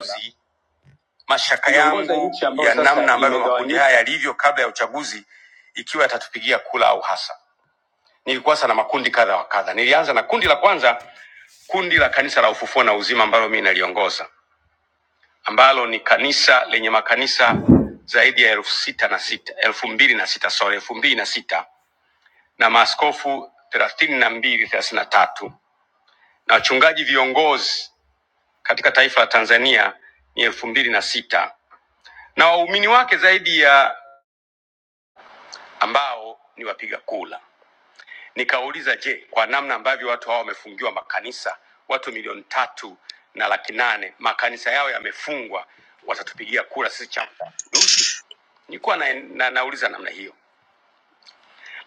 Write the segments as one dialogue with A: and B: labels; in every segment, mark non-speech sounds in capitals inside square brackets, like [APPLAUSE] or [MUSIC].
A: uchaguzi, mashaka yangu ya namna ambavyo makundi haya yalivyo kabla ya uchaguzi, ikiwa yatatupigia kula au hasa. Nilikuwa sana makundi kadha wa kadha. Nilianza na kundi la kwanza, kundi la kanisa la Ufufuo na Uzima ambalo mimi naliongoza, ambalo ni kanisa lenye makanisa zaidi ya elfu sita na sita elfu mbili na sita sorry, elfu mbili na sita na maaskofu thelathini na mbili thelathini na tatu na wachungaji viongozi katika taifa la Tanzania ni elfu mbili na sita na waumini wake zaidi ya ambao ni wapiga kula. Nikauliza, je, kwa namna ambavyo watu hao wamefungiwa makanisa, watu milioni tatu na laki nane makanisa yao yamefungwa, watatupigia kura sisi Chama cha Mapinduzi? Nilikuwa na, na, nauliza namna hiyo,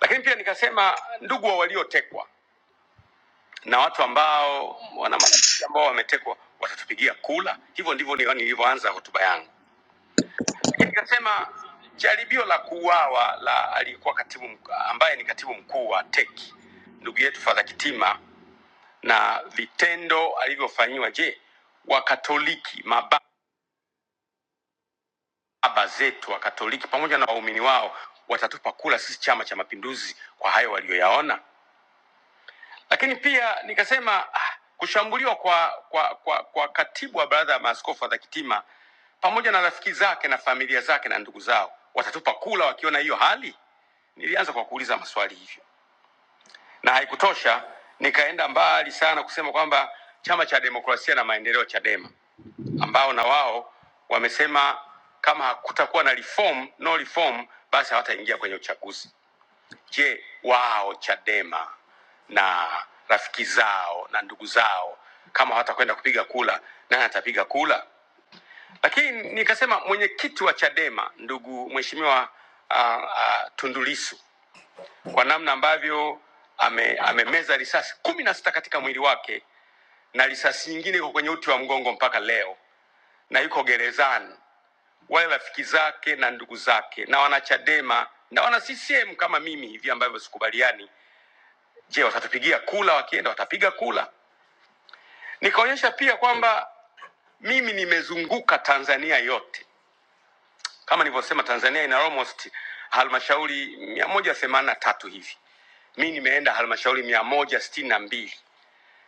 A: lakini pia nikasema, ndugu wa waliotekwa na watu ambao wana marafiki ambao wametekwa watatupigia kura. Hivyo ndivyo ni- nilivyoanza hotuba yangu. lakini ikasema jaribio la kuuawa la aliyekuwa katibu mk- ambaye ni katibu mkuu wa TEC ndugu yetu Fadha Kitima na vitendo alivyofanyiwa. Je, Wakatoliki, mababa zetu Wakatoliki pamoja na waumini wao watatupa kula sisi Chama cha Mapinduzi kwa hayo waliyoyaona? Lakini pia nikasema ah, kushambuliwa kwa, kwa, kwa, kwa katibu wa baraza ya maaskofu wa Kitima pamoja na rafiki zake na familia zake na ndugu zao watatupa kula wakiona hiyo hali? Nilianza kwa kuuliza maswali hivyo, na haikutosha, nikaenda mbali sana kusema kwamba chama cha demokrasia na maendeleo CHADEMA ambao na wao wamesema kama hakutakuwa na reform, no reform, basi hawataingia kwenye uchaguzi. Je, wao Chadema na rafiki zao na ndugu zao kama hawatakwenda kupiga kula, nani atapiga kula? Lakini nikasema mwenyekiti wa Chadema ndugu mheshimiwa uh, uh, Tundu Lissu kwa namna ambavyo ame, amemeza risasi kumi na sita katika mwili wake na risasi nyingine iko kwenye uti wa mgongo mpaka leo na yuko gerezani. Wale rafiki zake na ndugu zake na wanachadema na wana CCM kama mimi hivi ambavyo sikubaliani Je, watatupigia kula? Wakienda watapiga kula. Nikaonyesha pia kwamba mimi nimezunguka Tanzania yote, kama nilivyosema, Tanzania ina almost halmashauri mia moja themanini na tatu hivi. Mi nimeenda halmashauri mia moja sitini na mbili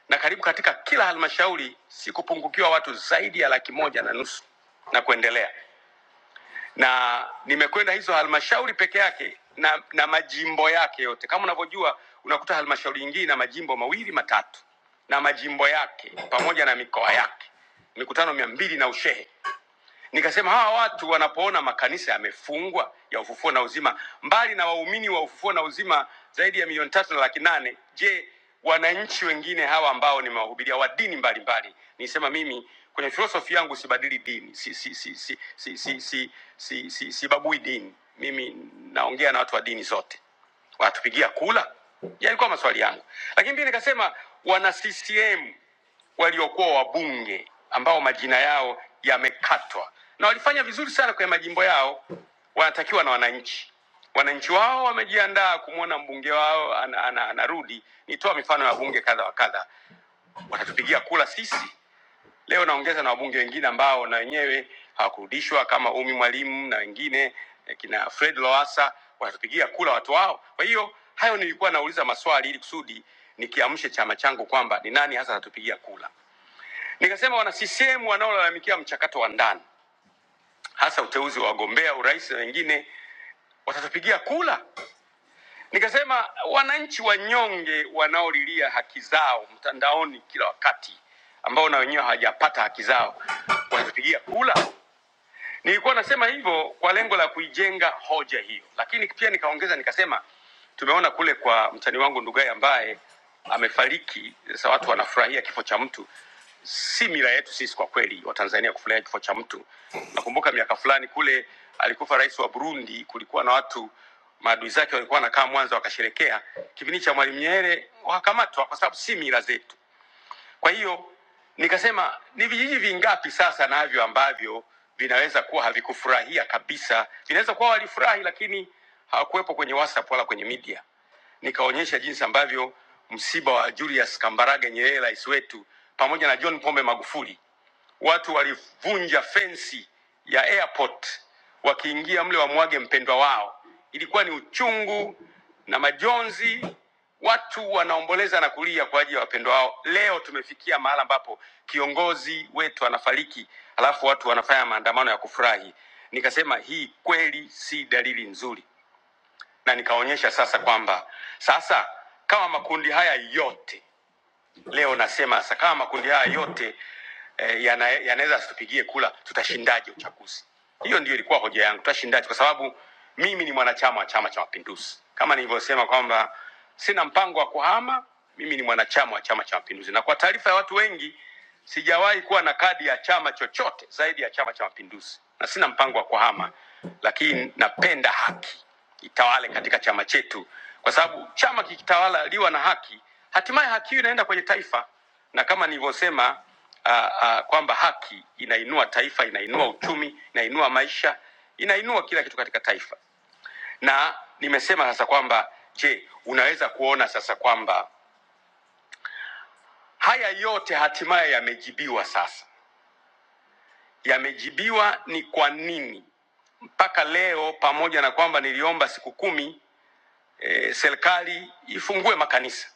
A: na karibu katika kila halmashauri sikupungukiwa watu zaidi ya laki moja na nusu na kuendelea. na nimekwenda hizo halmashauri peke yake na, na majimbo yake yote. Kama unavyojua, unakuta halmashauri nyingine na majimbo mawili matatu na majimbo yake pamoja na mikoa yake, mikutano mia mbili na ushehe. Nikasema hawa watu wanapoona makanisa yamefungwa ya ufufuo na uzima, mbali na waumini wa ufufuo na uzima zaidi ya milioni tatu na laki nane, je, wananchi wengine hawa ambao nimewahubiria wa dini mbalimbali? Nisema mimi kwenye filosofi yangu sibadili dini, si si si si si si si si si sibabui dini. Mimi naongea na watu wa dini zote, wanatupigia kula. Yalikuwa maswali yangu, lakini pia nikasema wana CCM waliokuwa wabunge ambao majina yao yamekatwa, na walifanya vizuri sana kwenye majimbo yao, wanatakiwa na wananchi. Wananchi wao wamejiandaa kumwona mbunge wao anarudi ana, ana, anarudi. Nitoa mifano ya wabunge kadha wa kadha, watatupigia kula sisi leo. Naongeza na wabunge wengine ambao na wenyewe hawakurudishwa kama Umi Mwalimu na wengine eh, kina Fred Lowassa, watatupigia kula watu wao. Kwa hiyo hayo nilikuwa nauliza maswali ili kusudi nikiamshe chama changu kwamba ni nani hasa atatupigia kula. Nikasema wana CCM wanaolalamikia mchakato wa ndani, hasa uteuzi wa wagombea urais na wengine watatupigia kula. Nikasema wananchi wanyonge wanaolilia haki zao mtandaoni kila wakati, ambao na wenyewe hawajapata haki zao, watatupigia kula. Nilikuwa nasema hivyo kwa lengo la kuijenga hoja hiyo, lakini pia nikaongeza nikasema, tumeona kule kwa mtani wangu Ndugai ambaye amefariki. Sasa watu wanafurahia kifo cha mtu, si mila yetu sisi kwa kweli Watanzania kufurahia kifo cha mtu. Nakumbuka miaka fulani kule alikufa rais wa Burundi, kulikuwa na watu maadui zake walikuwa wanakaa Mwanza wakasherekea. Kipindi cha Mwalimu Nyerere wakakamatwa kwa sababu si mila zetu. Kwa hiyo nikasema ni vijiji vingapi sasa navyo ambavyo vinaweza kuwa havikufurahia kabisa, vinaweza kuwa walifurahi lakini hawakuwepo kwenye WhatsApp wala kwenye media. Nikaonyesha jinsi ambavyo msiba wa Julius Kambarage Nyerere, rais wetu, pamoja na John Pombe Magufuli Watu walivunja fensi ya airport wakiingia mle wamwage mpendwa wao. Ilikuwa ni uchungu na majonzi, watu wanaomboleza na kulia kwa ajili ya wapendwa wao. Leo tumefikia mahala ambapo kiongozi wetu anafariki, alafu watu wanafanya maandamano ya kufurahi. Nikasema hii kweli si dalili nzuri, na nikaonyesha sasa kwamba sasa kama makundi haya yote Leo nasema sasa, kama makundi haya yote eh, yana- yanaweza asitupigie kula, tutashindaje uchaguzi? Hiyo ndio ilikuwa hoja yangu, tutashindaje? Kwa sababu mimi ni mwanachama wa Chama cha Mapinduzi, kama nilivyosema kwamba sina mpango wa kuhama. Mimi ni mwanachama wa Chama cha Mapinduzi, na kwa taarifa ya watu wengi, sijawahi kuwa na kadi ya chama chochote zaidi ya Chama cha Mapinduzi, na sina mpango wa kuhama, lakini napenda haki itawale katika chama chetu, kwa sababu chama kikitawala liwa na haki, hatimaye haki hiyo inaenda kwenye taifa, na kama nilivyosema ah, ah, kwamba haki inainua taifa, inainua uchumi, inainua maisha, inainua kila kitu katika taifa. Na nimesema sasa kwamba je, unaweza kuona sasa kwamba haya yote hatimaye yamejibiwa sasa yamejibiwa ni kwa nini mpaka leo, pamoja na kwamba niliomba siku kumi e, serikali ifungue makanisa,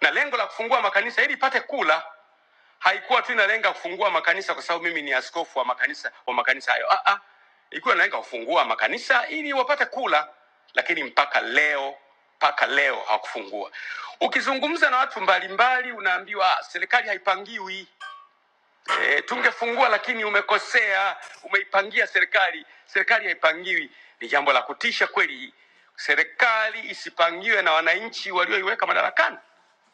A: na lengo la kufungua makanisa ili ipate kula haikuwa tu inalenga kufungua makanisa kwa sababu mimi ni askofu wa makanisa wa makanisa hayo. Ah, ah, ilikuwa inalenga kufungua makanisa ili wapate kula, lakini mpaka leo mpaka leo hawakufungua. Ukizungumza na watu mbalimbali, unaambiwa "Ah, serikali haipangiwi e, tungefungua lakini umekosea, umeipangia serikali. Serikali haipangiwi. Ni jambo la kutisha kweli, serikali isipangiwe na wananchi walioiweka madarakani.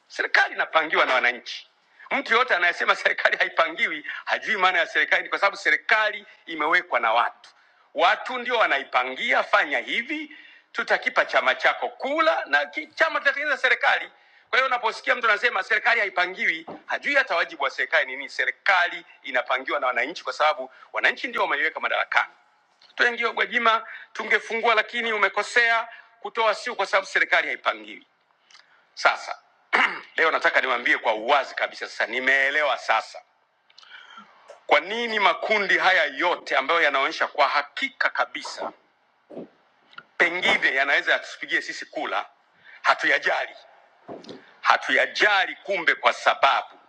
A: Serikali inapangiwa na wananchi. Mtu yoyote anayesema serikali haipangiwi hajui maana ya serikali, kwa sababu serikali imewekwa na watu. Watu ndio wanaipangia, fanya hivi, tutakipa chama chako kula, na ki- chama kitatengeneza serikali. Kwa hiyo unaposikia mtu anasema serikali haipangiwi, hajui hata wajibu wa serikali ni nini. Serikali inapangiwa na wananchi, kwa sababu wananchi ndio wameiweka madarakani. Tuengio Gwajima, tungefungua lakini umekosea kutoa, sio kwa sababu serikali haipangiwi. Sasa [CLEARS THROAT] leo nataka niwaambie kwa uwazi kabisa, sasa nimeelewa sasa kwa nini makundi haya yote ambayo yanaonyesha kwa hakika kabisa pengine yanaweza yatusipigie sisi kula, hatuyajali, hatuyajali. Kumbe kwa sababu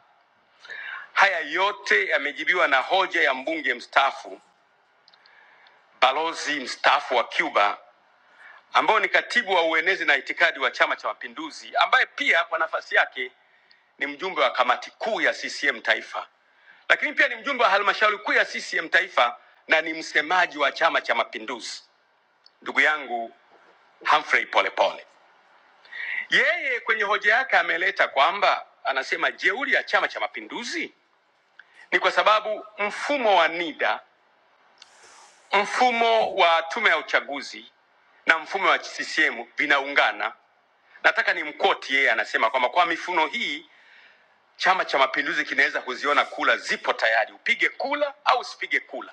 A: haya yote yamejibiwa na hoja ya mbunge mstaafu, balozi mstaafu wa Cuba ambao ni katibu wa uenezi na itikadi wa Chama cha Mapinduzi, ambaye pia kwa nafasi yake ni mjumbe wa kamati kuu ya CCM taifa lakini pia ni mjumbe wa halmashauri kuu ya CCM taifa na ni msemaji wa Chama cha Mapinduzi, ndugu yangu Humphrey Polepole. Yeye kwenye hoja yake ameleta kwamba anasema jeuri ya Chama cha Mapinduzi ni kwa sababu mfumo wa NIDA, mfumo wa tume ya uchaguzi na mfumo wa CCM vinaungana. Nataka nimkoti yeye, anasema kwamba kwa mifuno hii Chama cha Mapinduzi kinaweza kuziona kula zipo tayari, upige kula au usipige kula.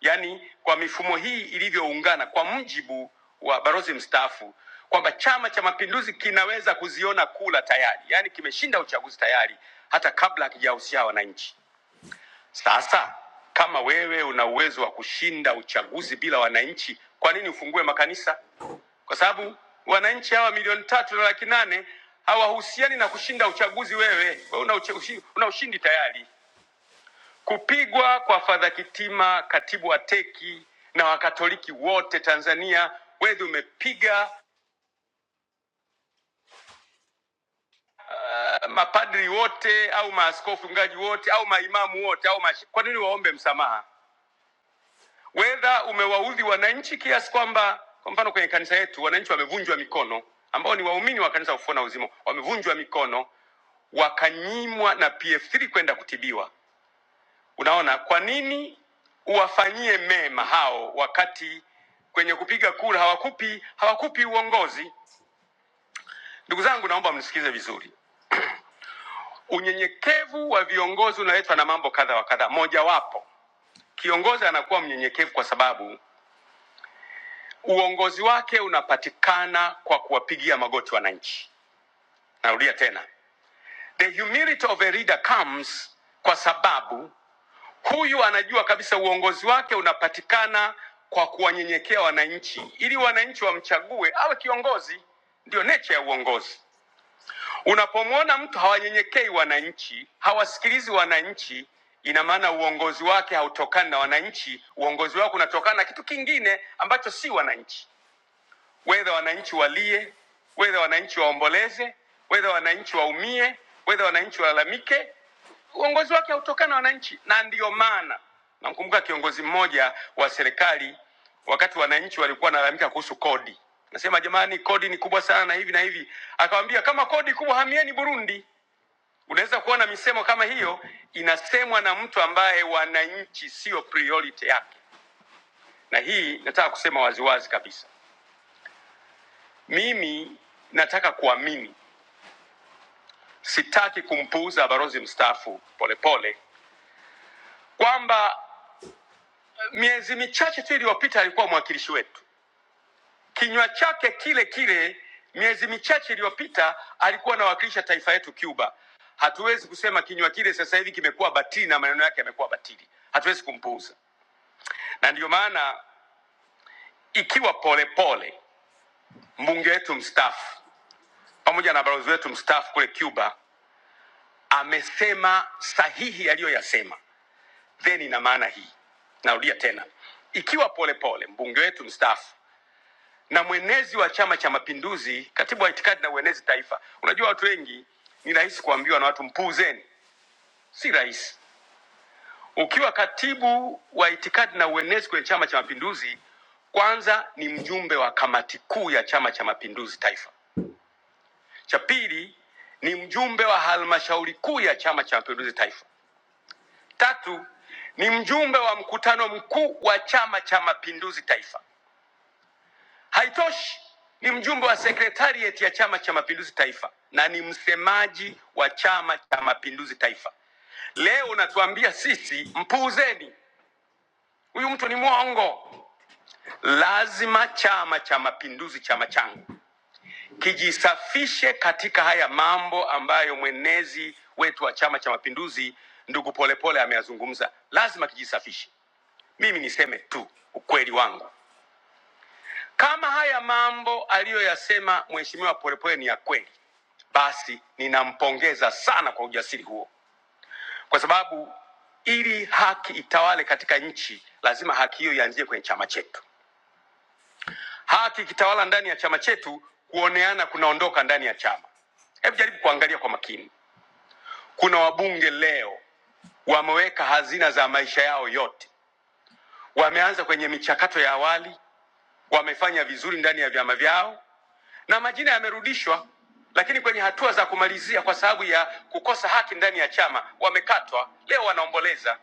A: yaani kwa mifumo hii ilivyoungana, kwa mujibu wa balozi mstaafu kwamba Chama cha Mapinduzi kinaweza kuziona kula tayari, yaani kimeshinda uchaguzi tayari hata kabla hakijahusisha wananchi. Sasa kama wewe una uwezo wa kushinda uchaguzi bila wananchi, kwa nini ufungue makanisa? Kwa sababu wananchi hawa milioni tatu na laki nane hawahusiani na kushinda uchaguzi. Wewe wewe una, uche- ushi- una ushindi tayari. Kupigwa kwa Fadha Kitima, katibu wa teki na wakatoliki wote Tanzania, wedhi umepiga uh, mapadri wote au maaskofu mchungaji wote au maimamu wote au mash... kwa nini waombe msamaha? Wedha umewaudhi wananchi kiasi kwamba, kwa mfano kwenye kanisa yetu wananchi wamevunjwa mikono, ambao ni waumini wa kanisa Ufufuo na Uzima, wamevunjwa mikono wakanyimwa na PF3 kwenda kutibiwa Unaona, kwa nini uwafanyie mema hao wakati kwenye kupiga kura hawakupi hawakupi uongozi? Ndugu zangu, naomba mnisikize vizuri. Unyenyekevu wa viongozi unaletwa na mambo kadha wa kadha. Mojawapo, kiongozi anakuwa mnyenyekevu kwa sababu uongozi wake unapatikana kwa kuwapigia magoti wananchi. Narudia tena, the humility of a leader comes kwa sababu Huyu anajua kabisa uongozi wake unapatikana kwa kuwanyenyekea wananchi, ili wananchi wamchague awe kiongozi. Ndio nature ya uongozi. Unapomwona mtu hawanyenyekei wananchi, hawasikilizi wananchi, ina maana uongozi wake hautokani na wananchi. Uongozi wake unatokana na kitu kingine ambacho si wananchi whether wananchi walie, whether wananchi waomboleze, whether wananchi waumie, whether wananchi walalamike, uongozi wake hautokana na wananchi. Na ndiyo maana namkumbuka kiongozi mmoja wa serikali, wakati wananchi walikuwa wanalalamika kuhusu kodi, nasema jamani, kodi ni kubwa sana na hivi na hivi, akawambia kama kodi kubwa, hamieni Burundi. Unaweza kuona misemo kama hiyo inasemwa na mtu ambaye wananchi sio priority yake, na hii nataka kusema waziwazi kabisa. Mimi nataka kuamini, sitaki kumpuuza balozi mstaafu Polepole kwamba miezi michache tu iliyopita alikuwa mwakilishi wetu, kinywa chake kile kile miezi michache iliyopita alikuwa anawakilisha taifa yetu Cuba. Hatuwezi kusema kinywa kile sasa hivi kimekuwa batili na maneno yake yamekuwa batili, hatuwezi kumpuuza. Na ndiyo maana ikiwa Polepole mbunge wetu mstaafu pamoja na balozi wetu mstaafu kule Cuba amesema sahihi aliyoyasema then ina maana hii. Narudia tena, ikiwa Polepole mbunge wetu mstaafu na mwenezi wa Chama cha Mapinduzi, katibu wa itikadi na uenezi taifa, unajua watu wengi ni rahisi kuambiwa na watu mpuuzeni, si rahisi. Ukiwa katibu wa itikadi na uenezi kwenye Chama cha Mapinduzi, kwanza ni mjumbe wa kamati kuu ya Chama cha Mapinduzi taifa, cha pili ni mjumbe wa halmashauri kuu ya Chama cha Mapinduzi taifa, tatu ni mjumbe wa mkutano mkuu wa Chama cha Mapinduzi taifa, Haitoshi, ni mjumbe wa sekretarieti ya Chama cha Mapinduzi Taifa na ni msemaji wa Chama cha Mapinduzi Taifa. Leo unatuambia sisi mpuuzeni, huyu mtu ni mwongo. Lazima Chama cha Mapinduzi, chama changu, kijisafishe katika haya mambo ambayo mwenezi wetu wa Chama cha Mapinduzi ndugu Polepole ameyazungumza. Lazima kijisafishe. Mimi niseme tu ukweli wangu, Kama haya mambo aliyoyasema Mheshimiwa Polepole ni ya kweli, basi ninampongeza sana kwa ujasiri huo, kwa sababu ili haki itawale katika nchi, lazima haki hiyo ianzie kwenye chama chetu. Haki ikitawala ndani ya chama chetu, kuoneana kunaondoka ndani ya chama. Hebu jaribu kuangalia kwa makini, kuna wabunge leo wameweka hazina za maisha yao yote, wameanza kwenye michakato ya awali, wamefanya vizuri ndani ya vyama vyao, na majina yamerudishwa, lakini kwenye hatua za kumalizia kwa sababu ya kukosa haki ndani ya chama wamekatwa. Leo wanaomboleza.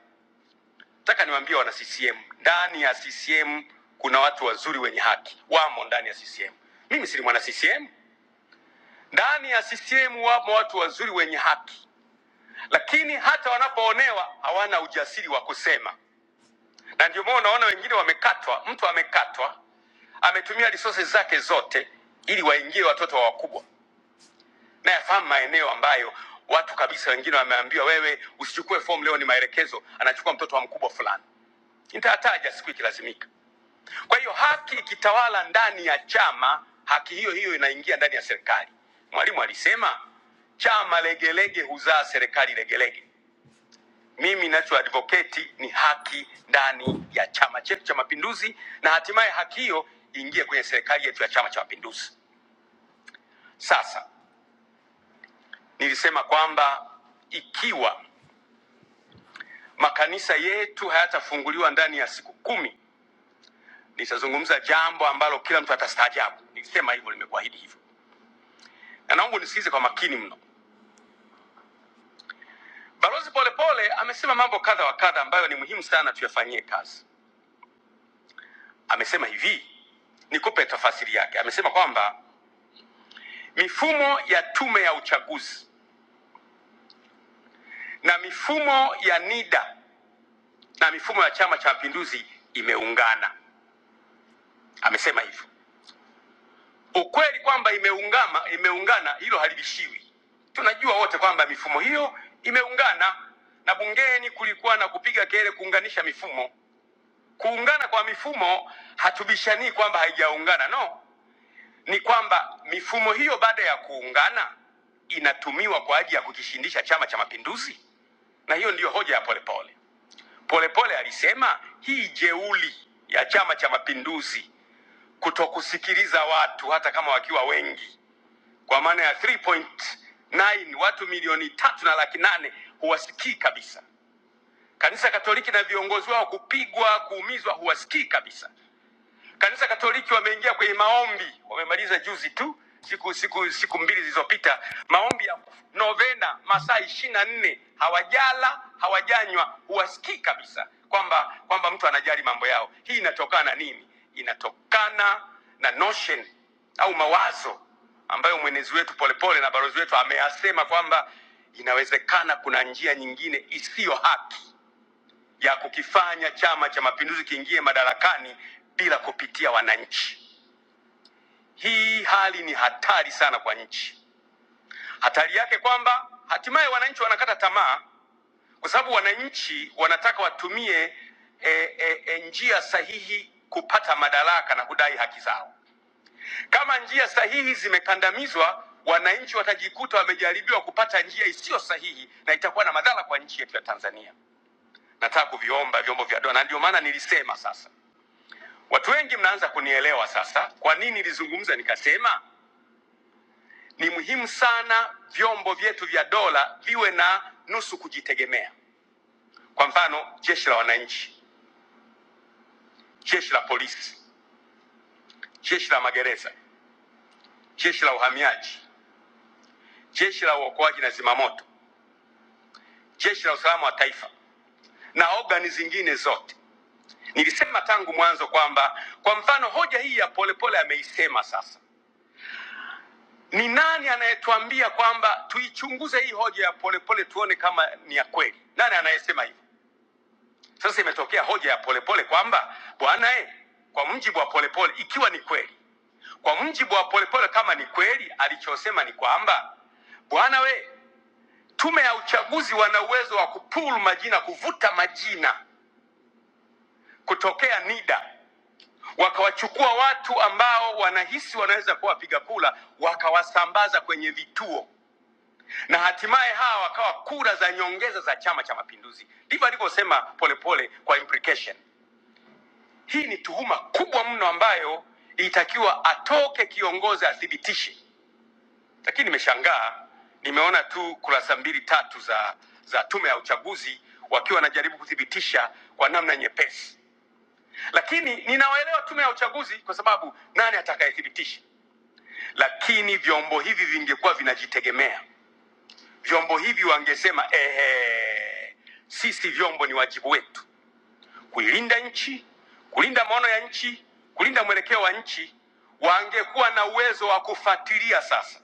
A: Nataka niwaambie wana CCM, ndani ya CCM kuna watu wazuri wenye haki, wamo ndani ya CCM. Mimi si mwana CCM. Ndani ya CCM wamo watu wazuri wenye haki, lakini hata wanapoonewa hawana ujasiri wa kusema, na ndio maana unaona wengine wamekatwa. Mtu amekatwa ametumia resources zake zote ili waingie watoto wa wakubwa. na yafahamu maeneo ambayo watu kabisa wengine wameambiwa wewe usichukue fomu leo ni maelekezo anachukua mtoto wa mkubwa fulani nitataja siku ikilazimika kwa hiyo haki ikitawala ndani ya chama haki hiyo hiyo inaingia ndani ya serikali mwalimu alisema chama legelege huzaa serikali legelege mimi ninachoadvocate ni haki ndani ya chama chetu cha mapinduzi na hatimaye haki hiyo iingie kwenye serikali yetu ya chama cha mapinduzi sasa nilisema kwamba ikiwa makanisa yetu hayatafunguliwa ndani ya siku kumi, nitazungumza jambo ambalo kila mtu atastaajabu. Nilisema hivyo, nimekuahidi hivyo, na naomba nisikize kwa makini mno. Balozi Polepole amesema mambo kadha wa kadha ambayo ni muhimu sana tuyafanyie kazi. Amesema hivi, nikupe tafasiri yake. Amesema kwamba mifumo ya tume ya uchaguzi na mifumo ya NIDA na mifumo ya Chama cha Mapinduzi imeungana. Amesema hivyo. Ukweli kwamba imeungama imeungana, hilo halibishiwi. Tunajua wote kwamba mifumo hiyo imeungana, na bungeni kulikuwa na kupiga kelele kuunganisha mifumo. Kuungana kwa mifumo, hatubishanii kwamba haijaungana, no, ni kwamba mifumo hiyo baada ya kuungana inatumiwa kwa ajili ya kukishindisha Chama cha Mapinduzi, na hiyo ndiyo hoja ya Polepole. Polepole alisema hii jeuli ya Chama cha Mapinduzi kutokusikiliza watu hata kama wakiwa wengi kwa maana ya 3.9 watu milioni tatu na laki nane huwasikii kabisa. Kanisa Katoliki na viongozi wao kupigwa, kuumizwa, huwasikii kabisa. Kanisa Katoliki wameingia kwenye maombi, wamemaliza juzi tu siku siku siku mbili zilizopita, maombi ya novena masaa ishirini na nne hawajala hawajanywa, huwasikii kabisa kwamba kwamba mtu anajali mambo yao. Hii inatokana na nini? Inatokana na notion au mawazo ambayo mwenezi wetu Polepole na balozi wetu ameyasema kwamba inawezekana kuna njia nyingine isiyo haki ya kukifanya Chama cha Mapinduzi kiingie madarakani bila kupitia wananchi. Hii hali ni hatari sana kwa nchi. Hatari yake kwamba hatimaye wananchi wanakata tamaa, kwa sababu wananchi wanataka watumie e, e, e, njia sahihi kupata madaraka na kudai haki zao. Kama njia sahihi zimekandamizwa, wananchi watajikuta wamejaribiwa kupata njia isiyo sahihi, na itakuwa na madhara kwa nchi yetu ya Tanzania. Nataka kuviomba vyombo vya dola, na ndio maana nilisema sasa Watu wengi mnaanza kunielewa sasa, kwa nini nilizungumza nikasema ni muhimu sana vyombo vyetu vya dola viwe na nusu kujitegemea. Kwa mfano, jeshi la wananchi, jeshi la polisi, jeshi la magereza, jeshi la uhamiaji, jeshi la uokoaji na zimamoto, jeshi la usalama wa taifa na ogani zingine zote. Nilisema tangu mwanzo kwamba, kwa mfano, hoja hii ya polepole ameisema sasa Ni nani anayetuambia kwamba tuichunguze hii hoja ya polepole tuone kama ni ya kweli? Nani anayesema hivyo? Sasa imetokea hoja ya polepole kwamba bwana eh, kwa mjibu wa polepole, ikiwa ni kweli, kwa mjibu wa polepole, kama ni kweli, alichosema ni kwamba bwana we, tume ya uchaguzi wana uwezo wa kupul majina, kuvuta majina kutokea NIDA, wakawachukua watu ambao wanahisi wanaweza kuwa wapiga kula, wakawasambaza kwenye vituo na hatimaye hawa wakawa kura za nyongeza za Chama cha Mapinduzi. Ndivyo alivyosema Polepole kwa implication. Hii ni tuhuma kubwa mno ambayo itakiwa atoke kiongozi athibitishe, lakini nimeshangaa, nimeona tu kurasa mbili tatu za za tume ya uchaguzi wakiwa wanajaribu kuthibitisha kwa namna nyepesi, lakini ninawaelewa tume ya uchaguzi kwa sababu nani atakayethibitisha? Lakini vyombo hivi vingekuwa vinajitegemea Vyombo hivi wangesema ehe, sisi vyombo ni wajibu wetu kuilinda nchi, kulinda maono ya nchi, kulinda mwelekeo wa nchi. Wangekuwa na uwezo wa kufuatilia sasa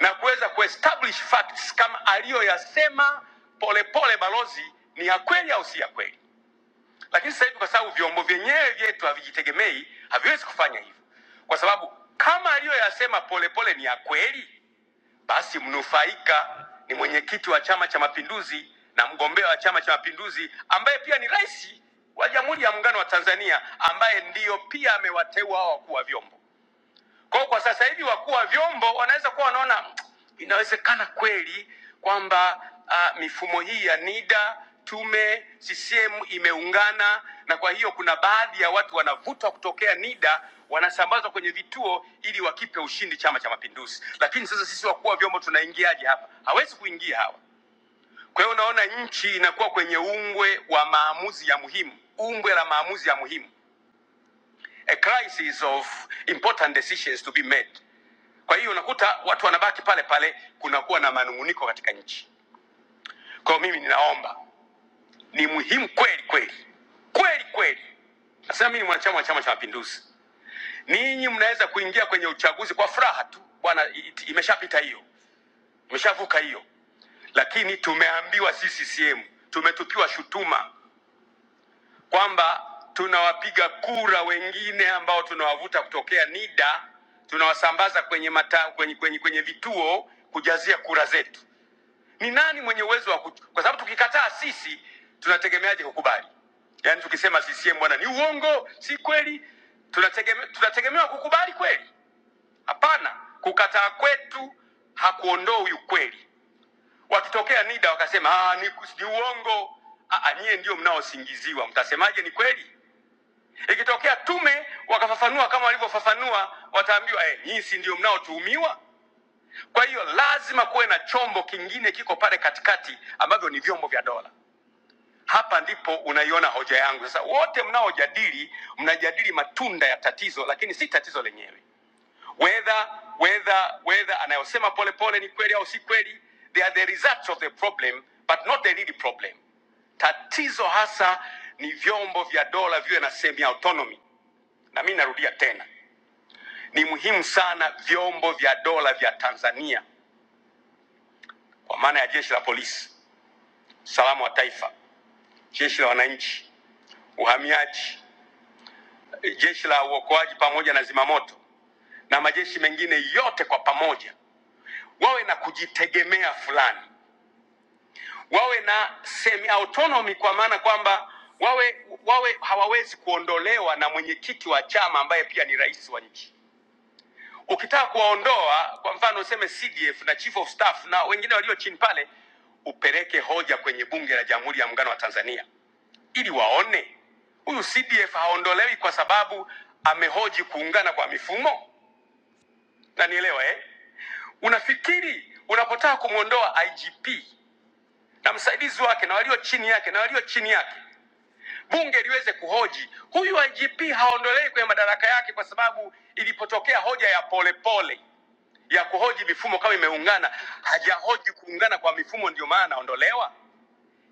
A: na kuweza kuestablish facts kama aliyoyasema Polepole balozi ni ya kweli au si ya kweli. Lakini sasa hivi kwa sababu vyombo vyenyewe vyetu havijitegemei, haviwezi kufanya hivyo, kwa sababu kama aliyoyasema Polepole ni ya kweli basi mnufaika ni mwenyekiti wa Chama cha Mapinduzi na mgombea wa Chama cha Mapinduzi ambaye pia ni rais wa Jamhuri ya Muungano wa Tanzania ambaye ndiyo pia amewateua hao wakuu wa vyombo. Kwa, hiyo kwa sasa hivi wakuu wa vyombo wanaweza kuwa wanaona inawezekana kweli kwamba uh, mifumo hii ya NIDA, tume, CCM imeungana na kwa hiyo kuna baadhi ya watu wanavutwa kutokea NIDA wanasambazwa kwenye vituo ili wakipe ushindi Chama cha Mapinduzi. Lakini sasa sisi wakuu wa vyombo tunaingiaje hapa? Hawezi kuingia hawa. Kwa hiyo unaona nchi inakuwa kwenye ungwe wa maamuzi ya muhimu, ungwe la maamuzi ya muhimu, a crisis of important decisions to be made. Kwa hiyo unakuta watu wanabaki pale pale, kunakuwa na manung'uniko katika nchi. Kwa hiyo mimi ninaomba, ni muhimu kweli kweli kweli kweli, nasema mimi ni mwanachama wa Chama cha Mapinduzi. Ninyi mnaweza kuingia kwenye uchaguzi kwa furaha tu bwana, it- imeshapita hiyo, imeshavuka hiyo, lakini tumeambiwa sisi CCM, tumetupiwa shutuma kwamba tunawapiga kura wengine ambao tunawavuta kutokea NIDA tunawasambaza kwenye, mata, kwenye, kwenye, kwenye vituo kujazia kura zetu. ni nani mwenye uwezo wa kutu? kwa sababu tukikataa sisi tunategemeaje kukubali yaani tukisema CCM bwana ni uongo si kweli tunategeme, tunategemewa kukubali kweli hapana kukataa kwetu hakuondoi ukweli wakitokea NIDA wakasema "Ah, ni, ni uongo Ah, ah, nyie ndio mnaosingiziwa mtasemaje ni kweli ikitokea tume wakafafanua kama walivyofafanua wataambiwa eh, nyinyi si ndio mnaotuhumiwa kwa hiyo lazima kuwe na chombo kingine kiko pale katikati ambavyo ni vyombo vya dola. Hapa ndipo unaiona hoja yangu. Sasa wote mnaojadili, mnajadili matunda ya tatizo, lakini si tatizo lenyewe. Whether whether whether anayosema Polepole ni kweli au si kweli, they are the results of the problem but not the real problem. Tatizo hasa ni vyombo vya dola viwe na semi autonomy, na mimi narudia tena, ni muhimu sana vyombo vya dola vya Tanzania kwa maana ya jeshi la polisi usalama wa taifa, jeshi la wananchi, uhamiaji, jeshi la uokoaji pamoja na zimamoto na majeshi mengine yote kwa pamoja wawe na kujitegemea fulani, wawe na semi autonomy, kwa maana kwamba wawe wawe hawawezi kuondolewa na mwenyekiti wa chama ambaye pia ni rais wa nchi. Ukitaka kuwaondoa, kwa mfano useme CDF na chief of staff na wengine walio chini pale, upeleke hoja kwenye bunge la Jamhuri ya Muungano wa Tanzania ili waone huyu CDF haondolewi kwa sababu amehoji kuungana kwa mifumo. Na nielewa eh, unafikiri unapotaka kumwondoa IGP na msaidizi wake na walio chini yake na walio chini yake, bunge liweze kuhoji huyu IGP haondolewi kwenye madaraka yake kwa sababu ilipotokea hoja ya polepole pole ya kuhoji mifumo kama imeungana, hajahoji kuungana kwa mifumo, ndio maana anaondolewa.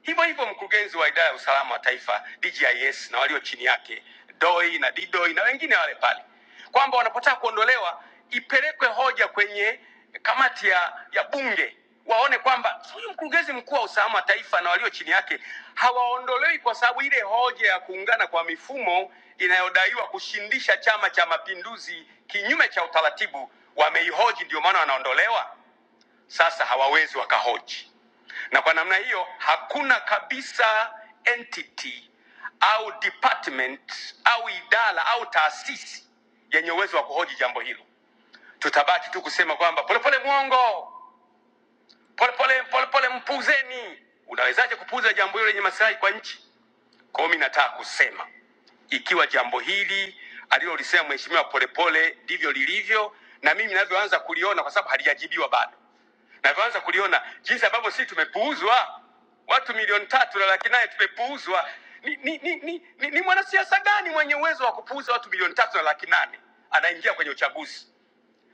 A: Hivyo hivyo mkurugenzi wa idara ya usalama wa taifa DGIS na walio chini yake DOI na DDOI na wengine wale pale, kwamba wanapotaka kuondolewa ipelekwe hoja kwenye kamati ya, ya bunge waone kwamba huyu mkurugenzi mkuu wa usalama wa taifa na walio chini yake hawaondolewi kwa sababu ile hoja ya kuungana kwa mifumo inayodaiwa kushindisha Chama cha Mapinduzi kinyume cha utaratibu wameihoji, ndio maana wanaondolewa. Sasa hawawezi wakahoji, na kwa namna hiyo hakuna kabisa entity au department au idara au taasisi yenye uwezo wa kuhoji jambo hilo. Tutabaki tu kusema kwamba polepole mwongo, polepole polepole mpuzeni. Unawezaje kupuuza jambo hilo lenye maslahi kwa nchi? Kwa hiyo mimi nataka kusema ikiwa jambo hili alilolisema mheshimiwa Polepole ndivyo lilivyo, na mimi ninavyoanza kuliona, kwa sababu halijajibiwa bado, navyoanza kuliona jinsi ambavyo sisi tumepuuzwa, watu milioni tatu na laki nane tumepuuzwa. Ni, ni, ni, ni, ni, ni mwanasiasa gani mwenye uwezo wa kupuuza watu milioni tatu na laki nane anaingia kwenye uchaguzi?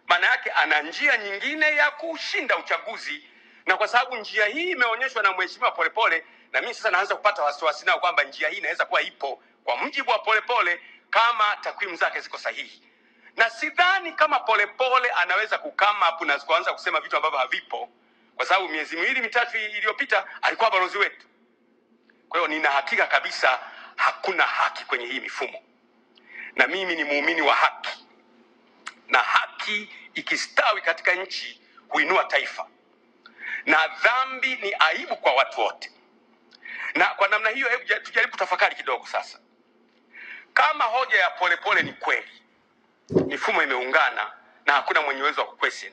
A: maana yake ana njia nyingine ya kushinda uchaguzi, na kwa sababu njia hii imeonyeshwa na Mheshimiwa Polepole, na mimi sasa naanza kupata wasiwasi nao kwamba njia hii inaweza kuwa ipo kwa mujibu wa Polepole kama takwimu zake ziko sahihi, na sidhani kama Polepole anaweza kukama hapo na kuanza kusema vitu ambavyo havipo, kwa sababu miezi miwili mitatu iliyopita alikuwa balozi wetu. Kwa hiyo nina hakika kabisa hakuna haki kwenye hii mifumo, na mimi ni muumini wa haki na haki ikistawi katika nchi huinua taifa, na dhambi ni aibu kwa watu wote. Na kwa namna hiyo, hebu ja- tujaribu kutafakari kidogo sasa. Kama hoja ya polepole ni kweli, mifumo imeungana na hakuna mwenye uwezo wa kuquestion,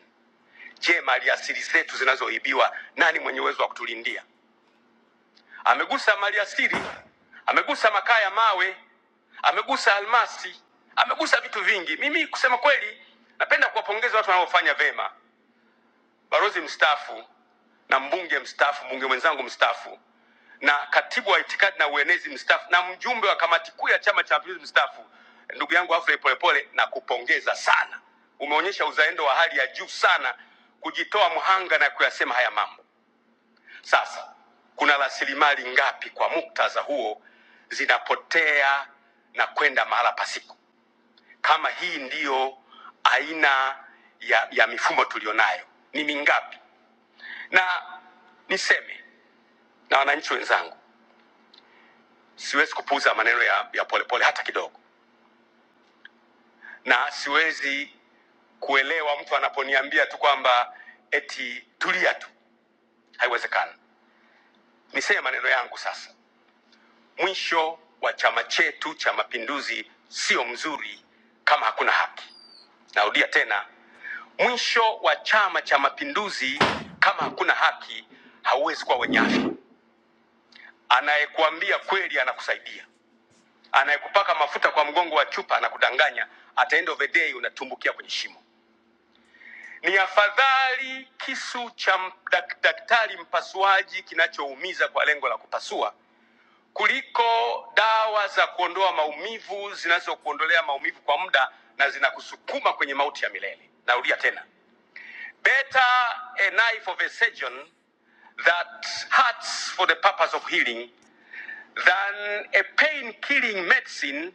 A: je, maliasili zetu zinazoibiwa, nani mwenye uwezo wa kutulindia? Amegusa maliasili, amegusa makaa ya mawe, amegusa almasi, amegusa vitu vingi. Mimi kusema kweli, napenda kuwapongeza watu wanaofanya vema balozi mstaafu na mbunge mstaafu, mbunge mwenzangu mstaafu na katibu wa itikadi na uenezi mstaafu na mjumbe wa kamati kuu ya Chama cha Mapinduzi mstaafu, ndugu yangu Humphrey Polepole, na kupongeza sana. Umeonyesha uzalendo wa hali ya juu sana, kujitoa mhanga na kuyasema haya mambo. Sasa kuna rasilimali ngapi kwa muktadha huo zinapotea na kwenda mahala pasipo? Kama hii ndiyo aina ya, ya mifumo tulionayo, ni mingapi? na niseme na wananchi wenzangu, siwezi kupuuza maneno ya ya polepole pole hata kidogo, na siwezi kuelewa mtu anaponiambia tu kwamba eti tulia tu, haiwezekani. Niseme maneno yangu sasa, mwisho wa chama chetu cha Mapinduzi sio mzuri kama hakuna haki. Narudia tena, mwisho wa Chama cha Mapinduzi kama hakuna haki hauwezi kuwa wenye afya. Anayekuambia kweli anakusaidia Anayekupaka mafuta kwa mgongo wa chupa anakudanganya, at end of the day unatumbukia kwenye shimo. Ni afadhali kisu cha m- dak- daktari mpasuaji kinachoumiza kwa lengo la kupasua kuliko dawa za kuondoa maumivu zinazokuondolea maumivu kwa muda na zinakusukuma kwenye mauti ya milele. Narudia tena, better a knife of a surgeon that hurts for the purpose of healing than a pain killing medicine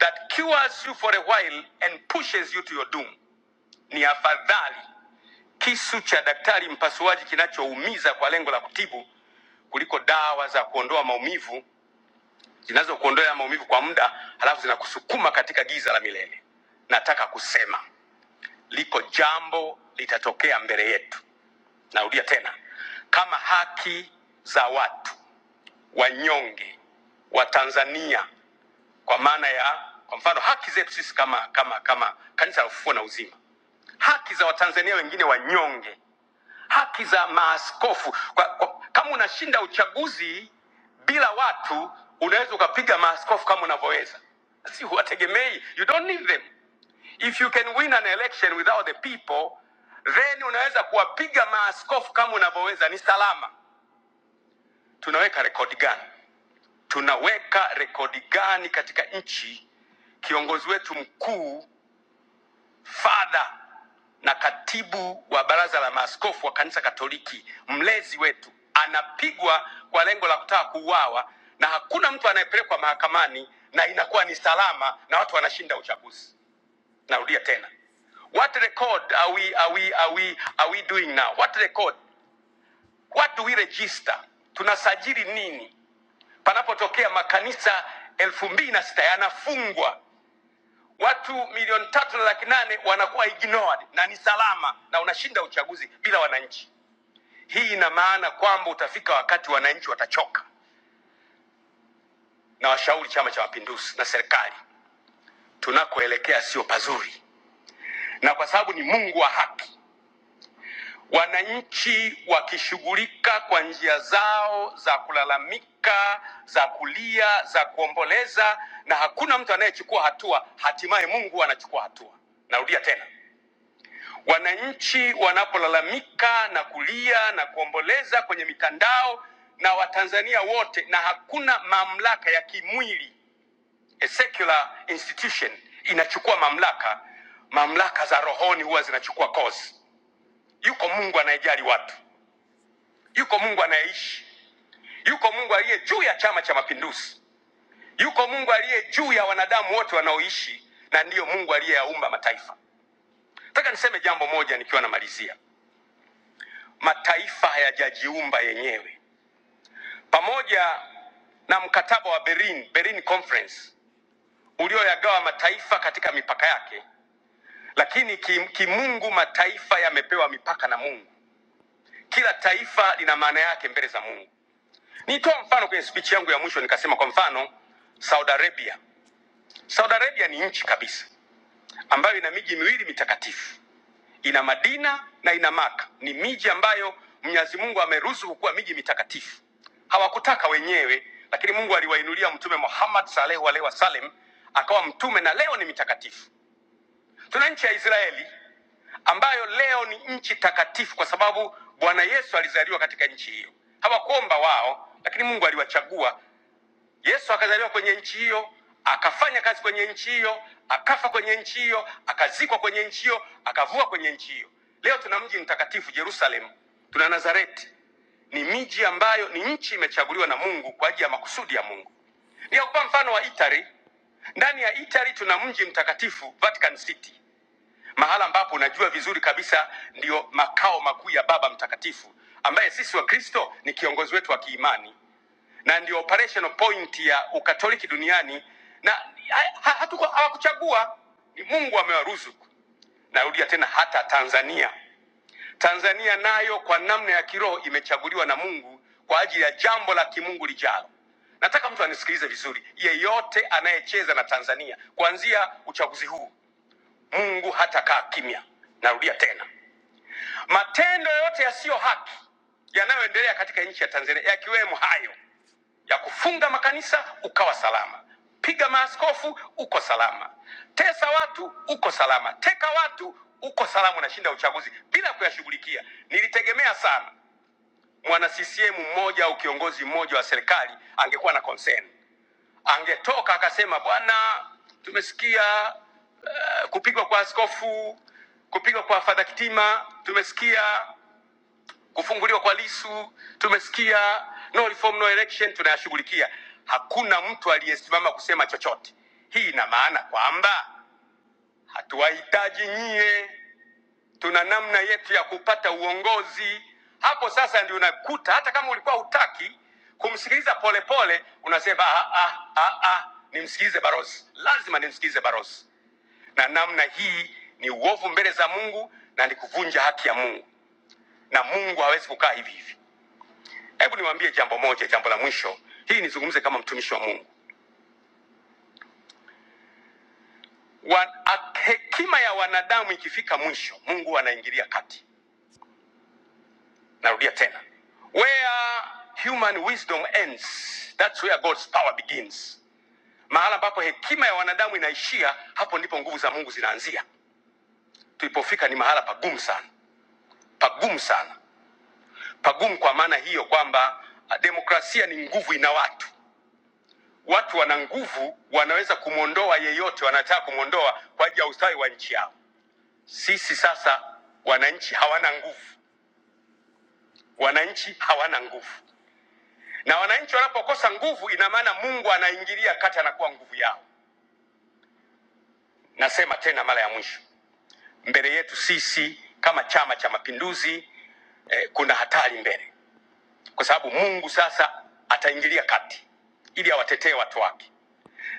A: that cures you for a while and pushes you to your doom. Ni afadhali kisu cha daktari mpasuaji kinachoumiza kwa lengo la kutibu kuliko dawa za kuondoa maumivu zinazokuondoa maumivu kwa muda halafu zinakusukuma katika giza la milele. Nataka kusema liko jambo litatokea mbele yetu. Narudia tena, kama haki za watu wanyonge wa Tanzania kwa maana ya kwa mfano haki zetu sisi kama kama kama kanisa la ufufuo na uzima, haki za Watanzania wengine wanyonge, haki za maaskofu kwa, kwa, kama unashinda uchaguzi bila watu unaweza ukapiga maaskofu kama unavyoweza, si huwategemei, you don't need them. If you can win an election without the people, then unaweza kuwapiga maaskofu kama unavyoweza, ni salama. Tunaweka rekodi gani? tunaweka rekodi gani katika nchi kiongozi wetu mkuu fadha na katibu wa baraza la maaskofu wa kanisa katoliki mlezi wetu anapigwa kwa lengo la kutaka kuuawa na hakuna mtu anayepelekwa mahakamani na inakuwa ni salama na watu wanashinda uchaguzi narudia tena what record are we, are we, are we, are we doing now what record what do we register tunasajili nini panapotokea makanisa elfu mbili na sita yanafungwa watu milioni tatu na laki nane wanakuwa ignored na ni salama na unashinda uchaguzi bila wananchi hii ina maana kwamba utafika wakati wananchi watachoka na washauri chama cha mapinduzi na serikali tunakoelekea sio pazuri na kwa sababu ni mungu wa haki wananchi wakishughulika kwa njia zao za kulalamika, za kulia, za kuomboleza, na hakuna mtu anayechukua hatua, hatimaye Mungu anachukua hatua. Narudia tena, wananchi wanapolalamika na kulia na kuomboleza kwenye mitandao na Watanzania wote, na hakuna mamlaka ya kimwili, a secular institution inachukua mamlaka, mamlaka za rohoni huwa zinachukua course. Yuko Mungu anayejali watu Yuko Mungu anayeishi, yuko Mungu aliye juu ya Chama cha Mapinduzi, yuko Mungu aliye juu ya wanadamu wote wanaoishi, na ndiyo Mungu aliyeyaumba mataifa. Nataka niseme jambo moja nikiwa namalizia, mataifa hayajajiumba yenyewe. Pamoja na mkataba wa Berlin, Berlin Conference ulioyagawa mataifa katika mipaka yake, lakini kim- kimungu mataifa yamepewa mipaka na Mungu. Kila taifa lina maana yake mbele za Mungu. Nitoa mfano kwenye speech yangu ya mwisho, nikasema kwa mfano Saudi Arabia Saudi Arabia ni nchi kabisa ambayo ina miji miwili mitakatifu, ina Madina na ina Maka. Ni miji ambayo Mwenyezi Mungu ameruzuku kuwa miji mitakatifu. Hawakutaka wenyewe, lakini Mungu aliwainulia Mtume Muhammad sallallahu alaihi wasallam akawa mtume na leo ni mitakatifu. Tuna nchi ya Israeli ambayo leo ni nchi takatifu kwa sababu Bwana Yesu alizaliwa katika nchi hiyo. Hawakuomba wao, lakini Mungu aliwachagua Yesu akazaliwa kwenye nchi hiyo, akafanya kazi kwenye nchi hiyo, akafa kwenye nchi hiyo, akazikwa kwenye nchi hiyo, akavua kwenye nchi hiyo. Leo tuna mji mtakatifu Yerusalemu, tuna Nazareti. Ni miji ambayo ni nchi imechaguliwa na Mungu kwa ajili ya makusudi ya Mungu. Nikakupa mfano wa Italy. Ndani ya Italy tuna mji mtakatifu Vatican City, mahala ambapo unajua vizuri kabisa ndiyo makao makuu ya Baba Mtakatifu ambaye sisi Wakristo ni kiongozi wetu wa kiimani na ndio operational point ya ukatoliki duniani na ha- ha- hatuko- hawakuchagua ni mungu amewaruzuku narudia tena hata tanzania tanzania nayo kwa namna ya kiroho imechaguliwa na mungu kwa ajili ya jambo la kimungu lijalo nataka mtu anisikilize vizuri yeyote anayecheza na tanzania kuanzia uchaguzi huu mungu hatakaa kimya narudia tena matendo yote yasiyo haki yanayoendelea katika nchi ya tanzania yakiwemo hayo ya kufunga makanisa ukawa salama, piga maaskofu uko salama, tesa watu uko salama, teka watu uko salama, unashinda uchaguzi bila kuyashughulikia. Nilitegemea sana mwana CCM mmoja au kiongozi mmoja wa serikali angekuwa na concern, angetoka akasema, bwana, tumesikia eh, kupigwa kwa askofu, kupigwa kwa Fadha Kitima, tumesikia kufunguliwa kwa Lisu tumesikia, no reform no election tunayashughulikia. Hakuna mtu aliyesimama kusema chochote. Hii ina maana kwamba hatuwahitaji nyie, tuna namna yetu ya kupata uongozi. Hapo sasa ndio unakuta hata kama ulikuwa hutaki kumsikiliza Polepole unasema ah, ah, ah, ah, nimsikilize Barosi, lazima nimsikilize Barosi. Na namna hii ni uovu mbele za Mungu na ni kuvunja haki ya Mungu, na Mungu hawezi kukaa hivi hivi. Hebu niwaambie jambo moja, jambo la mwisho. Hii nizungumze kama mtumishi wa Mungu. Wa, a, hekima ya wanadamu ikifika mwisho, Mungu anaingilia kati. Narudia tena, where human wisdom ends, that's where God's power begins. Mahala ambapo hekima ya wanadamu inaishia, hapo ndipo nguvu za Mungu zinaanzia. Tulipofika ni mahala pagumu sana, pagumu sana, pagumu kwa maana hiyo kwamba ah, demokrasia ni nguvu ina watu Watu wana nguvu, wanaweza kumwondoa yeyote wanataka kumwondoa kwa ajili ya ustawi wa nchi yao. Sisi sasa wananchi hawana nguvu, wananchi hawana nguvu, na wananchi wanapokosa nguvu, ina maana Mungu anaingilia kati, anakuwa nguvu yao. Nasema tena mara ya mwisho, mbele yetu sisi kama Chama cha Mapinduzi eh, kuna hatari mbele, kwa sababu Mungu sasa ataingilia kati ili awatetee watu wake,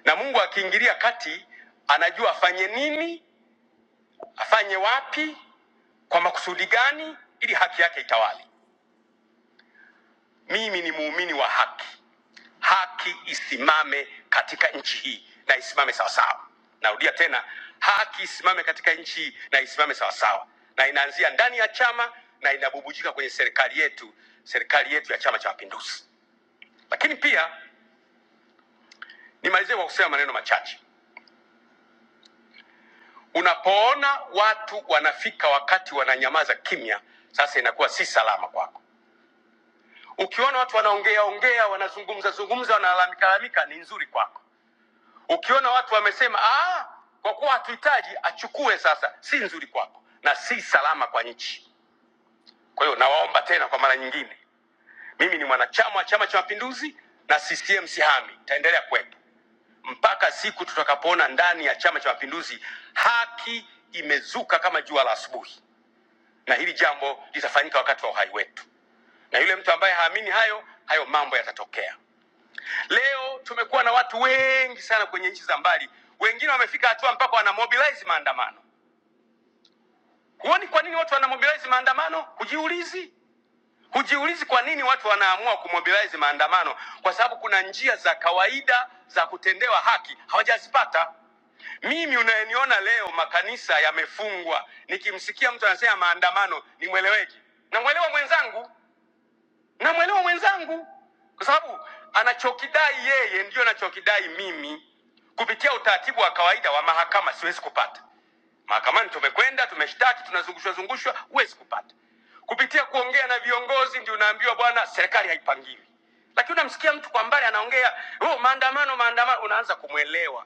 A: na Mungu akiingilia kati anajua afanye nini, afanye wapi Kwa makusudi gani? Ili haki yake itawale. Mimi ni muumini wa haki, haki isimame katika nchi hii na isimame sawasawa. Narudia tena, haki isimame katika nchi hii na isimame sawasawa, na inaanzia ndani ya chama na inabubujika kwenye serikali yetu, serikali yetu ya Chama cha Mapinduzi. Lakini pia nimalizie kwa kusema maneno machache. Unapoona watu wanafika wakati wananyamaza kimya, sasa inakuwa si salama kwako. Ukiona watu wanaongea ongea, wanazungumza zungumza, wanalalamika lalamika, ni nzuri kwako. Ukiona watu wamesema ah, kwa kuwa hatuhitaji, achukue sasa, si nzuri kwako na si salama kwa nchi. Kwa hiyo nawaomba tena kwa mara nyingine, mimi ni mwanachama wa Chama cha Mapinduzi na CCM sihami, itaendelea kuwepo mpaka siku tutakapoona ndani ya Chama cha Mapinduzi haki imezuka kama jua la asubuhi, na hili jambo litafanyika wakati wa uhai wetu, na yule mtu ambaye haamini hayo, hayo mambo yatatokea. Leo tumekuwa na watu wengi sana kwenye nchi za mbali, wengine wamefika hatua mpaka wanamobilize maandamano. Huoni kwa nini watu wanamobilize maandamano? Hujiulizi, hujiulizi kwa nini watu wanaamua kumobilize maandamano? Kwa sababu kuna njia za kawaida za kutendewa haki hawajazipata. Mimi unayeniona leo makanisa yamefungwa, nikimsikia mtu anasema maandamano, nimweleweki, namwelewa mwenzangu namwelewa mwenzangu kwa sababu anachokidai yeye ndiyo anachokidai mimi kupitia utaratibu wa kawaida wa mahakama siwezi kupata Mahakamani tumekwenda, tumeshtaki, tunazungushwa zungushwa, huwezi kupata. Kupitia kuongea na viongozi ndio unaambiwa bwana, serikali haipangiwi. Lakini unamsikia mtu kwa mbali anaongea oh, maandamano maandamano, unaanza kumwelewa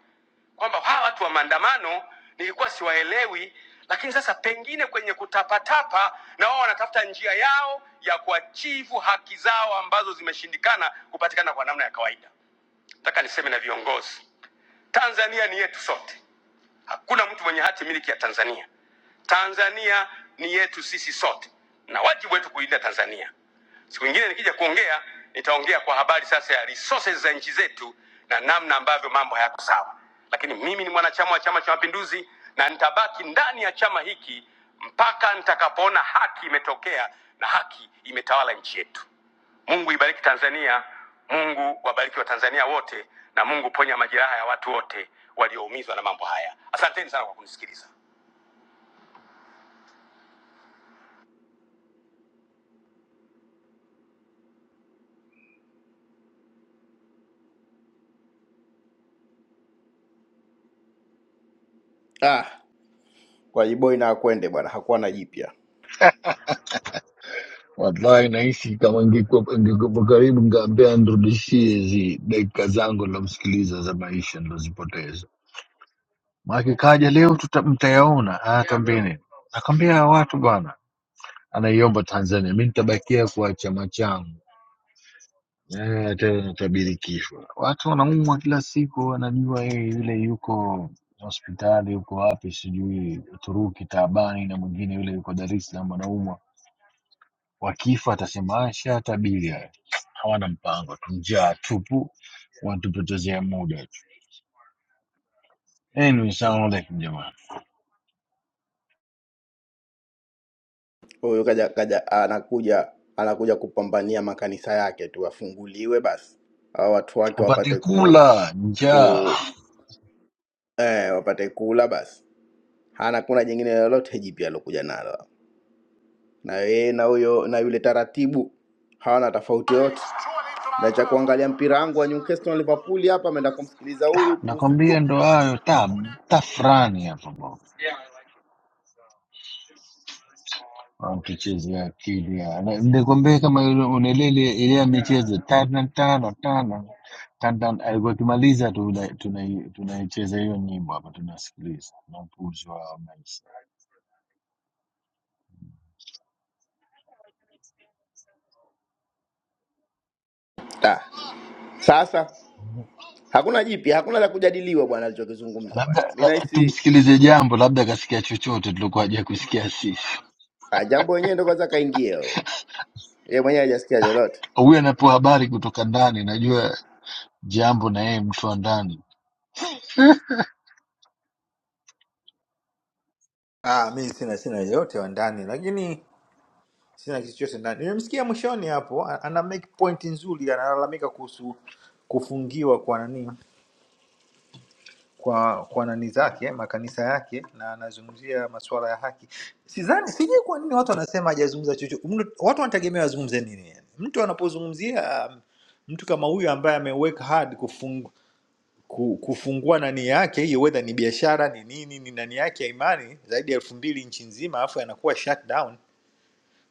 A: kwamba hawa watu wa maandamano nilikuwa siwaelewi, lakini sasa pengine kwenye kutapatapa na wao wanatafuta njia yao ya kuachivu haki zao ambazo zimeshindikana kupatikana kwa namna ya kawaida. Nataka niseme na viongozi, Tanzania ni yetu sote, hakuna mtu mwenye hati miliki ya Tanzania. Tanzania ni yetu sisi sote na wajibu wetu kuilinda Tanzania. Siku nyingine nikija kuongea, nitaongea kwa habari sasa ya resources za nchi zetu na namna ambavyo mambo hayako sawa, lakini mimi ni mwanachama wa Chama cha Mapinduzi na nitabaki ndani ya chama hiki mpaka nitakapoona haki imetokea na haki imetawala nchi yetu. Mungu ibariki Tanzania, Mungu wabariki Watanzania wote, na Mungu ponya majeraha ya watu wote walioumizwa na mambo haya. Asanteni sana kwa kunisikiliza. Ah. kwa Jiboi na akwende bwana, hakuwa na jipya.
B: Wallahi nahisi kama ingekuwa ingekuwa karibu, ngaambia anirudishie hizi dakika zangu nilomsikiliza za maisha nilozipoteza. Maake kaja leo tuta, mtayaona atambini, nakwambia hawa watu bwana, anaiomba Tanzania, mi nitabakia kwa chama changu Eh, tena natabiri kifo. Watu wanaumwa kila siku, wanajua yeye yule yuko hospitali, yuko wapi sijui Uturuki taabani, na mwingine yule yuko Dar es Salaam anaumwa Wakifa atasema asha tabili haya, hawana mpango tu, njaa tupu, wanatupotezea muda tu. Anyway, salamu alaikum jamani,
A: Huyu kaja kaja anakuja anakuja kupambania makanisa yake tu afunguliwe basi, hao watu wake
B: upate
A: wapate ku
B: kula njaa,
A: ku eh, wapate kula basi. Hana kuna jingine lolote jipya alokuja nalo, na yeye na huyo na yule taratibu hawana tofauti yote, na cha kuangalia mpira wangu wa Newcastle na Liverpool hapa, ameenda kumsikiliza huyu puzi
B: nakwambia
A: mtupu.
B: ndo hayo tab tafrani hapa bwana, wanatuchezea akili ya- na- nikwambia kama ile- unailele ile ya michezo tano tano tano Tan- tan- alikuwa akimaliza tu tunai- tunaicheza hiyo nyimbo hapa tunasikiliza na upuzi wa maisha
A: Da. Sasa hakuna jipya, hakuna la kujadiliwa bwana alichokizungumza
B: labda
A: bwana. Mimi
B: la,
A: nahisi
B: tumsikilize jambo, labda akasikia chochote tulikuwa haja kusikia sisi.
A: Ah, jambo wenyewe ndo kwanza kaingia huyo. yeye mwenyewe hajasikia lolote.
B: Huyu anapewa habari kutoka ndani, najua jambo na yeye mtu wa ndani. [LAUGHS]
C: Ah, mi sina sina yoyote wa ndani, lakini sina kitu chochote ndani. Nimemsikia mwishoni hapo a- ana make point nzuri, analalamika kuhusu kufungiwa kwa nani kwa kwa nani zake makanisa yake, na anazungumzia masuala ya haki. Sidhani, sijui kwa nini watu wanasema hajazungumza chochote. Mnu- Watu wanategemea wazungumze nini? yani? Mtu anapozungumzia um, mtu kama huyu ambaye ameweka hard kufung, ku- kufungua nani yake hiyo, whether ni biashara ni nini, ni nani yake ya imani zaidi ya elfu mbili nchi nzima, alafu yanakuwa shut down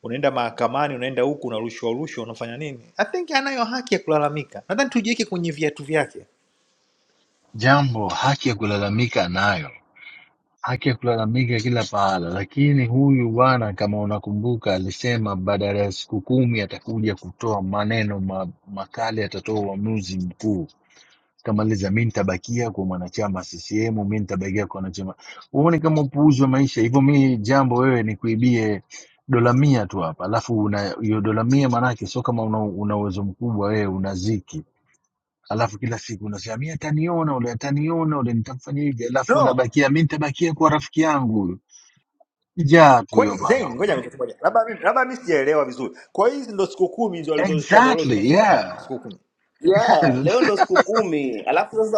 C: unaenda mahakamani, unaenda huku, unarushwa rushwa, unafanya nini? I think anayo haki ya kulalamika. Nadhani tujiweke kwenye viatu vyake.
B: Jambo haki ya kulalamika anayo, haki ya kulalamika kila pahala, lakini huyu bwana kama unakumbuka, alisema badala ya siku kumi atakuja kutoa maneno ma, makali, atatoa uamuzi mkuu kama aliza, mi nitabakia kwa mwanachama CCM, mi nitabakia kwa wanachama. Huoni kama upuuzi wa maisha hivyo? Mi jambo wewe ni kuibie dola mia tu hapa, alafu una hiyo dola mia, maanake sio kama una una uwezo mkubwa wewe, una ziki alafu kila siku unasema mi ataniona ule ataniona ule nitamfanya hivi alafu
C: No,
B: unabakia mi nitabakia kwa rafiki yangu huyu jaa tu
C: kwani
B: huyo bwana
C: Zain, ngoja
B: huyo
C: ngoja ngoja, labda mimi labda mimi sijaelewa vizuri. Kwa hiyo hizi ndo siku kumi ndio alizozitoa ndio leo
B: exactly
C: zimefika
B: yeah
C: siku kumi.
A: Yeah, leo
B: [LAUGHS]
A: ndo siku kumi, alafu sasa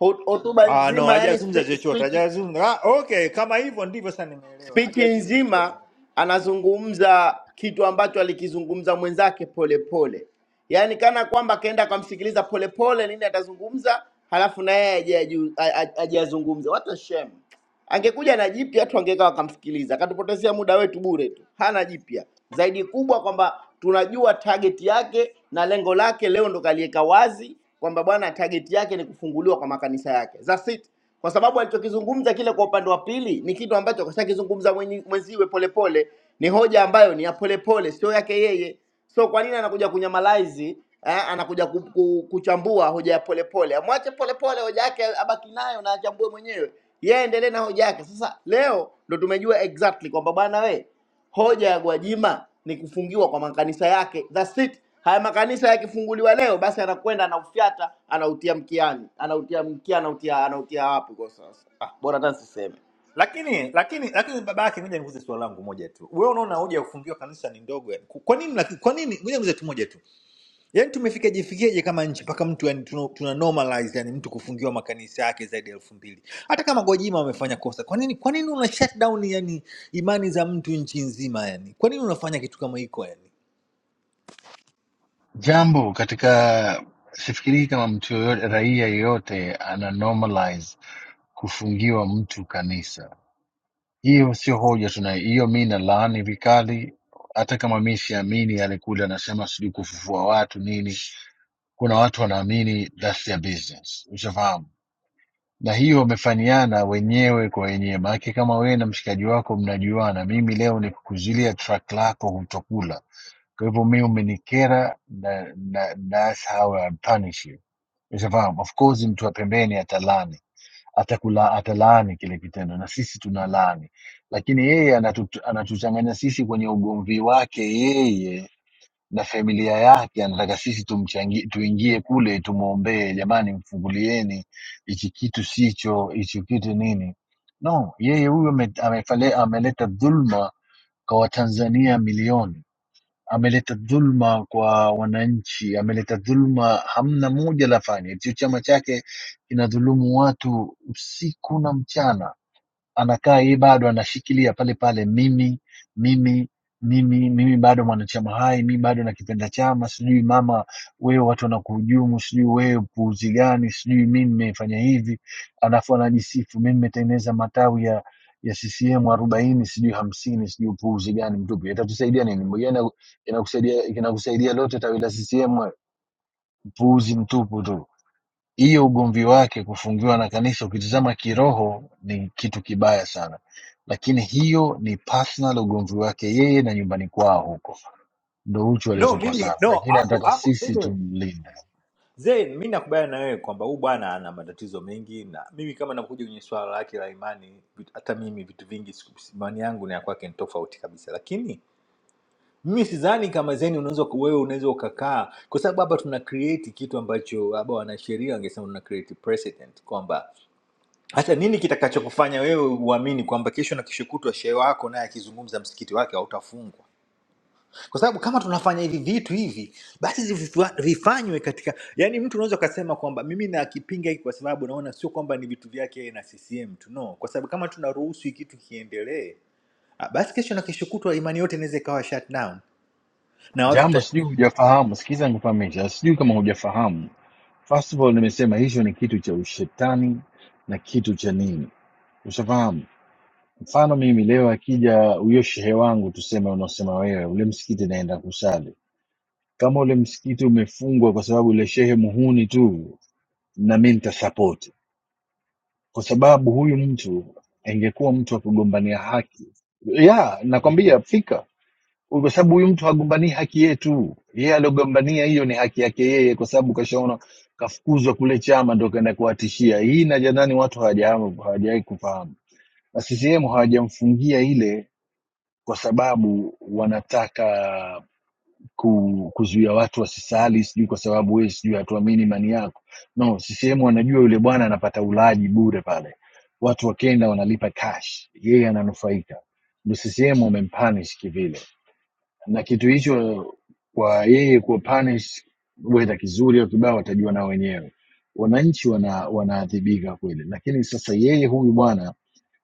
A: hot- hotuba
C: Ah, no,
A: nzima yani
C: hajazungumza chochote,
A: speech
C: hajazungumza. Ah, okay, kama hivyo ndivyo sasa nimeelewa,
A: Spichi
C: hajazungumza chochote.
A: nzima anazungumza kitu ambacho alikizungumza mwenzake polepole, yaani kana kwamba akaenda kamsikiliza polepole nini atazungumza, halafu na yeye aje aju- a- a- aje azungumze. What a shame! Angekuja na jipya tu angekaa wakamsikiliza, akatupotezea muda wetu bure tu, hana jipya zaidi kubwa kwamba tunajua target yake na lengo lake. Leo ndo kaliweka wazi kwamba bwana, target yake ni kufunguliwa kwa makanisa yake. That's it kwa sababu alichokizungumza kile kwa upande wa pili ni kitu ambacho kashakizungumza mwenye- mwenziwe polepole, ni hoja ambayo ni ya polepole, sio yake yeye. So kwa nini anakuja kunyamalaizi eh, anakuja ku, ku, kuchambua hoja ya polepole? Amwache polepole hoja yake abaki nayo na achambue mwenyewe, yeye endelee na hoja yake. Sasa leo ndo tumejua exactly kwamba bwana we Hoja ya Gwajima ni kufungiwa kwa makanisa yake, that's it. Haya makanisa yakifunguliwa leo, basi anakwenda anaufyata, anautia mkiani, anautia mkia, anautia anautia wapi kwa sasa? Ah, bora hata siseme.
C: Lakini lakini lakini baba yake, ngoja nikuze swali langu moja tu. Wewe unaona hoja ya kufungiwa kanisa ni ndogo yani? Kwa nini lakini kwa nini ngoja nikuze tu moja tu. yani tumefikaje fikaje kama nchi mpaka mtu yani tuna, tuna normalize yani mtu kufungiwa makanisa yake zaidi ya elfu mbili hata kama Gwajima wamefanya kosa kwa nini kwa nini una shut down yani imani za mtu nchi nzima yani kwa nini unafanya kitu kama hiko yani
B: jambo katika sifikirii kama mtu yoyote raia yeyote ana normalize kufungiwa mtu kanisa hiyo sio hoja tunayo hiyo mi nalaani vikali hata kama mi siamini alikuja anasema sijui kufufua watu nini kuna watu wanaamini that's their business ushafahamu na hiyo wamefanyana wenyewe kwa wenyewe. Maanake kama wewe na mshikaji wako mnajuana, mimi leo nikukuzuilia track lako hutokula, kwa hivyo mimi umenikera na, na, that's how I punish you. Ushafahamu? Of course mtu wa pembeni atalani atakula atalaani kile kitendo na sisi tunalaani, lakini yeye anatu- anatuchanganya sisi kwenye ugomvi wake yeye na familia yake, anataka sisi tumchangie, tuingie kule tumwombee, jamani, mfungulieni hichi kitu sicho, hichi kitu nini. No, yeye huyo ame- amefale- ameleta dhulma kwa Watanzania milioni, ameleta dhulma kwa wananchi, ameleta dhulma, hamna moja la fani. Hicho chama chake kinadhulumu watu usiku na mchana anakaa yeye bado anashikilia pale pale, mimi mimi mimi mimi bado mwanachama hai, mimi bado nakipenda chama, sijui mama wewe watu wanakuhujumu, sijui wewe puuzi gani, sijui mimi nimefanya hivi, alafu anajisifu mimi nimetengeneza matawi ya ya CCM arobaini sijui hamsini sijui upuuzi gani mtupu. Itatusaidia nini? Mwenyewe ina- inakusaidia inakusaidia lote tawi la CCM puuzi mtupu tu hiyo ugomvi wake kufungiwa na kanisa ukitizama kiroho ni kitu kibaya sana lakini hiyo ni personal ugomvi wake yeye na nyumbani kwao huko ndo huchu
C: no
B: alichokosana
C: mimi no
B: lakini
C: hapo
B: anataka
C: hapo
B: sisi
C: mimi
B: tumlinde
C: Zain, mi nakubaliana na wewe kwamba huyu bwana ana matatizo mengi, na mimi kama nakuja kwenye swala lake la imani, vit- hata mimi vitu vingi siku- imani yangu na ya kwake ni tofauti kabisa, lakini Mimi sidhani kama zeni unaweza wewe unaweza ukakaa, kwa sababu hapa tuna create kitu ambacho labda wanasheria wangesema tuna create precedent kwamba hata nini kitakachokufanya wewe uamini kwamba kesho na kesho kutwa shehe wako naye akizungumza msikiti wake hautafungwa, kwa sababu kama tunafanya hivi vitu hivi, basi zivifa- vifanywe katika, yani mtu unaweza ukasema kwamba mimi nakipinga hiki kwa sababu naona sio kwamba ni vitu vyake yeye na CCM tu, no, kwa sababu kama tunaruhusu hiki kitu kiendelee, ah, basi kesho na kesho kutwa imani yote inaweza ikawa shut down na
B: jambo
C: watu
B: sijui hujafahamu sikiza nikufahamisha sijui kama hujafahamu first of all nimesema hicho ni kitu cha ushetani na kitu cha nini ushafahamu mfano mimi leo akija huyo shehe wangu tuseme unaosema wewe ule msikiti naenda kusali kama ule msikiti umefungwa kwa sababu ile shehe muhuni tu, na mi nitasapoti kwa sababu huyu mtu angekuwa mtu wa kugombania haki ya nakwambia fika, kwa sababu huyu mtu hagombanii haki yetu, yeye aliogombania hiyo ni haki yake yeye, kwa sababu kashaona kafukuzwa kule chama, ndo kaenda kuwatishia hii. Na nadhani watu hawajahamu- hawajawahi kufahamu na CCM hawajamfungia ile kwa sababu wanataka ku, kuzuia watu wasisali sijui kwa sababu wewe sijui hatuamini imani yako no ccm wanajua yule bwana anapata ulaji bure pale watu wakenda wanalipa cash yeye ananufaika ndo ccm wamempanish kivile na kitu hicho kwa yeye kuwa punish wedha kizuri au kibao watajua nao wenyewe wananchi wana wanaadhibika kweli lakini sasa yeye huyu bwana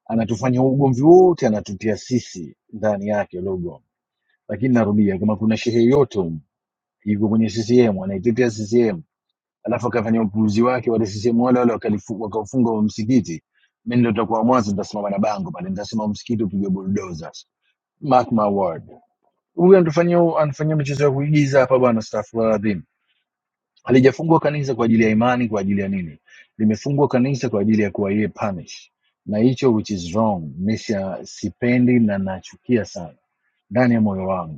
B: anatufanya ugomvi wote anatutia sisi ndani yake ule ugomvi lakini narudia kama kuna shehe yote yuko kwenye CCM anaitetea CCM, alafu akafanya upuuzi wake, wale CCM wale wale wakalifu- wakaufunga huo msikiti. Mimi ndio nitakuwa mwanzo, nitasimama na bango pale, nitasema msikiti upigwe bulldozer. Mark my word, huyu anatufanyia anafanyia michezo ya kuigiza hapa bwana. Astaghfirullahalazim, halijafungwa kanisa kwa ajili ya imani, kwa ajili ya nini? Limefungwa kanisa kwa ajili ya kuwa yeye punish, na hicho which is wrong, mimi sipendi na nachukia sana ndani ya moyo wangu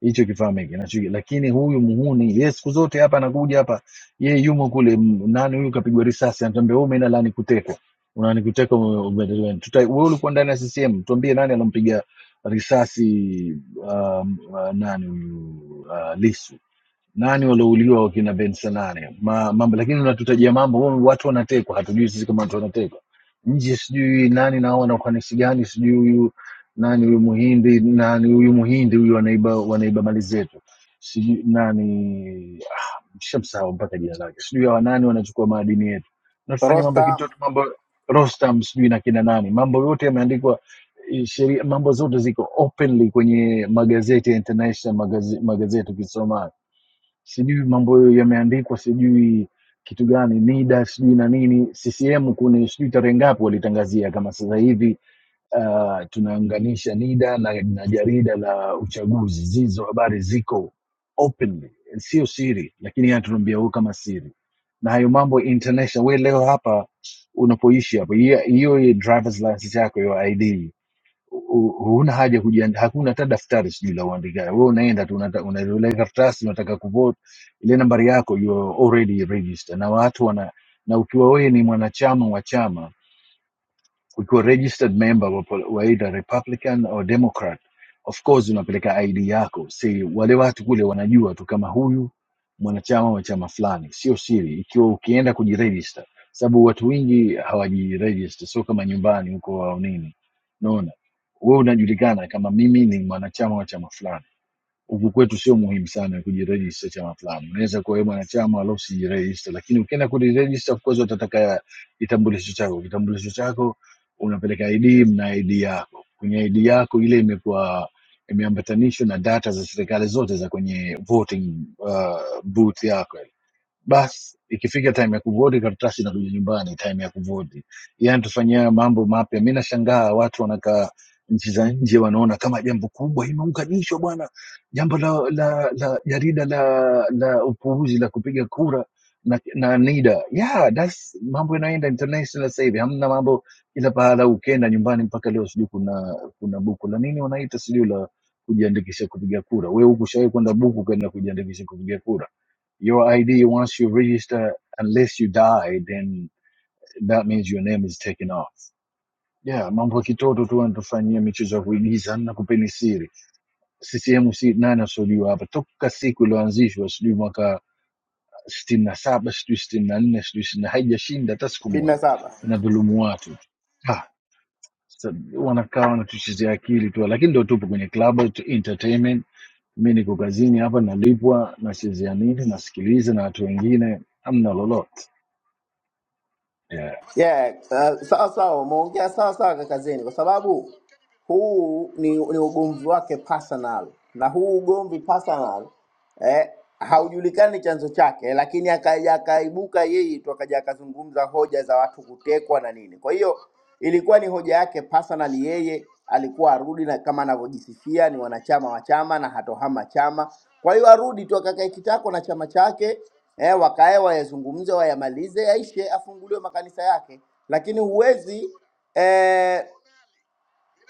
B: hicho kifaa kinacho lakini huyu muhuni ye siku zote hapa anakuja hapa ye yumo kule m- nani huyu kapigwa risasi anatuambia wewe umeenda la nikutekwa una nikuteka wewe ulikuwa ndani ya CCM tuambie nani alompiga risasi um, uh, nani huyu uh, Lissu nani walouliwa wakina Benson nane Ma, mambo lakini unatutajia mambo wewe, watu wanatekwa, hatujui sisi kama watu wanatekwa nje, sijui nani nao wana ufanisi gani, sijui huyu nani huyu Muhindi nani huyu Muhindi huyu wanaiba wanaiba mali zetu, sijui nani ah, shamsahau mpaka jina lake, sijui hawa nani wanachukua maadini yetu, natufanya mambo ya
A: Rostam
B: kitoto, mambo Rostam sijui na kina nani, mambo yote yameandikwa eh, sheria, mambo zote ziko openly kwenye magazeti ya international magazeti, magazeti ukisoma sijui mambo yameandikwa sijui kitu gani NIDA sijui na nini. CCM kuna sijui tarehe ngapi walitangazia, kama sasa hivi uh, tunaunganisha NIDA na, na jarida la uchaguzi. Zizo habari ziko openly, sio siri, lakini yanatuambia huo kama siri na hayo mambo international. We leo hapa unapoishi hapa, hiyo hiyo drivers license yako hiyo ID u- huna haja kujiandaa, hakuna hata daftari sijui la uandikaji. Wewe unaenda tu unata- una ile karatasi unataka kuvote, ile nambari yako you are already registered na watu wana na ukiwa wewe ni mwanachama wa chama ukiwa registered member wa pol- wa either republican or democrat of course unapeleka id yako si wale watu kule wanajua tu kama huyu mwanachama wa chama fulani sio siri ikiwa ukienda kujiregister sababu watu wengi hawajiregister sio kama nyumbani huko au nini naona wewe unajulikana kama mimi ni mwanachama wa chama fulani huku kwetu sio muhimu sana kujirejista chama fulani. Unaweza kuwa wewe mwanachama wala usijirejista, lakini ukienda kujirejista, of course watataka kitambulisho chako. Kitambulisho chako unapeleka ID, mna ID yako. Kwenye ID yako ile imekuwa imeambatanishwa na data za serikali zote za kwenye voting uh, booth yako basi ikifika time ya kuvoti karatasi inakuja nyumbani time ya kuvoti yani tufanyia haya mambo mapya mi nashangaa watu wanakaa nchi za nje wanaona kama jambo kubwa imeunganishwa bwana jambo la la la jarida la la upuuzi la kupiga kura na, na nida yeah, that's mambo yanaenda international sasa hivi hamna mambo ila pahala ukienda nyumbani mpaka leo sijui kuna kuna buku la nini wanaita sijui la kujiandikisha kupiga kura we huku shawai kwenda buku ukaenda kujiandikisha kupiga kura Your ID, once you register, unless you die, then that means your name is taken off. Yeah, mambo ya kitoto tu wanatufanyia michezo ya kuigiza na kupeni siri. CCM si nani asojua hapa toka siku iliyoanzishwa, sijui mwaka sitini na saba sijui sitini na nne sijui sitini na haijashinda hata siku moja,
A: 77
B: inadhulumu watu tu. Ah, sa- wanakaa wanatuchezea akili tu, lakini ndo tupo kwenye club tu- entertainment. Mi niko kazini hapa, nalipwa, nachezea nini, nasikiliza na watu wengine, amna lolote. Yeah.
A: Yeah, uh, sawa sawa, umeongea sawa sawa kakazeni, kwa sababu huu ni, ni ugomvi wake personal, na huu ugomvi personal eh, haujulikani chanzo chake, lakini akaja akaibuka yeye tu akaja akazungumza hoja za watu kutekwa na nini. Kwa hiyo Ilikuwa ni hoja yake personally, yeye alikuwa arudi na kama anavyojisifia ni wanachama wa chama na hatohama chama. Kwa hiyo arudi tu akakae kitako na chama chake eh, wakae wayazungumze, wayamalize, yaishe, afunguliwe makanisa yake, lakini huwezi eh,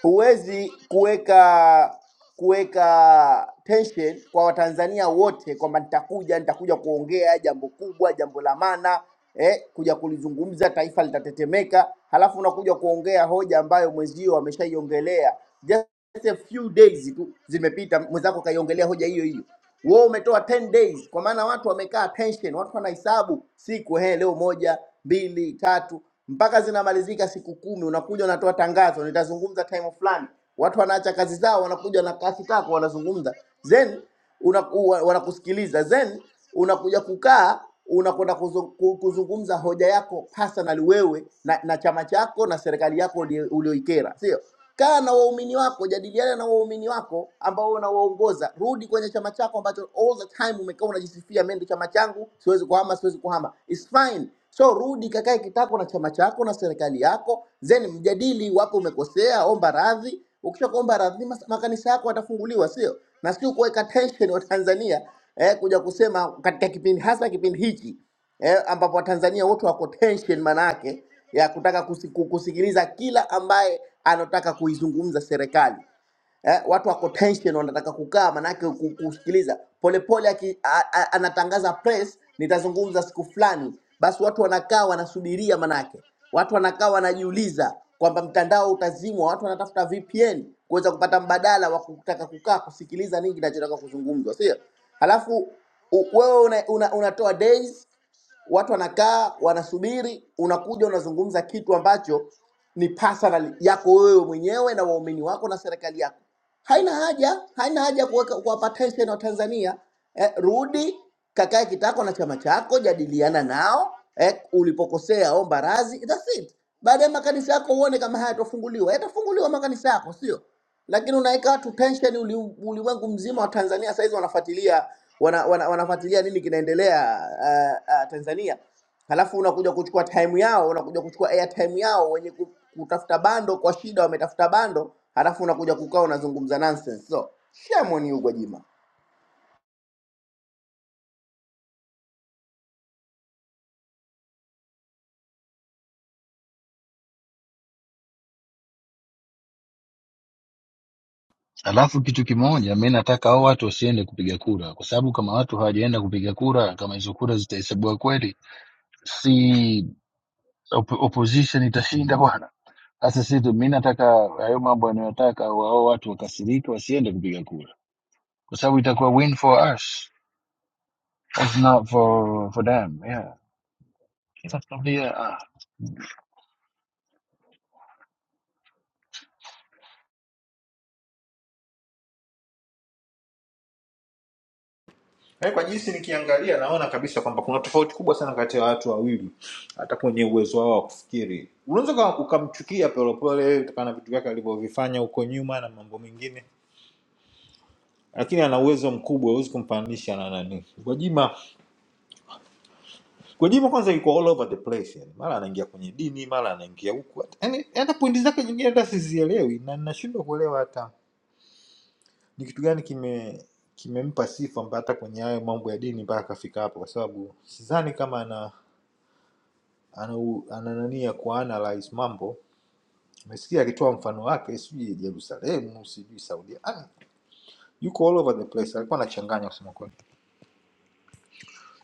A: huwezi kuweka kuweka tension kwa Watanzania wote kwamba nitakuja nitakuja kuongea jambo kubwa, jambo la maana eh, kuja kulizungumza, taifa litatetemeka, halafu unakuja kuongea hoja ambayo mwenzio ameshaiongelea just a few days tu zimepita, mwenzako kaiongelea hoja hiyo hiyo wewe umetoa 10 days, kwa maana watu wamekaa attention, watu wanahesabu siku, he, leo moja, mbili, tatu mpaka zinamalizika siku kumi. Unakuja unatoa tangazo, nitazungumza time fulani. Watu wanaacha kazi zao, wanakuja na kasi kako, wanazungumza then una, wa- wanakusikiliza then unakuja kukaa unakwenda kuzu- ku- kuzungumza hoja yako personally wewe na, na chama chako na serikali yako ulie- ulioikera, sio? kaa na waumini wako, jadiliana na waumini wako ambao unawaongoza. Rudi kwenye chama chako ambacho all the time umekaa unajisifia, mimi ndio chama changu, siwezi kuhama, siwezi kuhama. It's fine. So rudi kakae kitako na chama chako na serikali yako, then mjadili wapo umekosea, omba radhi. Ukisha kuomba radhi, mas- makanisa yako yatafunguliwa, sio na sio kuweka tension wa Tanzania eh, kuja kusema katika kipindi hasa kipindi hiki eh, ambapo Watanzania wote wako tension manake ya kutaka kusi- ku- kusikiliza kila ambaye anataka kuizungumza serikali eh, watu wako tension, wanataka kukaa manake ku- kusikiliza polepole. aki- a- a- Anatangaza press, nitazungumza siku fulani, basi watu wanakaa wanasubiria, manake watu wanakaa wanajiuliza kwamba mtandao utazimwa, watu wanatafuta VPN kuweza kupata mbadala wa kutaka kukaa kusikiliza nini kinachotaka kuzungumzwa, sio? Halafu u- wewe una, una, unatoa days watu wanakaa wanasubiri, unakuja unazungumza kitu ambacho ni personal yako wewe mwenyewe na waumini wako na serikali yako. Haina haja, haina haja ya kuweka kuwapa tension wa Tanzania. Eh, rudi kakae kitako na chama chako, jadiliana nao eh, ulipokosea omba radhi, that's it. Baadaye makanisa yako uone kama hayatofunguliwa, yatafunguliwa makanisa yako, sio? lakini unaweka watu tension, uli, ulimwengu mzima wa Tanzania saizi wanafuatilia wana, wana, wanafuatilia nini kinaendelea uh, uh, Tanzania, halafu unakuja kuchukua time yao, unakuja kuchukua airtime yao, wenye ku- kutafuta bando kwa shida wametafuta bando, halafu unakuja kukaa unazungumza nonsense. So shame on you Gwajima.
B: Alafu kitu kimoja, mi nataka hao watu wasiende kupiga kura, kwa sababu kama watu hawajaenda kupiga kura, kama hizo kura zitahesabiwa kweli, si op opposition itashinda bwana. Sasa sisi tu- mi nataka hayo mambo yanayotaka wao watu wakasirika, wasiende kupiga kura, kwa sababu itakuwa win for us, it's not for for them. Yeah, sasa tuambie ah,
C: Eh, kwa jinsi nikiangalia naona kabisa kwamba kuna tofauti kubwa sana kati ya watu wawili, hata kwenye uwezo wao wa kufikiri. Unaweza uka- ukamchukia Polepole kutokana na vitu vyake alivyovifanya huko nyuma na mambo mengine, lakini ana uwezo mkubwa, huwezi kumfananisha na nani. Gwajima, Gwajima kwanza yuko all over the place, yani mara anaingia kwenye dini, mara anaingia huku, hata- yani hata pointi zake nyingine hata sizielewi, na nashindwa kuelewa hata ni kitu gani kime kimempa sifa mpaka hata kwenye hayo mambo ya dini mpaka akafika hapo, kwa sababu sidhani kama ana anau- ananania kuanalyze mambo mesikia akitoa mfano wake sijui jerusalemu sijui saudia Yaani, yuko all over the place alikuwa anachanganya kusema kweli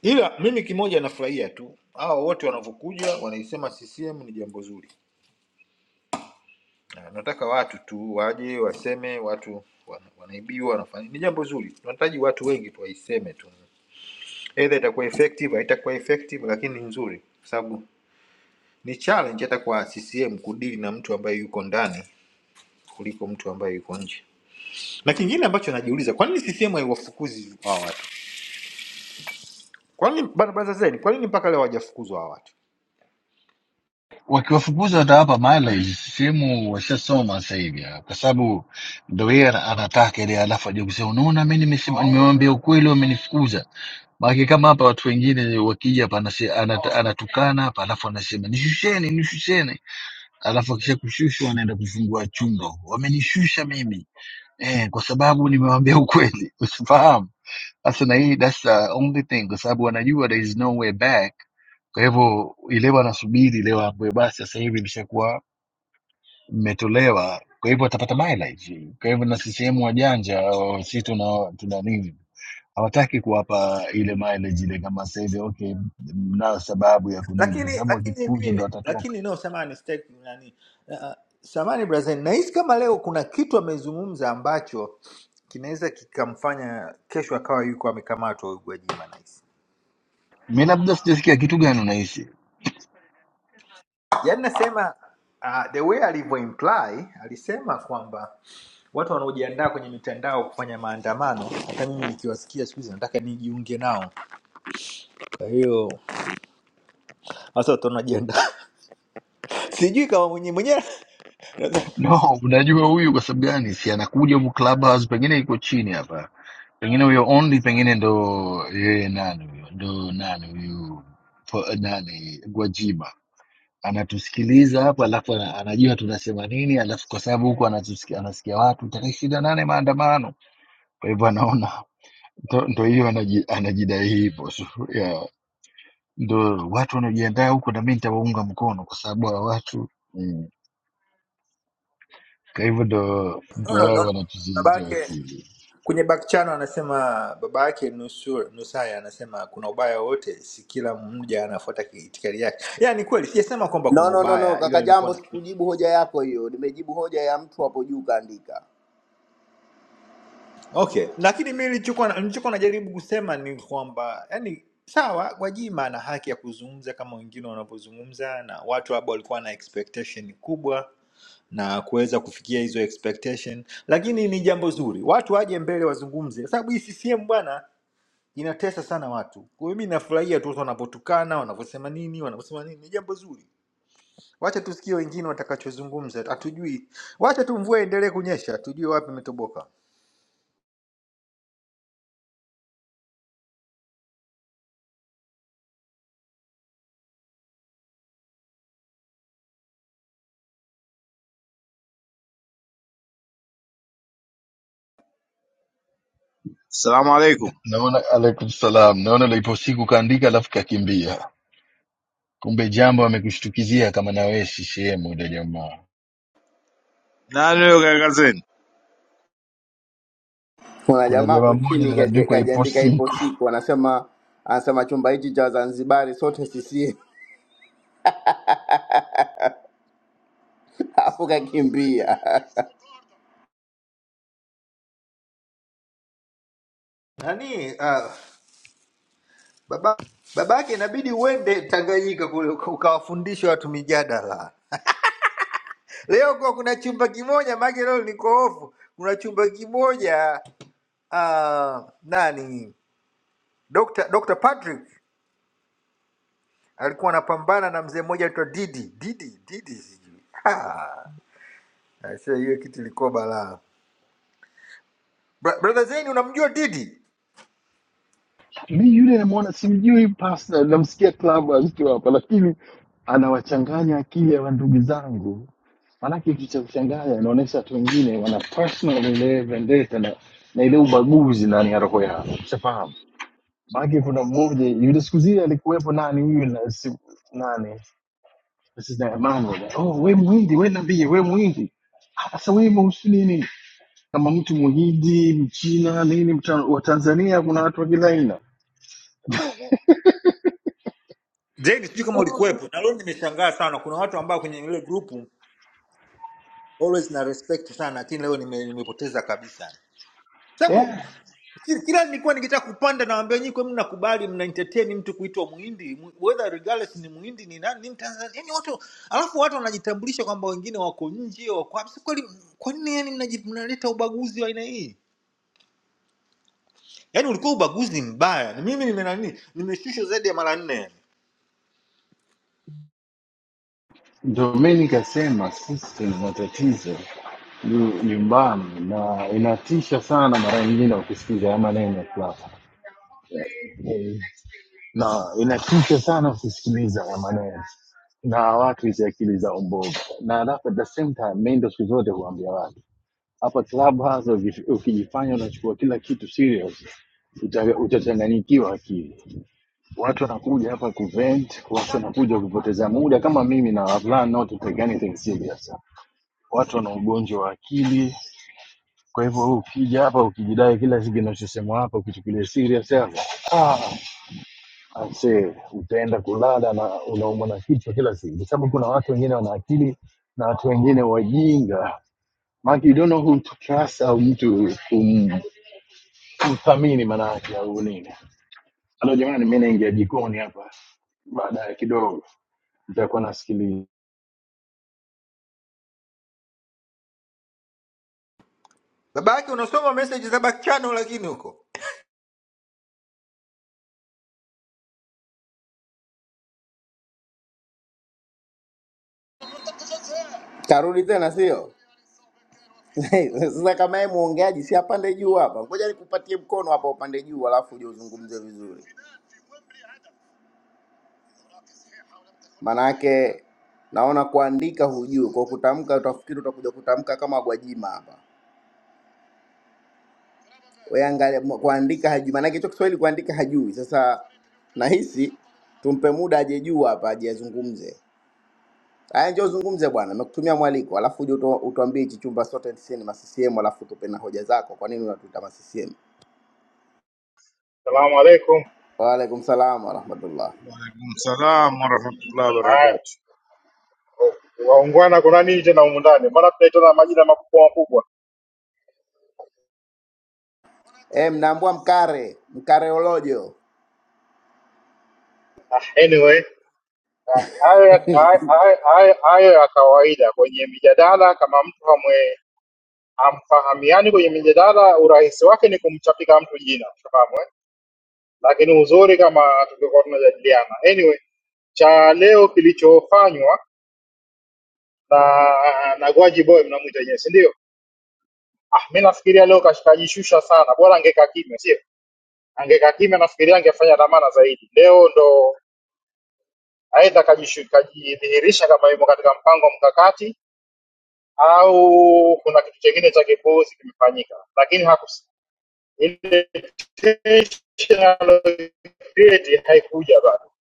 C: ila mimi kimoja nafurahia tu hawa wote wanavyokuja wanaisema ccm ni jambo zuri Na nataka watu tu waje waseme watu wana- wanaibiwa wanafanya ni jambo zuri tunahitaji watu wengi tu waiseme tu either itakuwa effective haitakuwa effective lakini ni nzuri kwa sababu ni challenge hata kwa ccm kudili na mtu ambaye yuko ndani kuliko mtu ambaye yuko nje na kingine ambacho najiuliza kwa nini CCM haiwafukuzi hawa watu kwa nini bana bana zeni kwa nini mpaka leo hawajafukuzwa hawa watu
B: wakiwafukuza watawapa mileage. Sehemu washasoma sasa hivi, ah, kwa sababu ndo yeye ana- anataka ile, alafu aje kusema unaona, mi nimesema, nimewambia ukweli, wamenifukuza. Maake kama hapa watu wengine wakija hapa anase- anata- anatukana hapa, alafu anasema nishusheni, nishusheni, alafu akisha kushushwa anaenda kufungua chumba, wamenishusha mimi eh, kwa sababu nimewambia ukweli, [LAUGHS] usifahamu sasa na hii that's the only thing, kwa sababu wanajua there is no way back. Kwa hivyo ile wanasubiri leo ambayo basi sasa hivi imeshakuwa mmetolewa, kwa hivyo watapata mileage. Kwa hivyo na CCM wajanja, wa- si tuna tuna nini, hawataki kuwapa ile mileage ile kama sasa hivi. Okay, mnao sababu ya kunini, kwa
C: lakini
B: sababu
C: lakini
B: wakifukuzwa ndo
C: mimi
B: watatoka.
C: lakini inayosema ni stake nani uh, uh, samani brazen nahisi kama leo kuna kitu amezungumza ambacho kinaweza kikamfanya kesho akawa yuko amekamatwa huyu gwajima nahisi
B: Mimi labda sijasikia kitu gani unahisi
C: yaani nasema uh, the way alivyo imply alisema kwamba watu wanaojiandaa kwenye mitandao kufanya maandamano hata mimi nikiwasikia siku hizi nataka nijiunge nao kwa hiyo Sasa tunajiandaa. [LAUGHS] Sijui kama mwenye mwenyewe
B: No, unajua huyu kwa sababu gani? Si anakuja huku Clubhouse, pengine iko chini hapa, pengine huyo only, pengine ndo yeye nani huyo, ndo nani huyu po- nani Gwajima anatusikiliza hapa, alafu ana- anajua tunasema nini, alafu kwa sababu huku anatusikia, anasikia watu tarehe ishirini na nane maandamano, kwa hivyo anaona ndo ndo hiyo anaji- anajidai hivyo so, yeah. Ndo watu wanaojiandaa huko, na mimi nitawaunga mkono kwa sababu hawa watu mm. Kwa hivyo ndo ndo
C: no, no,
B: wao
C: no. Baba
B: wanatuzidi
C: yake
B: akili.
C: kwenye back channel anasema baba yake nusu Nusaya anasema kuna ubaya wote, si kila mmoja anafuata ki- itikadi yake. Yeah, ni kweli, sijasema kwamba
A: No,
C: kuna
A: no, no, no,
C: ubaya, ila
A: kaka
C: nilikuwa
A: Jambo,
C: na
A: sikujibu hoja yako hiyo, nimejibu hoja ya mtu hapo juu kaandika.
C: okay, lakini mimi nilichokuwa nilichokuwa najaribu kusema ni kwamba yani sawa Gwajima ana haki ya kuzungumza kama wengine wanavyozungumza, na watu hapa walikuwa na expectation kubwa na kuweza kufikia hizo expectation, lakini ni jambo zuri watu waje mbele wazungumze, kwa sababu hii CCM bwana inatesa sana watu. Kwa hiyo mimi nafurahia tu watu wanapotukana, wanavyosema nini, wanavyosema nini, ni jambo zuri. Wacha tusikie wengine watakachozungumza, hatujui. Wacha tu mvua iendelee kunyesha, tujue wapi imetoboka.
D: Assalamu alaikum.
B: Naona alaikum salam, naona ulipo siku kaandika alafu kakimbia, kumbe jambo amekushtukizia kama na wewe CCM yule jamaa.
D: Nani huyo kaka zeni?
A: Kuna
B: Kuna
A: jamaa
B: jamaa
A: hapo
B: mmoja
A: chini kaji-
B: anaandikwa ipo
A: kajiandika ipo
B: siku,
A: siku, anasema anasema chumba hichi cha Wazanzibari sote sisi afu kakimbia.
C: Nani uh, baba babake, inabidi uende Tanganyika kule uka- ukawafundishe watu mijadala. Leo kwa kuna chumba kimoja, maana leo niko ofu, kuna chumba kimoja uh, nani Dr. Dr. Patrick alikuwa anapambana na mzee mmoja anaitwa Didi Didi Didi sijui Ah, aisee, hiyo kitu ilikuwa balaa. Bra- Brother Zain unamjua Didi?
B: mi yule namwona simjui personal, namsikia club akiwa hapa, lakini anawachanganya akili ya ndugu zangu, maanake kitu cha kuchanganya inaonyesha watu wengine wana personal ile vendetta na, na ile ubaguzi ndani ya roho yao, ushafahamu. Maanake kuna mmoja yule siku zile alikuwepo nani huyu na si- nani This is that mambo. that, Oh, we muhindi, we nambie, we muhindi. Ah, Sasa we mweusi nini? Kama mtu muhindi, mchina, nini, mta- wa Tanzania kuna watu wa kila aina.
C: Zaidi sijui kama ulikuwepo, na leo nimeshangaa sana. Kuna watu ambao kwenye ile grupu always na respect sana, lakini leo nime, nimepoteza kabisa. sababu
B: Yeah.
C: ki- kila nilikuwa nikitaka kupanda nawaambia nyinyi, kwa nini mnakubali mna entertain mtu kuitwa muhindi Mu- whether regardless ni muhindi ni nani ni mtanzania yani watu alafu watu wanajitambulisha kwamba wengine wako nje wako wapi. Si kweli kwa nini yani mnaji- mnaleta ubaguzi wa aina hii yani ulikuwa ubaguzi ni mbaya Na mimi nime nani nimeshushwa zaidi ya mara nne yani
B: Ndio mimi nikasema sisi tuna matatizo nyu- nyumbani na inatisha sana mara nyingine ukisikiza haya maneno fulani. Eh, na inatisha sana ukisikiliza haya maneno na watu hizi akili za mbovu, na alafu at the same time mimi ndio siku zote huambia watu hapa clubhouse uki- ukijifanya unachukua kila kitu serious uta- utachanganyikiwa akili watu wanakuja hapa kuvent watu wanakuja kupoteza muda kama mimi na plan not to take anything serious watu wana ugonjwa wa akili kwa hivyo wewe ukija hapa ukijidai kila kitu kinachosemwa hapa ukichukulia serious hapa ah, I say, utaenda kulala na unaumwa na kichwa kila siku kwa sababu kuna watu wengine wana akili na watu wengine wajinga Mark, you don't know who to trust au mtu um, mthamini maanake au nini halo jamani mi naingia jikoni hapa baadaye kidogo nitakuwa nasikiliza
C: baba yake unasoma message za back channel lakini huko
A: Karudi tena sio? [LAUGHS] Sasa kama yeye muongeaji, si apande juu hapa? Ngoja nikupatie mkono hapa, upande juu, alafu uje uzungumze vizuri. Manake naona kuandika hujui, kwa kutamka utafikiri utakuja kutamka kama Gwajima hapa. Wewe angalia, mu- kuandika hajui, manake hicho Kiswahili kuandika hajui. Sasa nahisi tumpe muda aje juu hapa, aje azungumze. Haya, njoo zungumze bwana, nimekutumia mwaliko, alafu uje utu- utuambie hichi chumba sote sisi ni ma CCM, alafu tupe na hoja zako, kwa nini unatuita ma CCM?
E: Salamu alaikum.
A: Waalaikum salam warahmatullah.
D: Waalaikum salam warahmatullahi
E: Haya,
D: wabarakatuh.
E: waungwana, kuna nini tena humu ndani? Mbona tunaitana majina makubwa makubwa?
A: E, mnaambua mkare mkareolojo,
E: Anyway, hayo ya- hayo hayo- hayo ya kawaida kwenye mijadala. Kama mtu hamwe hamfahamiani kwenye mijadala, urahisi wake ni kumchapika mtu jina, fahamu eh? Lakini uzuri kama tungekuwa tunajadiliana. Anyway, cha leo kilichofanywa na na Gwaji Boy mnamwita yeye, si ndio? Ah, mimi nafikiria leo kashikajishusha sana, bora angekaa kimya, sio? Angekaa kimya, nafikiria angefanya dhamana zaidi. Leo ndo aidha kajishu- kajidhihirisha kama yumo katika mpango mkakati au kuna kitu chengine cha kipuuzi kimefanyika, lakini hakus- ile tension alocreate haikuja bado.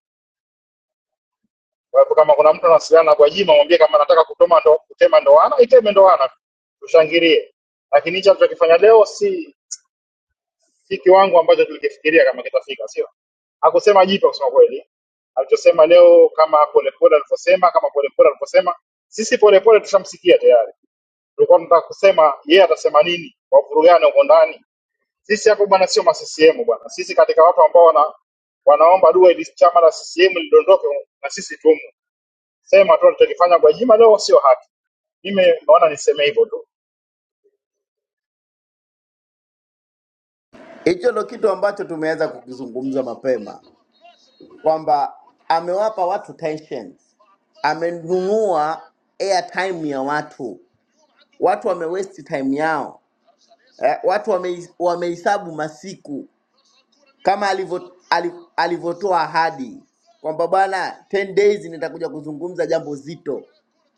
E: Kwa hivyo kama kuna mtu anawasiliana kwa Gwajima, mwambie kama anataka kutoma ndo, kutema ndoana iteme ndoana, tushangilie. Lakini hicho alichokifanya leo si si kiwango ambacho tulikifikiria kama kitafika, sio? Hakusema jipya kusema kweli, alichosema leo kama polepole alivyosema, kama polepole alivyosema, sisi polepole tushamsikia tayari. Tulikuwa tunataka kusema yeye atasema nini, wavurugane huko ndani. Sisi hapo bwana, sio ma CCM bwana, sisi katika watu ambao wana wanaomba dua ili chama la CCM lidondoke, na sisi tumo. Sema tu alichokifanya Gwajima leo sio haki. Mimi naona niseme hivyo tu.
A: hicho ndo kitu ambacho tumeweza kukizungumza mapema kwamba amewapa watu tension, amenunua airtime ya watu, watu wamewesti time yao eh, watu wame- wamehesabu masiku kama alivyo- ali- alivyotoa ahadi kwamba bwana 10 days nitakuja kuzungumza jambo zito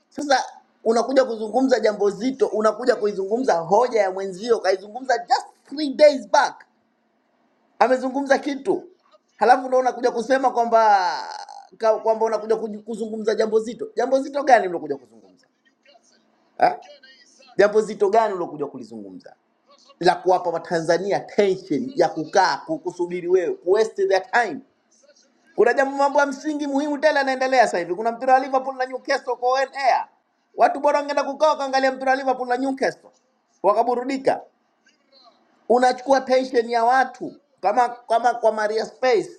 A: Sasa unakuja kuzungumza jambo zito, unakuja kuizungumza hoja ya mwenzio, kaizungumza just three days back, amezungumza kitu, halafu ndo unakuja kusema kwamba ka- kwamba unakuja kuji- kuzungumza jambo zito. Jambo zito gani mlokuja kuzungumza ha? Jambo zito gani mlokuja kulizungumza la kuwapa Watanzania tension ya kukaa ku- kusubiri wewe, ku waste their time? Kuna jambo mambo ya msingi muhimu tele yanaendelea sasa hivi. Kuna mpira wa Liverpool na Newcastle kwa on air. Watu bora wangeenda kukaa wakaangalia mpira wa Liverpool na Newcastle wakaburudika unachukua pensheni ya watu kama kama kwa Maria Space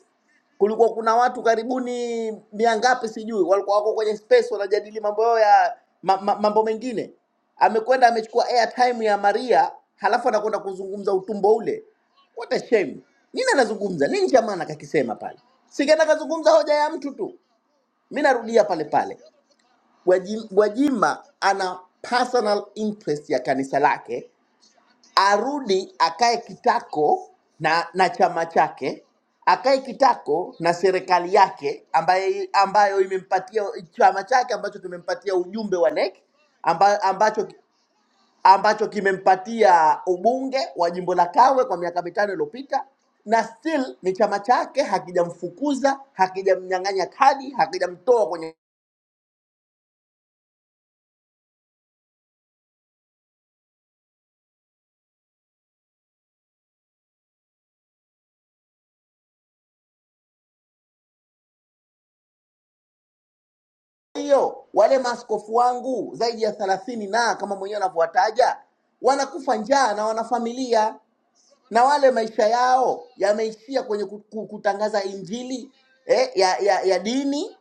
A: kulikuwa kuna watu karibuni mia ngapi sijui, walikuwa wako kwenye space wanajadili mambo yao ya ma, ma, mambo mengine. Amekwenda amechukua airtime ya Maria, halafu anakwenda kuzungumza utumbo ule. What a shame! Nini anazungumza nini? Jamani, kakisema pale, singena kazungumza hoja ya mtu tu. Mi narudia pale pale, Gwajima, Gwajima ana personal interest ya kanisa lake arudi akae kitako na na chama chake, akae kitako na serikali yake ambaye, ambayo imempatia chama chake ambacho kimempatia ujumbe wa NEC amba, ambacho ambacho kimempatia ubunge wa jimbo la Kawe kwa miaka mitano iliyopita, na still ni chama chake hakijamfukuza, hakijamnyang'anya kadi, hakijamtoa kwenye hiyo wale maaskofu wangu zaidi ya thelathini na kama mwenyewe anavyowataja wanakufa njaa na wana familia na wale maisha yao yameishia kwenye ku- ku- kutangaza injili eh, ya, ya, ya dini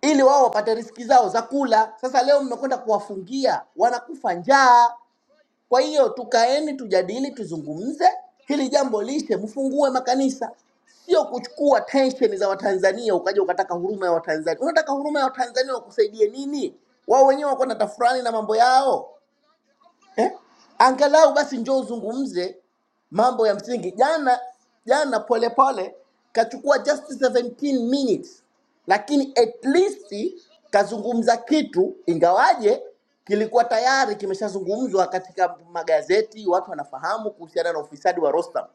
A: ili wao wapate riski zao za kula. Sasa leo mnakwenda kuwafungia, wanakufa njaa. Kwa hiyo tukaeni, tujadili, tuzungumze hili jambo, lishe, mfungue makanisa, sio kuchukua tension za Watanzania ukaja ukataka huruma ya Watanzania. Unataka huruma ya Watanzania wakusaidie nini? Wao wenyewe wako na tafurani na mambo yao eh? Angalau basi njoo uzungumze mambo ya msingi. Jana jana Polepole kachukua just 17 minutes, lakini at least kazungumza kitu, ingawaje kilikuwa tayari kimeshazungumzwa katika magazeti, watu wanafahamu kuhusiana na ufisadi wa Rostam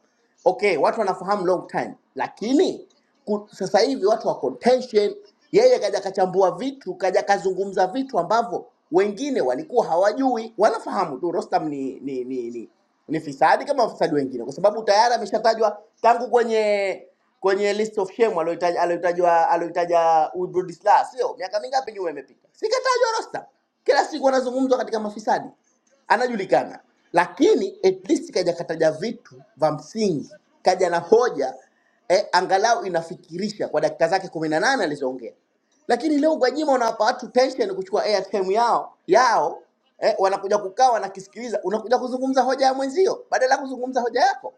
A: okay, watu wanafahamu long time, lakini ku- sasa hivi watu wa contention. Yeye kaja kachambua vitu, kaja kazungumza vitu ambavyo wengine walikuwa hawajui. Wanafahamu tu Rostam ni ni ni, ni, ni fisadi kama wafisadi wengine, kwa sababu tayari ameshatajwa tangu kwenye kwenye list of shame aliyotaja aliyotajwa aliyotaja Ubrudisla, sio miaka mingapi nyuma imepita, sikatajwa Rostam, kila siku anazungumzwa katika mafisadi anajulikana, lakini at least kaja kataja vitu vya msingi, kaja na hoja eh, angalau inafikirisha kwa dakika zake kumi na nane alizoongea. Lakini leo Gwajima unawapa watu tension kuchukua airtime yao yao eh, wanakuja kukaa wanakisikiliza, unakuja kuzungumza hoja ya mwenzio badala ya kuzungumza hoja yako.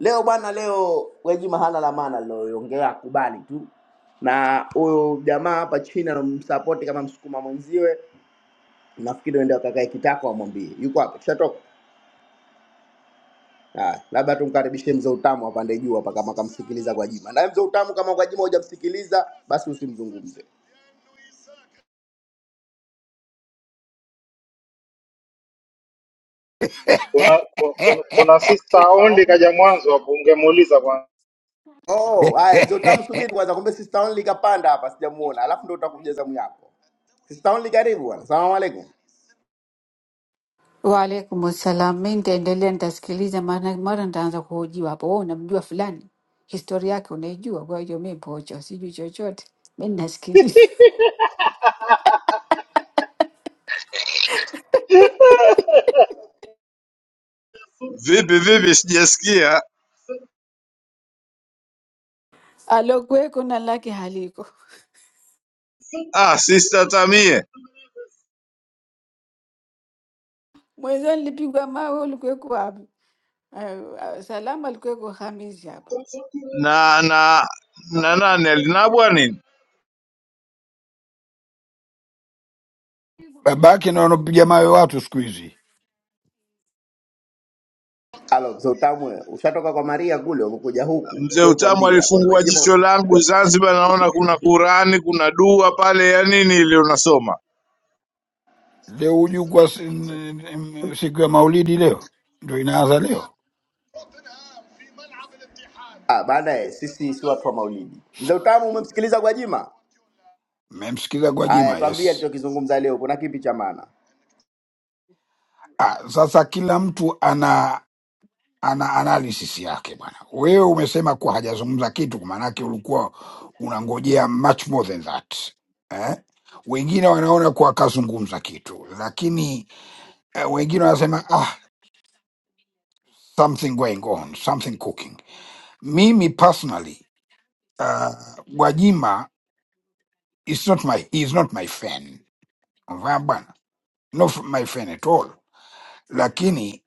A: Leo bwana, leo Gwajima hana la maana aliloongea, akubali tu na huyu jamaa hapa chini anamsapoti kama msukuma mwenziwe, nafikiri uende wakakae kitako, amwambie yuko hapa, tushatoka. Haya, labda tumkaribishe mzee utamu apande juu hapa kama kamsikiliza Gwajima. Naye mzee utamu kama Gwajima hujamsikiliza basi usimzungumze.
E: Kuna, kuna, kuna sister only kaja mwanzo hapo, ungemuuliza kwanza.
A: Oh, haya mzee utamu subiri kwanza, kumbe sister only kapanda hapa sijamuona. Alafu ndio utakuja zamu yako. Sister only karibu bwana. Asalamu alaykum.
F: Waalaikum assalam. Mi nitaendelea, nitasikiliza, maana mara nitaanza kuhojiwa hapo. Wewe unamjua fulani, historia yake unaijua, kwa hiyo mi pocho, sijui chochote, mi ninasikiliza
D: Vipi vipi, sijasikia.
F: [LAUGHS] alokuweko na lake haliko.
D: Ah, sister Tamie
F: Mwenzio nilipigwa mawe, ulikuweko wapi? Ah, ah, Salama alikuweko Hamisi hapa.
D: na na na nani alinabwa nini?
G: Babake ndo wanapiga mawe watu siku hizi.
A: Halo mzee utamu, wewe, ushatoka kwa Maria kule ukuja huku.
D: Mzee
A: Njoo
D: Utamu
A: tuambie hapa
D: alifungua
A: Gwajima.
D: jicho langu
A: Gwa-
D: Zanzibar, naona kuna Qurani, kuna dua pale ya nini ile unasoma.
G: Leo ujukwa si- n- n- siku ya Maulidi leo ndo inaanza leo.
A: Ah, bana eh, sisi si watu wa Maulidi. Mzee utamu umemsikiliza Gwajima?
G: Mmemsikiza
A: Haya,
G: Gwajima?
A: tuambie
G: Yes.
A: alichokizungumza leo. Kuna kipi cha maana?
G: Ah, sasa kila mtu ana ana analysis yake bwana. Wewe umesema kuwa hajazungumza kitu, kwa maanake ulikuwa unangojea much more than that eh? Wengine wanaona kuwa akazungumza kitu, lakini eh, wengine wanasema ah, something going on, something cooking. Mimi personally uh, Gwajima is not my, he is not my fan. Unafahamu bwana, not f- my fan at all, lakini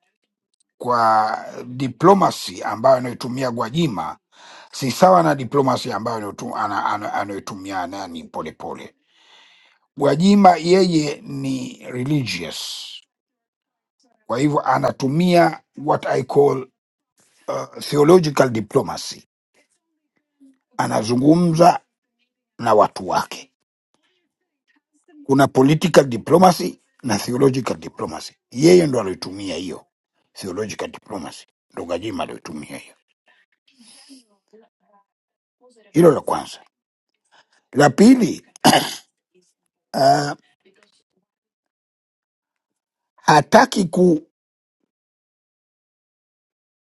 G: kwa diplomacy ambayo anayoitumia Gwajima si sawa na diplomacy ambayo anayotu- ana- ana- anayoitumia nani Polepole. Gwajima yeye ni religious, kwa hivyo anatumia what I call uh, theological diplomacy, anazungumza na watu wake kuna political diplomacy na theological diplomacy. Yeye ndo alitumia hiyo theological diplomacy, ndo Gajima alitumia hiyo. Hilo la kwanza. La pili, uh, hataki ku,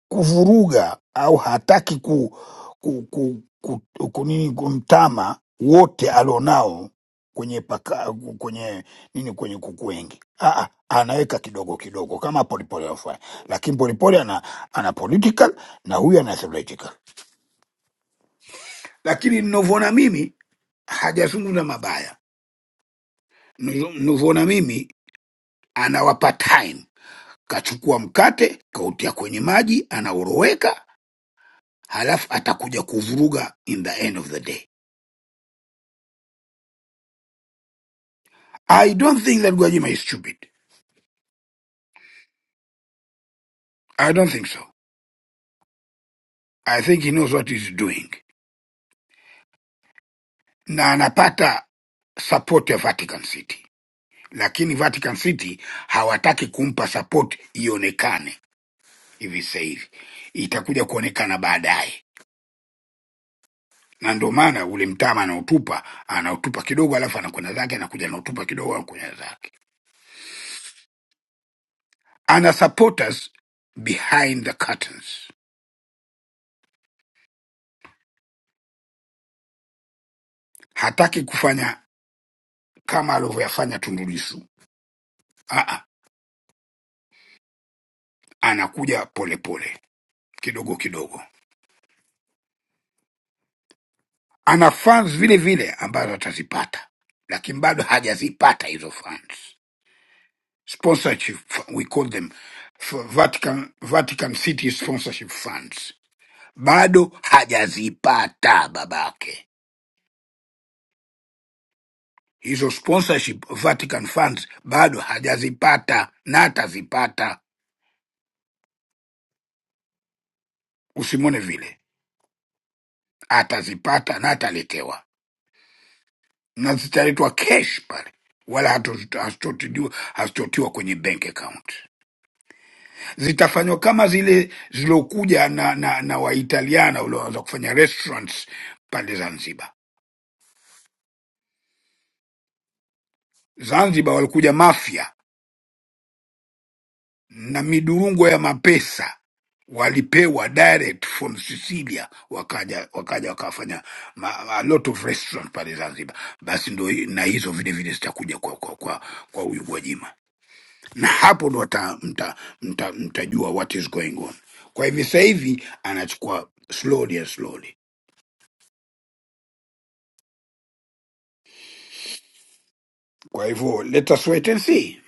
G: kuvuruga au hataki ku, ku, ku, ku, ku, nini kumtama wote alionao kwenye paka, kwenye nini kwenye kuku wengi. Aa, anaweka kidogo kidogo kama polepole anafanya, lakini polepole ana, ana political na huyu ana theological. lakini ninavyoona mimi hajazungumza mabaya. Nizo- Ninavyoona mimi anawapa time, kachukua mkate kautia kwenye maji, anaoroweka, halafu atakuja kuvuruga in the end of the day. I don't think that Gwajima is stupid. I don't think so. I think he knows what he's doing, na anapata support ya Vatican City, lakini Vatican City hawataki kumpa support ionekane hivi sasa hivi, itakuja kuonekana baadaye na ndio maana ule mtama anautupa anautupa kidogo, alafu anakwenda zake, anakuja anautupa kidogo, anakuja zake. Ana supporters behind the curtains, hataki kufanya kama alivyoyafanya Tundu Lissu. Ah, ah, anakuja polepole pole, kidogo kidogo. Ana fans vile vile ambazo atazipata, lakini bado hajazipata hizo fans. Sponsorship we call them f- Vatican, Vatican City sponsorship funds, bado hajazipata babake hizo sponsorship Vatican funds bado hajazipata na atazipata, usimwone vile, atazipata na ataletewa, na zitaletwa cash pale, wala hatu- hazitotidiwa- hazitotiwa kwenye bank account. Zitafanywa kama zile ziliokuja na, na, na Waitaliana walioanza kufanya restaurants pale Zanzibar. Zanzibar walikuja mafia na midurungo ya mapesa walipewa direct from Sicilia, wakaja wakaja wakafanya ma, a lot of restaurant pale Zanzibar. Basi ndo hi- na hizo vile vile zitakuja kwa kwa kwa, kwa huyu Gwajima, na hapo ndo mtajua mta, mta, mtajua what is going on. Kwa hivi sasa hivi anachukua slowly and slowly, kwa hivyo let us wait and see.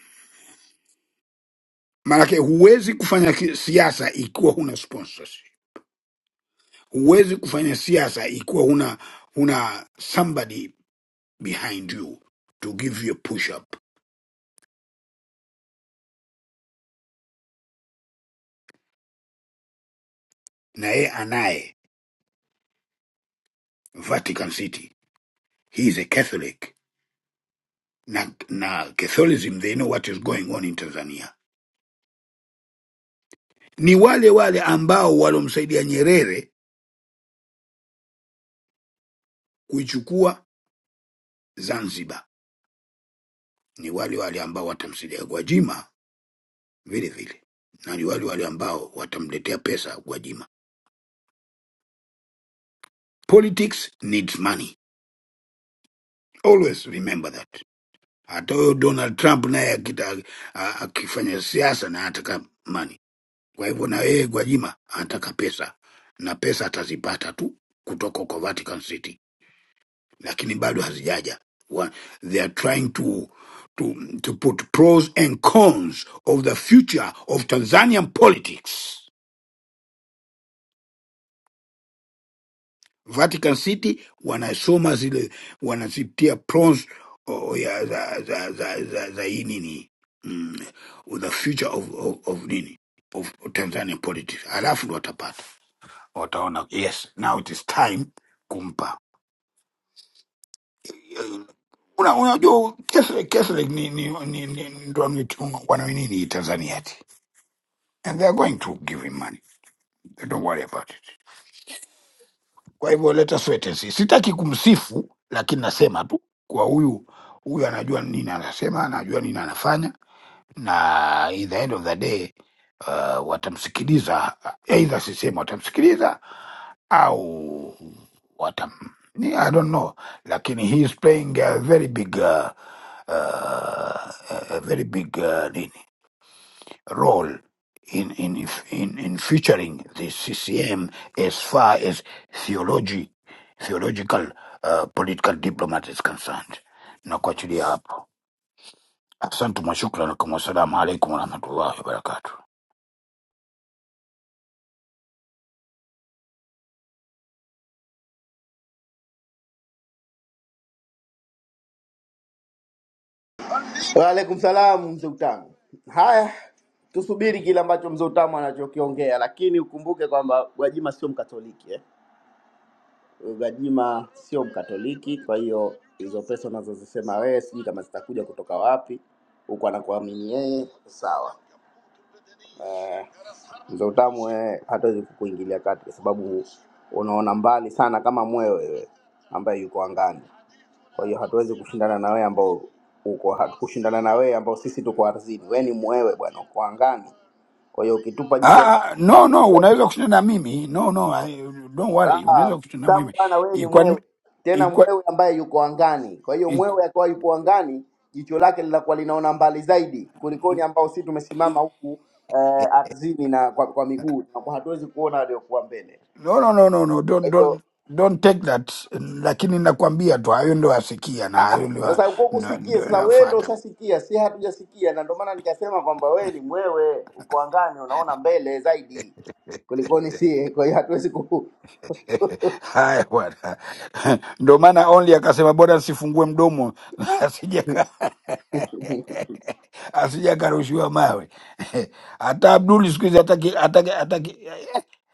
G: Maanake huwezi kufanya ki- siasa ikiwa huna sponsors, huwezi kufanya siasa ikiwa huna huna somebody behind you to give you a push up na yeye anaye vatican city he is a catholic na, na catholicism they know what is going on in tanzania ni wale wale ambao walomsaidia nyerere kuichukua zanzibar ni wale wale ambao watamsaidia gwajima vile vile na ni wale wale ambao watamletea pesa gwajima politics needs money always remember that hata huyo donald trump naye akita- a- akifanya siasa na ataka money Kwa hivyo na yeye Gwajima anataka pesa na pesa atazipata tu kutoka kwa Vatican City, lakini bado hazijaja. Wa- They are trying to, to, to put pros and cons of the future of Tanzanian politics. Vatican City wanasoma zile wanazitia pros oh, ya, za, za, za, za, za hii nini mm, the future of, of, of nini of Tanzanian politics, halafu ndo watapata wataona yes now it is time kumpa Eh, Una- unajua Catholic, Catholic ni ni ni ni ndo wanaoitunga- wanaoinini Tanzania ati and they are going to give him money They don't worry about it kwa hivyo let us wait and see sitaki kumsifu lakini nasema tu kwa huyu huyu anajua nini anasema anajua nini anafanya na in the end of the day uh, watamsikiliza either sisema watamsikiliza au what yeah, I don't know lakini he is playing a very big uh, uh, a very big uh, nini, role in in in in featuring the CCM as far as theology theological uh, political diplomat is concerned na kuachilia hapo asante mwashukran kama salamu alaikum warahmatullahi wabarakatuh
A: Waalaikum salamu mzee Utamu. Haya, tusubiri kile ambacho mzee Utamu anachokiongea, lakini ukumbuke kwamba Gwajima sio Mkatoliki eh? Gwajima sio Mkatoliki, kwa hiyo hizo pesa unazozisema wewe sijui kama zitakuja kutoka wapi huku anakuamini yeye sawa. Eh, mzee Utamu wewe hatuwezi kukuingilia kati kwa sababu unaona mbali sana kama mwewe wewe ambaye yuko angani. kwa hiyo hatuwezi kushindana na wewe ambao uko hatukushindana na wewe ambao sisi tuko ardhini wewe ni mwewe bwana uko angani kwa hiyo ukitupa jicho lako
G: Ah, ah, no no, unaweza kushinda na mimi. No no, I, don't worry.
A: Ah,
G: Unaweza kushinda na
A: mtamu
G: mimi.
A: bwana wewe ni
G: Ikwa
A: mwewe tena
G: ikwa
A: mwewe ambaye yuko angani kwa hiyo
G: ikwa-
A: mwewe akawa yupo angani jicho lake linakuwa linaona mbali zaidi kulikoni ambao sisi tumesimama huku eh, ardhini na kwa, kwa miguu tunakuwa hatuwezi kuona aliyokuwa mbele
G: No no no no no, don't
A: Kwa hiyo
G: don't don't take that. Lakini nakwambia tu hayo ndio asikia na
A: Ah, ah,
G: hayo
A: sasa uko kusikia sasa,
G: ndio
A: wewe ndo ushasikia, si hatujasikia, na ndio maana nikasema kwamba wewe ni mwewe, uko angani, unaona mbele zaidi kulikoni sie, kwa hiyo hatuwezi ku [LAUGHS]
G: [LAUGHS] Haya bwana, [LAUGHS] ndo maana only akasema bora nsifungue mdomo [LAUGHS] asijaka [LAUGHS] asija akarushiwa mawe. [LAUGHS] Hata Abduli siku hizi hataki hataki hataki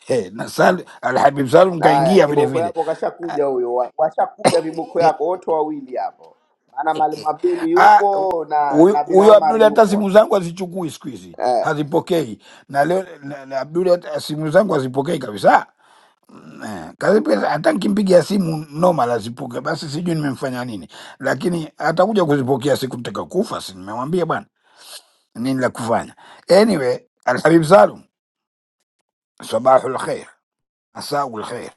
G: eh, na Sal Alhabib Salum
A: haya.
G: kaingia vile
A: Kiboko
G: vile.
A: yako kashakuja huyo, wa- washakuja viboko yako wote wawili hapo, maana Mwalimu Abduli
G: Ah,
A: yupo na
G: huyo
A: na bin
G: huyo Abduli
A: Amari
G: hata
A: yupo
G: simu zangu hazichukui siku hizi,
A: eh.
G: hazipokei na leo na, na Abduli hata simu zangu hazipokei kabisa. Eh, Kazipesa hata nikimpigia simu noma lazipuke, basi sijui nimemfanya nini, lakini atakuja kuzipokea siku nitaka kufa, si nimemwambia bwana nini la kufanya. Anyway, Alhabib Salum, sabahul khair, asaul khair.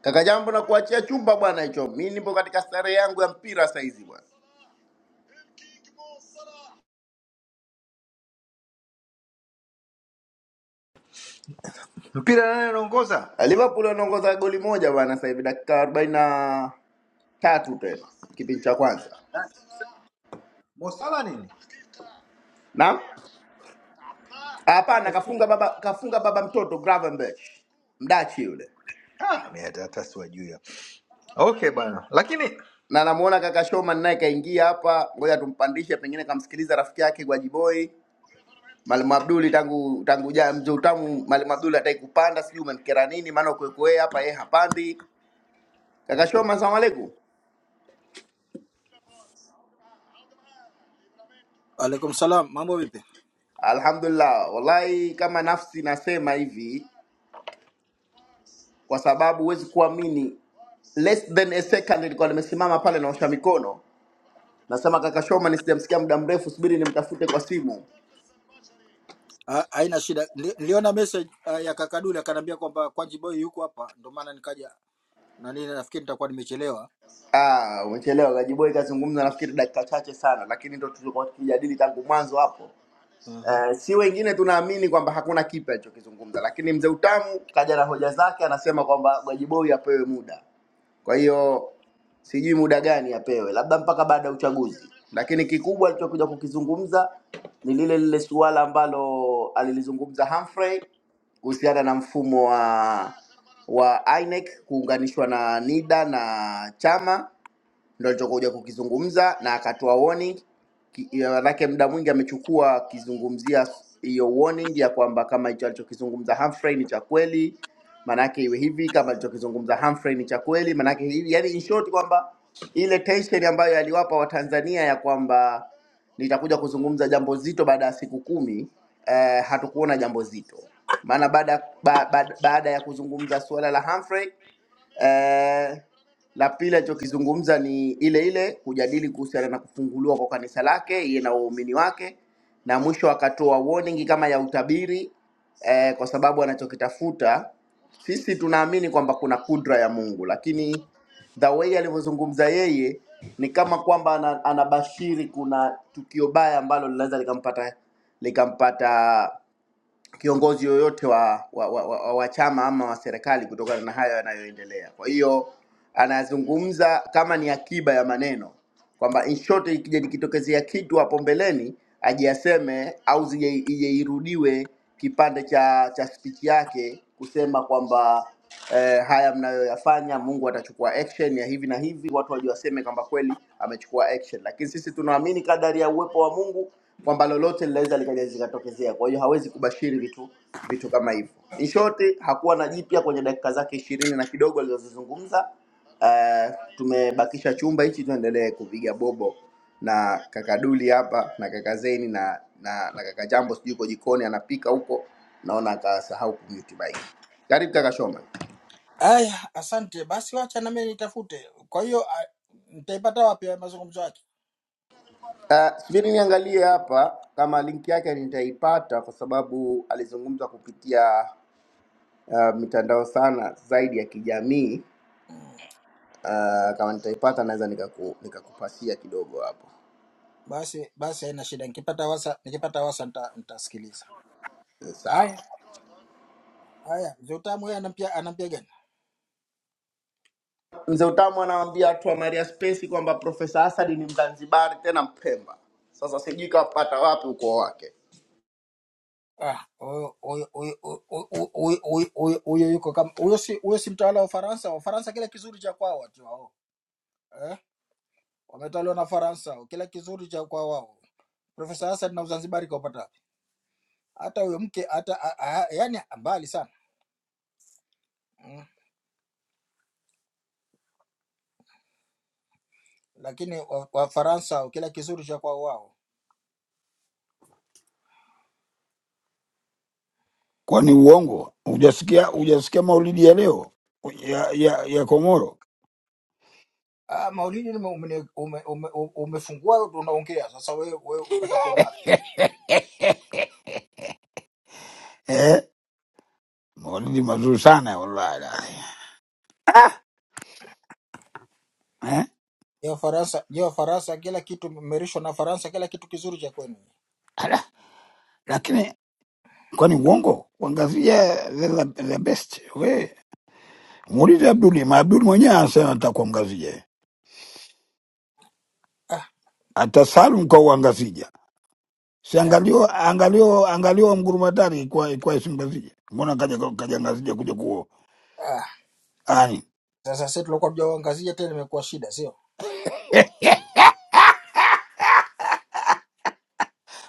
A: Kaka Jambo, na kuachia chumba bwana hicho, mi nipo katika starehe yangu ya mpira saizi bwana.
C: mpira nani anaongoza
A: Liverpool wanaongoza goli moja bwana sasa hivi dakika 40 tatu tena kipindi cha kwanza
C: Nani? Mo Salah nini
A: na hapana
C: Ameshushwa.
A: kafunga baba kafunga baba mtoto Gravenberch mdachi yule
C: Ah, mimi hata hata siwajui hao. okay bana lakini
A: na namuona kaka Shoman naye kaingia hapa ngoja tumpandishe pengine kamsikiliza rafiki yake Gwajiboi Mwalimu Abduli tangu tangu ja mzee utamu Mwalimu Abduli hataki kupanda sijui umemkera nini maana ukweko yeye hapa yeye hapandi kaka Shoman asalamu alaikum
H: Alaikum salam, mambo vipi?
A: alhamdulillah wallahi kama nafsi nasema hivi kwa sababu huwezi kuamini less than a second nilikuwa nimesimama pale naosha mikono Nasema kaka Showman, sijamsikia muda mrefu, subiri nimtafute kwa simu.
H: Ah, Haina shida. Nili- Niliona message ah, ya Kakaduli akaniambia kwamba Kwanji Boy yuko hapa, ndio maana nikaja na nini, nafikiri nitakuwa nimechelewa.
A: Ah, umechelewa. Gajiboi kazungumza nafikiri dakika chache sana, lakini ndo tulikuwa tukijadili tangu mwanzo hapo.
H: Aha.
A: Eh, si wengine tunaamini kwamba hakuna kipya alichokizungumza, lakini mzee Utamu kaja na hoja zake, anasema kwamba Gajiboi apewe muda. Kwa hiyo sijui muda gani apewe, labda mpaka baada ya uchaguzi. Lakini kikubwa alichokuja kukizungumza ni lile lile suala ambalo alilizungumza Humphrey kuhusiana na mfumo wa wa INEC kuunganishwa na NIDA na chama ndo alichokuja kukizungumza na akatoa warning Ki- ya- manake muda mwingi amechukua akizungumzia hiyo warning ya kwamba kama hicho alichokizungumza Humphrey ni cha kweli, manake iwe hivi, kama alichokizungumza Humphrey ni cha kweli, manake hivi, yani in short kwamba ile tension ambayo aliwapa Watanzania ya kwamba nitakuja kuzungumza jambo zito baada ya siku kumi eh, hatukuona jambo zito, maana baada ba, ba, baada ya kuzungumza suala la Humphrey eh la pili alichokizungumza ni ile ile kujadili kuhusiana na kufunguliwa kwa kanisa lake yeye na waumini wake, na mwisho akatoa warning kama ya utabiri eh, kwa sababu anachokitafuta sisi tunaamini kwamba kuna kudra ya Mungu, lakini the way alivyozungumza yeye ni kama kwamba ana- anabashiri kuna tukio baya ambalo linaweza likampata likampata kiongozi yoyote wa, wa, wa, wa, wa chama ama wa serikali kutokana na hayo yanayoendelea. Kwa hiyo anazungumza kama ni akiba ya maneno kwamba in short, ikija ikitokezea kitu hapo mbeleni aje aseme au zije ije irudiwe kipande cha cha speech yake kusema kwamba eh, haya mnayoyafanya, Mungu atachukua action ya hivi na hivi, watu waje waseme kwamba kweli amechukua action. Lakini sisi tunaamini kadari ya uwepo wa Mungu kwamba lolote linaweza likaja zikatokezea. Kwa hiyo hawezi kubashiri vitu vitu kama hivyo. In short, hakuwa na jipya kwenye dakika zake ishirini na kidogo alizozizungumza. Uh, tumebakisha chumba hichi, tuendelee kupiga bobo na kaka Duli hapa na kaka Zeni na na, na kaka Jambo, sijui yuko jikoni anapika huko, naona akasahau kumute mic. Karibu kaka Shoma.
H: Aya, asante. Basi wacha na mimi nitafute. Kwa hiyo ah, nitaipata wapi haya mazungumzo yake?
A: Ah, Subiri niangalie hapa kama link yake nitaipata, kwa sababu alizungumza kupitia uh, mitandao sana zaidi ya kijamii
H: Mm,
A: uh, kama nitaipata naweza nikaku, nikakupasia kidogo hapo
H: Basi basi haina shida. Nikipata wasa nikipata wasa nita, nitasikiliza.
A: sawa
H: Haya, haya. Zutamu yeye anampia anampia gani?
A: mzee utamu anawaambia watu wa maria spesi kwamba profesa asadi ni mzanzibari tena mpemba sasa sijui kapata wapi ukoo wake
H: Ah, huyo huyo huyo huyo huyo huyo- huyo huyo yuko kama huyo si huyo si mtawala wa Ufaransa. Ufaransa kile kizuri cha kwao watu wao. Eh? wametaliwa na Faransa, kila kizuri cha kwa wao. Profesa Hassan na Uzanzibari kaupata wapi? Hata huyo mke hata a- a- yani mbali sana mm. Lakini Wafaransa wa Wafaransa, kila kizuri cha kwao wao.
G: Kwani uongo hujasikia? Hujasikia maulidi ya leo ya ya, ya Komoro
H: Ah, Maulidi umefungua ume, ume, ume, ume, umefungua unaongea sasa. Wewe wewe upata kuona wapi?
G: [LAUGHS] eh? Maulidi mazuri sana wallahi. Ah, eh?
H: Je, Wafaransa je, Wafaransa kila kitu mmerishwa na Faransa, kila kitu kizuri cha kwenu
G: Ala, lakini kwani uongo kuangazia the, the the best we Muulize Abduli, ma Abduli mwenyewe anasema atakuwa mgazija,
H: ah,
G: atasalu kwa uangazija. Si
H: ah,
G: angalio angalio angalio mgurumatari kwa kwa isi mgazija. Mbona kaja kaja ngazija kuja kuo
H: ah.
G: ani
H: Sasa sisi tulikuwa tujawaangazia tena, imekuwa shida, sio
G: Eh,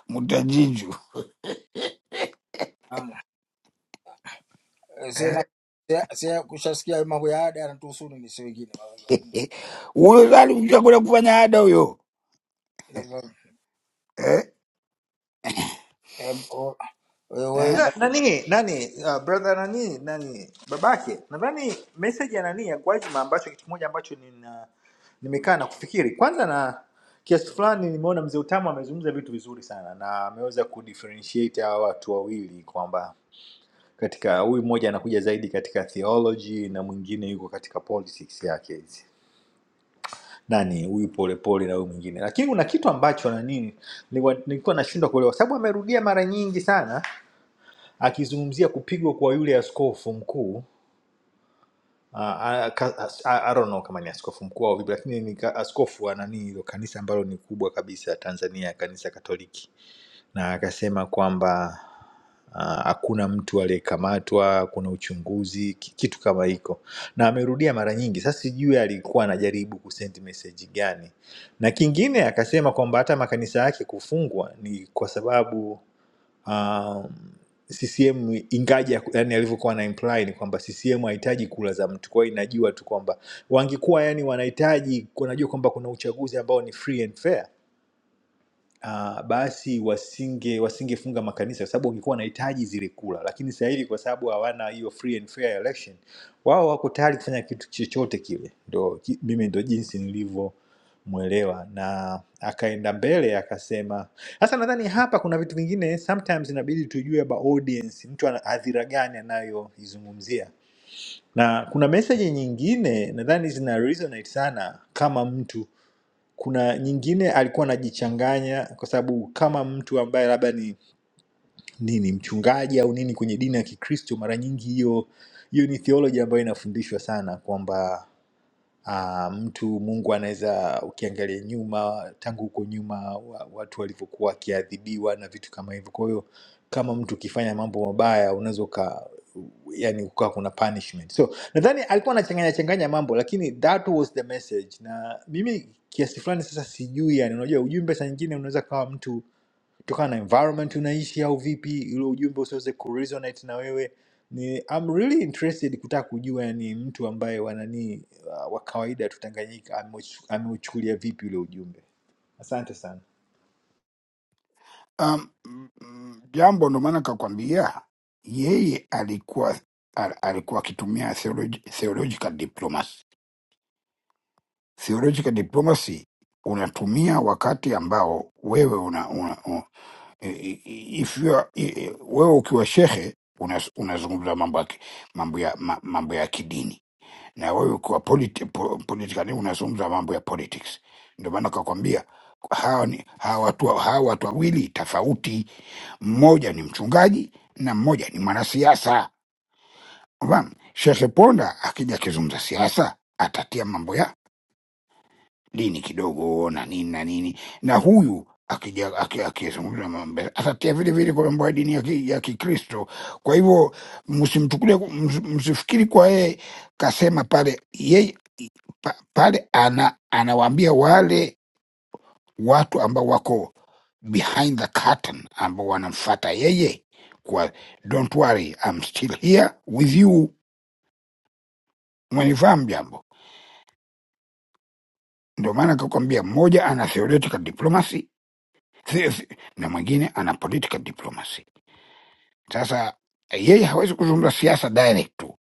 G: mutajiju
H: Ah. eh, sema
G: eh,
H: sema kushasikia mambo ya ada yanatuhusu nini, si wengine
G: eh. huyo salu chakwenda kufanya ada huyo eh,
H: Eh, boy, wait,
G: eh,
H: wait,
C: Ila, nani nani uh, brother nani nani babake nadhani message ya nani ya Gwajima ambacho kitu kimoja ambacho nina nimekaa na kufikiri kwanza na kiasi fulani nimeona mzee Utamu amezungumza vitu vizuri sana na ameweza kudifferentiate hawa watu wawili kwamba katika huyu mmoja anakuja zaidi katika theology na mwingine yuko katika politics yake hizi nani huyu polepole na huyu mwingine lakini kuna kitu ambacho na nini nilikuwa nilikuwa nashindwa kuelewa sababu amerudia mara nyingi sana akizungumzia kupigwa kwa yule askofu mkuu uh, I, I I don't know kama ni askofu mkuu au vipi, lakini ni ka- askofu wa nani hilo kanisa ambalo ni kubwa kabisa Tanzania, kanisa Katoliki, na akasema kwamba ah, hakuna uh, mtu aliyekamatwa, kuna uchunguzi, ki- kitu kama hiko, na amerudia mara nyingi. Sasa sijui alikuwa anajaribu kusend message gani, na kingine akasema kwamba hata makanisa yake kufungwa ni kwa sababu um, CCM ingaja yani alivyokuwa na imply ni kwamba CCM hahitaji kula za mtu, kwa hiyo inajua tu kwamba wangekuwa yani wanahitaji, wanajua kwamba kuna uchaguzi ambao ni free and fair uh, basi wasinge wasingefunga makanisa kwa sababu wangekuwa wanahitaji zile kula, lakini sasa hivi kwa sababu hawana hiyo free and fair election, wao wako tayari kufanya kitu chochote kile. Ndo ki- mimi ndo jinsi nilivyomwelewa, na akaenda mbele akasema. Sasa nadhani hapa kuna vitu vingine sometimes inabidi tujue about audience, mtu ana hadhira gani anayoizungumzia na kuna meseji nyingine nadhani zina resonate sana kama mtu kuna nyingine alikuwa anajichanganya kwa sababu kama mtu ambaye labda ni nini mchungaji au nini kwenye dini ya Kikristo, mara nyingi hiyo hiyo ni theology ambayo inafundishwa sana kwamba Ah, mtu Mungu anaweza ukiangalia nyuma, tangu huko nyuma wa- watu walivyokuwa wakiadhibiwa na vitu kama hivyo. Kwa hiyo kama mtu ukifanya mambo mabaya unaweza uka yani ukawa kuna punishment. So nadhani alikuwa anachanganya changanya mambo, lakini that was the message. Na mimi kiasi fulani sasa sijui, yani unajua ujumbe saa nyingine unaweza kawa mtu kutokana na environment unaishi au vipi ule ujumbe usiweze kuresonate na wewe ni I'm really interested kutaka kujua ni mtu ambaye wananii uh, wa kawaida tu Tanganyika ameuch- ameuchukulia vipi ule ujumbe asante sana
G: um, mm, jambo ndo maana kakwambia yeye alikuwa al, alikuwa akitumia theologi, theological diplomacy theological diplomacy unatumia wakati ambao wewe una, una, una if you are, i- i- wewe ukiwa shehe unas- unazungumza mambo ya ki- mambo ya ma- mambo ya kidini na wewe ukiwa politi, po, politically unazungumza mambo ya politics. Ndio maana kakwambia hawa ni hawa watu hawa watu wawili tofauti, mmoja ni mchungaji na mmoja ni mwanasiasa. Unafahamu? Shehe Ponda akija akizungumza siasa atatia mambo ya dini kidogo na nini na nini, na huyu akija- aki- akizungumza mambo atatia vile vile kwa mambo ya dini ya ki- ya Kikristo. Kwa hivyo msimchukulie, ms- msifikiri kwa yeye kasema pale, yeye pa, pale ana anawaambia wale watu ambao wako behind the curtain ambao wanamfata yeye kwa don't worry I'm still here with you. Umenifahamu jambo? Ndio maana akakwambia mmoja ana theoretical diplomacy Si- si- na mwingine ana political diplomacy. Sasa yeye hawezi kuzungumza siasa direct tu,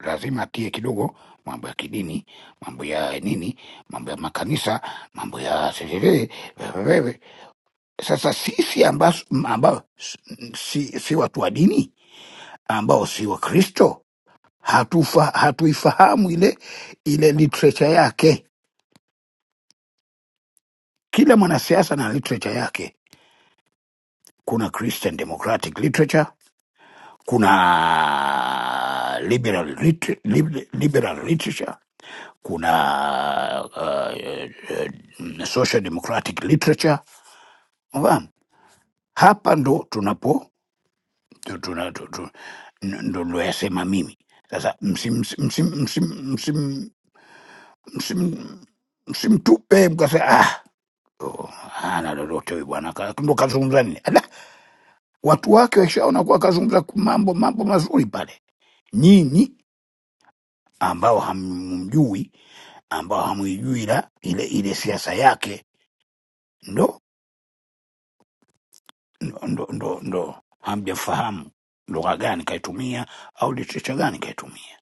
G: lazima atie kidogo mambo ya kidini, mambo ya nini, mambo ya makanisa, mambo ya sisiri. wewewe. Sasa sisi ambaso- m- ambao s- si, si watu wa dini ambao si Wakristo hatufa, hatuifahamu ile ile literature yake. Kila mwanasiasa na literature yake. Kuna Christian Democratic literature kuna liberal, lit- lib- liberal literature kuna uh, uh, social democratic literature unafahamu hapa ndo tunapo tu- tuna, tu, tu, n- ndo ndoyasema mimi sasa msimtupe msim, msim, msim, msim, msim, msimtupe mkasema ah, oh, hana lolote huyu bwana ka- ndo kazungumza nini Ala, watu wake washaona kuwa kazungumza mambo mambo mazuri pale nyinyi ambao hamjui ambao hamwijui ila ile, ile siasa yake ndo, ndo, ndo, ndo, ndo hamjafahamu lugha gani kaitumia au litrecha gani kaitumia,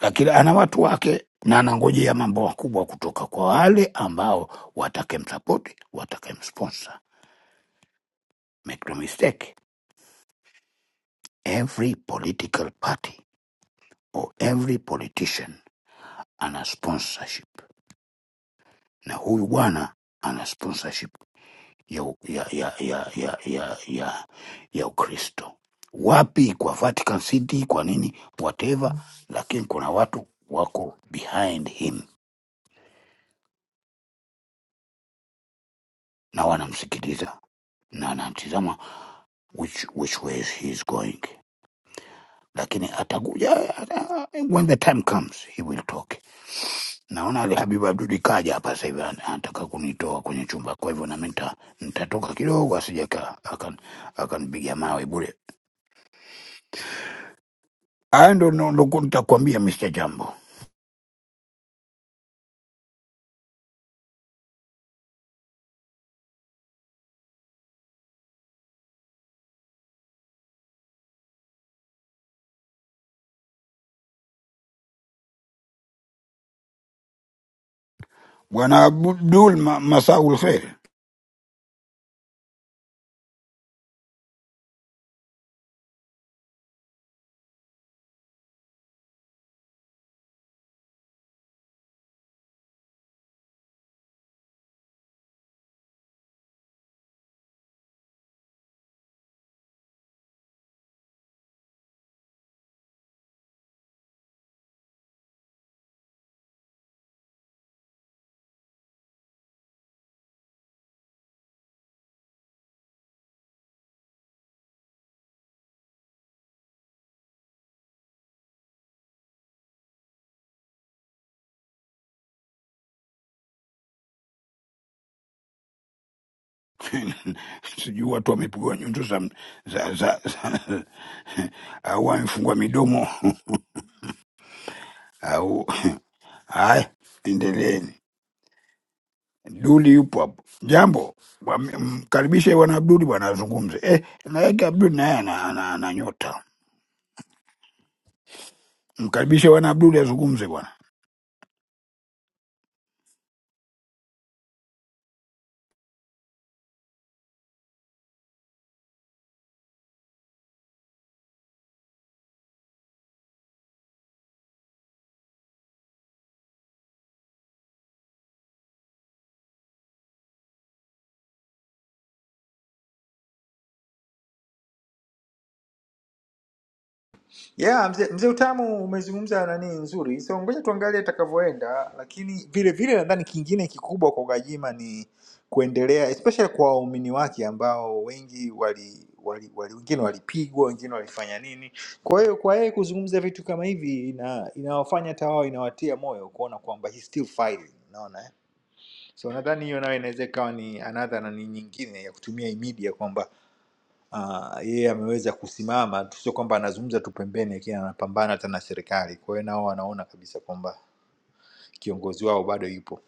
G: lakini ana watu wake na anangojea mambo makubwa kutoka kwa wale ambao watakemsapoti watakemsponsor. Make no mistake, every political party or every politician ana sponsorship, na huyu bwana ana sponsorship ya, ya, ya, ya, ya, ya, ya, ya Ukristo wapi, kwa Vatican City, kwa nini whatever, lakini kuna watu wako behind him na wanamsikiliza na wanamtizama which, which way he is going, lakini atakuja ata, when the time comes he will talk. Naona Ali Habib Abduli kaja hapa sasa hivi ana- anataka kunitoa kwenye chumba, kwa hivyo nami nita- nitatoka kidogo asije aka- akan- akanipiga mawe bure. Haya ndo ndo- ndo ku- nitakwambia Mr. Jambo. Bwana Abdul ma, Masaul Khair. [LAUGHS] Sijui watu wamepigwa nyundo za za za, za [LAUGHS] au wamefungwa midomo [LAUGHS] au [LAUGHS] haya, endeleeni. Duli yupo hapo. Jambo, wame- mkaribishe bwana Abduli bwana azungumze. Eh, na yake Abduli naye ana, ana, ana nyota. Mkaribishe bwana Abduli azungumze bwana.
C: Yeah, mzee mzee Utamu umezungumza nani nzuri, so ngoja tuangalie atakavyoenda, lakini vile vile nadhani kingine kikubwa kwa Gwajima ni kuendelea especially kwa waumini wake ambao wengi wali, wali, wali wengine walipigwa, wengine walifanya nini. Kwa hiyo kwa yeye kuzungumza vitu kama hivi ina inawafanya hata wao inawatia moyo kuona kwamba he still fighting, unaona eh? So nadhani hiyo nayo inaweza ikawa ni another na ni nyingine ya kutumia hii media kwamba uh, yeye ameweza kusimama tu, sio kwamba anazungumza tu pembeni, lakini anapambana hata na serikali. Kwa hiyo nao wanaona kabisa kwamba kiongozi wao bado yupo.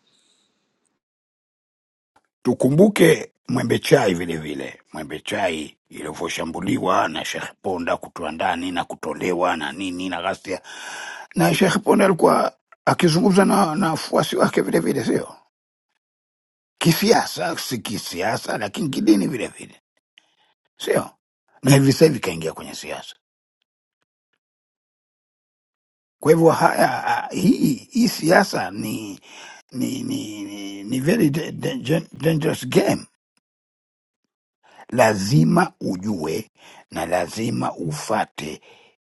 G: Tukumbuke Mwembe Chai vile vile, Mwembe Chai ilivyoshambuliwa na Sheikh Ponda kutoa ndani na kutolewa na nini na ghasia, na Sheikh Ponda alikuwa akizungumza na na wafuasi wake vile vile, sio kisiasa, si kisiasa, lakini kidini vile vile, sio na hivi sasa hivi kaingia kwenye siasa. Kwa hivyo haya, ah, hii hii siasa ni ni ni, ni, ni very da- da- dangerous game lazima ujue na lazima ufate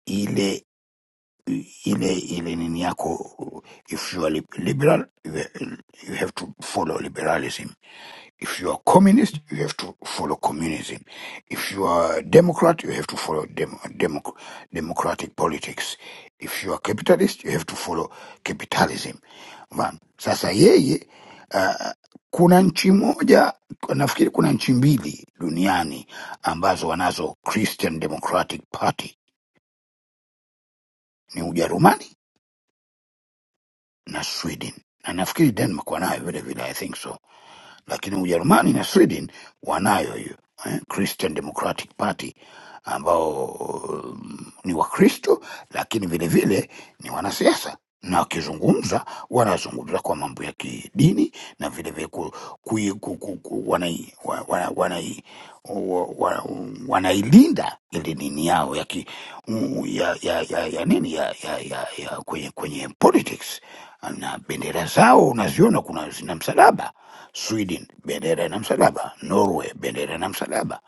G: ile ile ile nini yako if you are lib- liberal you you have to follow liberalism If you are communist, you have to follow communism. If you are democrat, you have to follow dem- democ- democratic politics. If you are capitalist, you have to follow capitalism. Mfano, sasa yeye uh, kuna nchi moja nafikiri kuna nchi mbili duniani ambazo wanazo Christian Democratic Party ni Ujerumani na Sweden na nafikiri Denmark wanayo vile vile, I think so lakini Ujerumani na Sweden wanayo hiyo eh, Christian Democratic Party ambao mm, ni Wakristo lakini vilevile vile ni wanasiasa na wakizungumza wanazungumza kwa mambo ya kidini na vilevile ku, ku, ku, ku, ku, wanai, wa, wa, wanai, wa, wa, wanailinda ile dini yao ya, ki, u- ya, ya, ya, ya nini ya, ya, ya, ya kwenye, kwenye politics na bendera zao unaziona kuna zina msalaba Sweden bendera na msalaba, Norway bendera na msalaba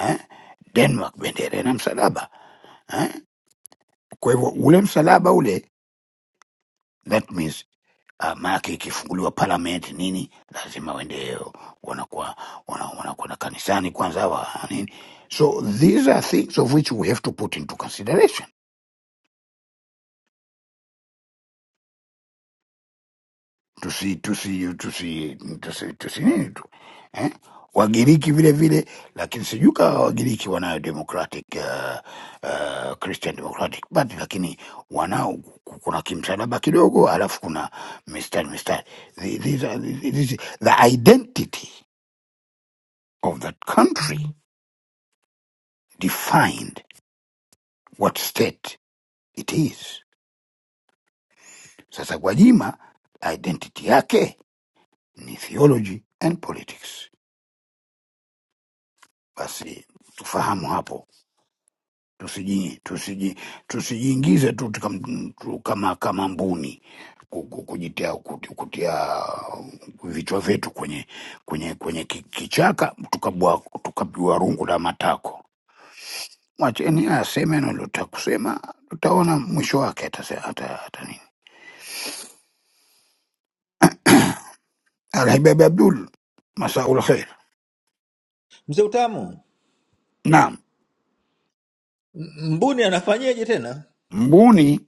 G: eh? Denmark bendera na msalaba eh? Kwa hivyo ule msalaba ule, that means uh, maanake ikifunguliwa parliament nini, lazima waende wanakuwa wana- wanakwenda kanisani kwanza wa nini. So these are things of which we have to put into consideration tusi tusi tusi tusi tusi nini tu eh? Wagiriki vile vile, lakini sijui kama Wagiriki wanayo democratic uh, uh, Christian democratic party, lakini wanao ku- kuna kimsalaba kidogo, alafu kuna mistari mistari. The, these are, this, is- the identity of that country defined what state it is. Sasa Gwajima identity yake ni theology and politics. Basi tufahamu hapo tusiji tusiji tusijiingize tu tukam- tu kama kama mbuni ku- ku- kujitia kuti- kutia vichwa vyetu kwenye kwenye kwenye ki- kichaka tukabwa tukabwa rungu la matako. Mwacheni aseme analotaka kusema, tutaona mwisho wake atase- ata ata nini. Alhabibi Abdul, masaul khair.
C: Mzee Utamu,
G: Naam,
C: M- Mbuni anafanyaje tena?
G: mbuni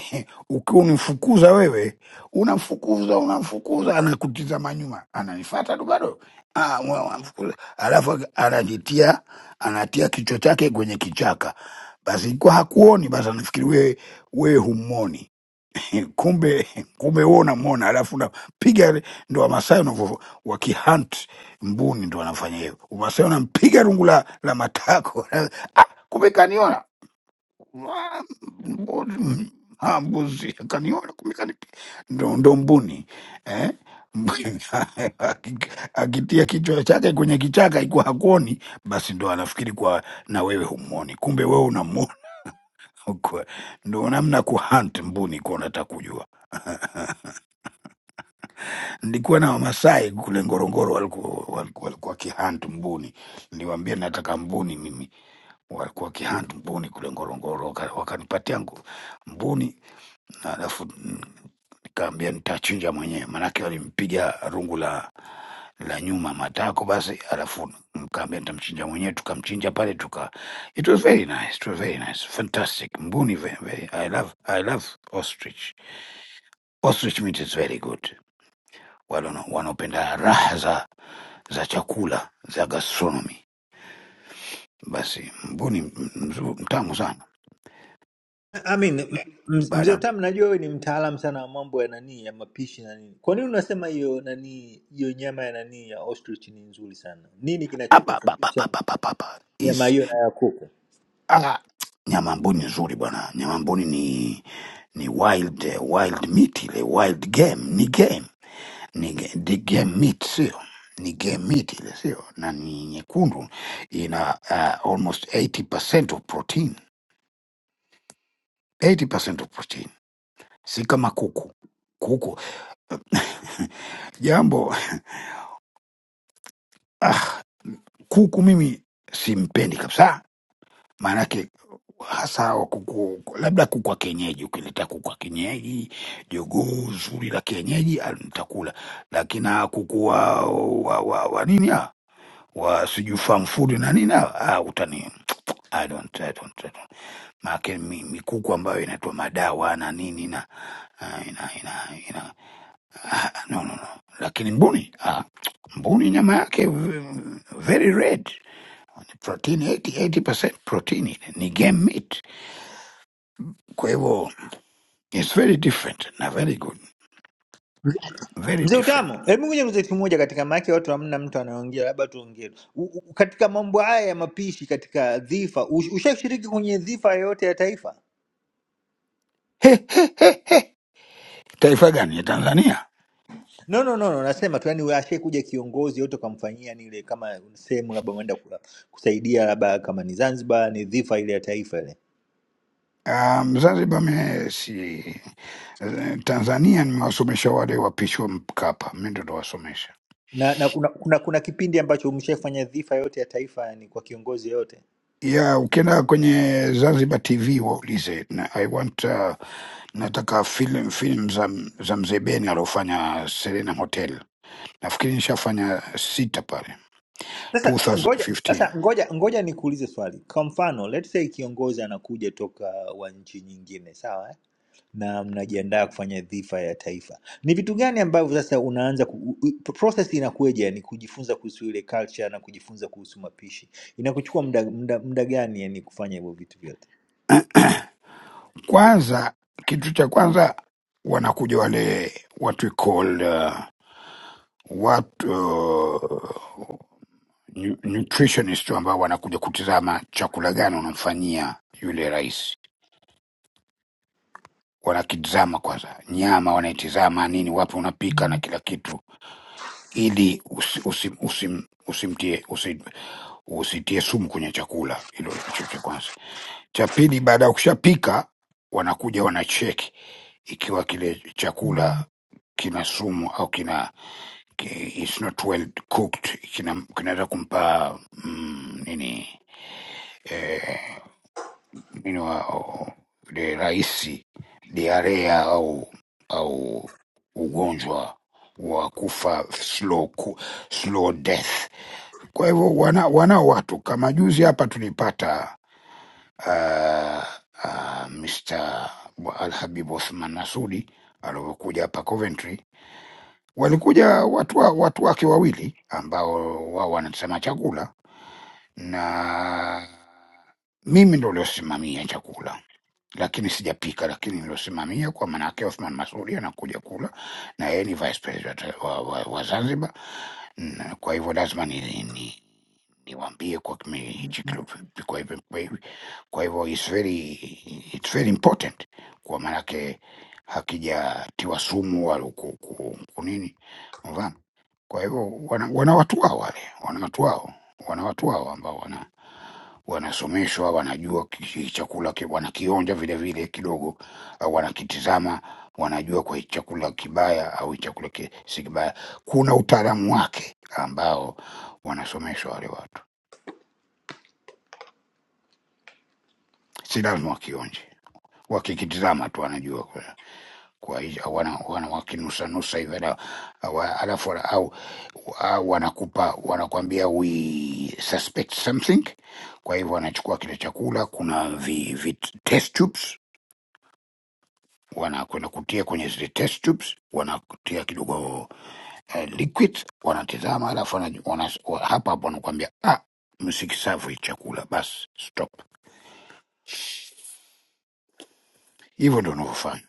G: [COUGHS] [LAUGHS] ukiwa unimfukuza wewe, unamfukuza unamfukuza, anakutizama nyuma, ananifuata tu bado, Ah, wewe unamfukuza, alafu ak- anajitia anatia kichwa chake kwenye kichaka. Basi kwa hakuoni, basi anafikiri wewe wewe humwoni [COUGHS] [LAUGHS] kumbe kumbe wewe unamwona, alafu unapiga. Ndo Wamasai wanavyo wakihunt mbuni, ndo wanafanya hivyo. Wamasai wanampiga rungu la, la matako [COUGHS] [LAUGHS] ah, kumbe kaniona wa- mbu- ha, mbuzi akaniona kumbe kani- ndo, ndo mbuni eh? Mbuni, [LAUGHS] aki- akitia kichwa chake kwenye kichaka ikuwa hakuoni, basi ndo anafikiri kwa na wewe humwoni, kumbe wewe unamwona. [LAUGHS] Kwa- Ndo namna kuhunt mbuni kwa unataka kujua. Nilikuwa na Wamasai kule Ngorongoro, walikuwa walikuwa walikuwa wakihunt mbuni, niliwaambia nataka mbuni mimi, walikuwa wakihunt mbuni kule Ngorongoro, waka- wakanipatia ngu- mbuni na alafu mm, nikaambia nitachinja mwenyewe, maanake walimpiga rungu la la nyuma matako basi, alafu nikaambia nitamchinja mwenyewe, tukamchinja pale tuka, it was very nice, it was very nice, fantastic mbuni, very, very, I love, I love ostrich. Ostrich meat is very good. Wale wana- wanaopenda raha za za chakula za gastronomy, basi mbuni m- mzu- mtamu sana.
C: I mean, m- m-
G: Baada
C: mzee
G: ya-
C: Utamu, najua wewe ni mtaalamu sana wa mambo ya nani ya mapishi na nini. Kwa nini unasema hiyo nani hiyo nyama ya nani ya ostrich ni nzuri sana? Nini
G: apa, apa, apa,
C: kinachotofautisha
G: apa, apa, apa, apa,
C: nyama
G: is
C: hiyo na ya kuku?
G: ah, nyama mbuni nzuri bwana, nyama mbuni ni ni wild eh, wild meat ile wild game ni game ni ge- ni game meat sio ni game meat ile sio na ni nyekundu ina uh, almost 80% of protein 80% of protein si kama kuku kuku jambo ah, kuku mimi simpendi kabisa maanake hasa hawa kuku labda kuku wa kienyeji ukileta kuku wa kienyeji jogoo zuri la kienyeji ah, nitakula lakini hawa kuku wa, wa, wa, wa nini hawa? wa sijui farm food na nini hawa? ah, utani I don't, I don't, I don't. Maake mi, mikuku ambayo inaitwa madawa na nini na ah, ina, ina, ina. Ah, no, no, no. Lakini mbuni ah, mbuni nyama yake v- very red protein 80, 80% protein ni game meat, kwa hivyo it's very different na very good, very
C: Mzee
G: different.
C: Utamu, hebu ngoja nikuulize kitu moja katika maake watu hamna mtu anaongea, labda tuongee U- u- katika mambo haya ya mapishi katika dhifa. ush- Ushashiriki kwenye dhifa yoyote ya taifa?
G: He, he, he. Taifa gani ya Tanzania?
C: No, no, no, no. Nasema tu yani, ashai kuja kiongozi yote ukamfanyia nile, kama sehemu labda umeenda kula- kusaidia, labda kama ni Zanzibar, ni dhifa ile ya taifa ile
G: Um, Zanzibar me si eh, Tanzania nimewasomesha wale wapishi wa Mkapa, mi ndo nawasomesha.
C: na, na kuna, kuna, kuna kipindi ambacho umeshafanya dhifa yote ya taifa yani kwa kiongozi yoyote?
G: Ya ukienda kwenye Zanzibar TV waulize na, I want uh, nataka film film za, za mzee Beni aliofanya Serena Hotel. Nafikiri nishafanya sita pale
C: Ngoja
G: 2015.
C: sasa, ngoja ngoja nikuulize swali. Kwa mfano, let's say kiongozi anakuja toka wa nchi nyingine, sawa? na mnajiandaa kufanya dhifa ya taifa. Ni vitu gani ambavyo sasa unaanza ku, u- u- process inakuja, yani kujifunza kuhusu ile culture na kujifunza kuhusu mapishi inakuchukua muda, muda, muda gani yani kufanya hivyo vitu vyote?
G: Kwanza kitu cha kwanza wanakuja wale what we call uh, watu nu- nutritionist ambao wanakuja kutizama chakula gani unamfanyia yule rais, wanakitizama kwanza, nyama wanaitizama nini, wapi unapika na kila kitu, ili usi, usi, usim, usimtie usi, usitie sumu kwenye chakula. Hilo hicho cha kwanza. Cha pili, baada ya kushapika, wanakuja wanacheki ikiwa kile chakula kina sumu au kina ki- it's not well cooked, kina- kinaweza kumpa mm, nini eh, you know, yule rais diarea au au ugonjwa wa kufa slow, ku- slow death. Kwa hivyo wana, wana watu kama juzi hapa tulipata uh, uh, Mr Al Habib Othman Nasudi alivyokuja hapa Coventry, walikuja watu, wa, watu wake wawili ambao wao wanasema chakula na mimi ndo uliosimamia chakula lakini sijapika, lakini nilosimamia kwa maanake Othman Masudi anakuja kula na yeye ni vice president wa, wa, wa Zanzibar. Na Kwa hivyo lazima ni, ni, niwaambie kwa kime- hichi kilopikwa hivi kwa hivi. Kwa hivyo it's very, it's very important kwa maanake hakijatiwa sumu wala ku- ku- kunini, unafahamu. Kwa hivyo wana, wana watu wao wale, wana watu wao, wana watu wao ambao wana wanasomeshwa, wanajua ki- chakula ki- wanakionja vile vile kidogo, au wanakitizama, wanajua kwa hii chakula kibaya au hii chakula ki- si kibaya. Kuna utaalamu wake ambao wanasomeshwa wale watu, si lazima wakionje, wakikitizama tu wanajua kwa kwa hii- wana, wana wakinusanusa hivi na- wa- alafu wana- au, au wanakupa wanakwambia we suspect something kwa hivyo wanachukua kile chakula kuna vi, vi test tubes wanakwenda kutia kwenye zile test tubes, wanakutia kidogo eh, liquid, wanatizama, alafu wana, wana, wa- hapa hapo wanakuambia ah, msikisavu hii chakula, basi stop. Hivyo ndio wanavyofanya.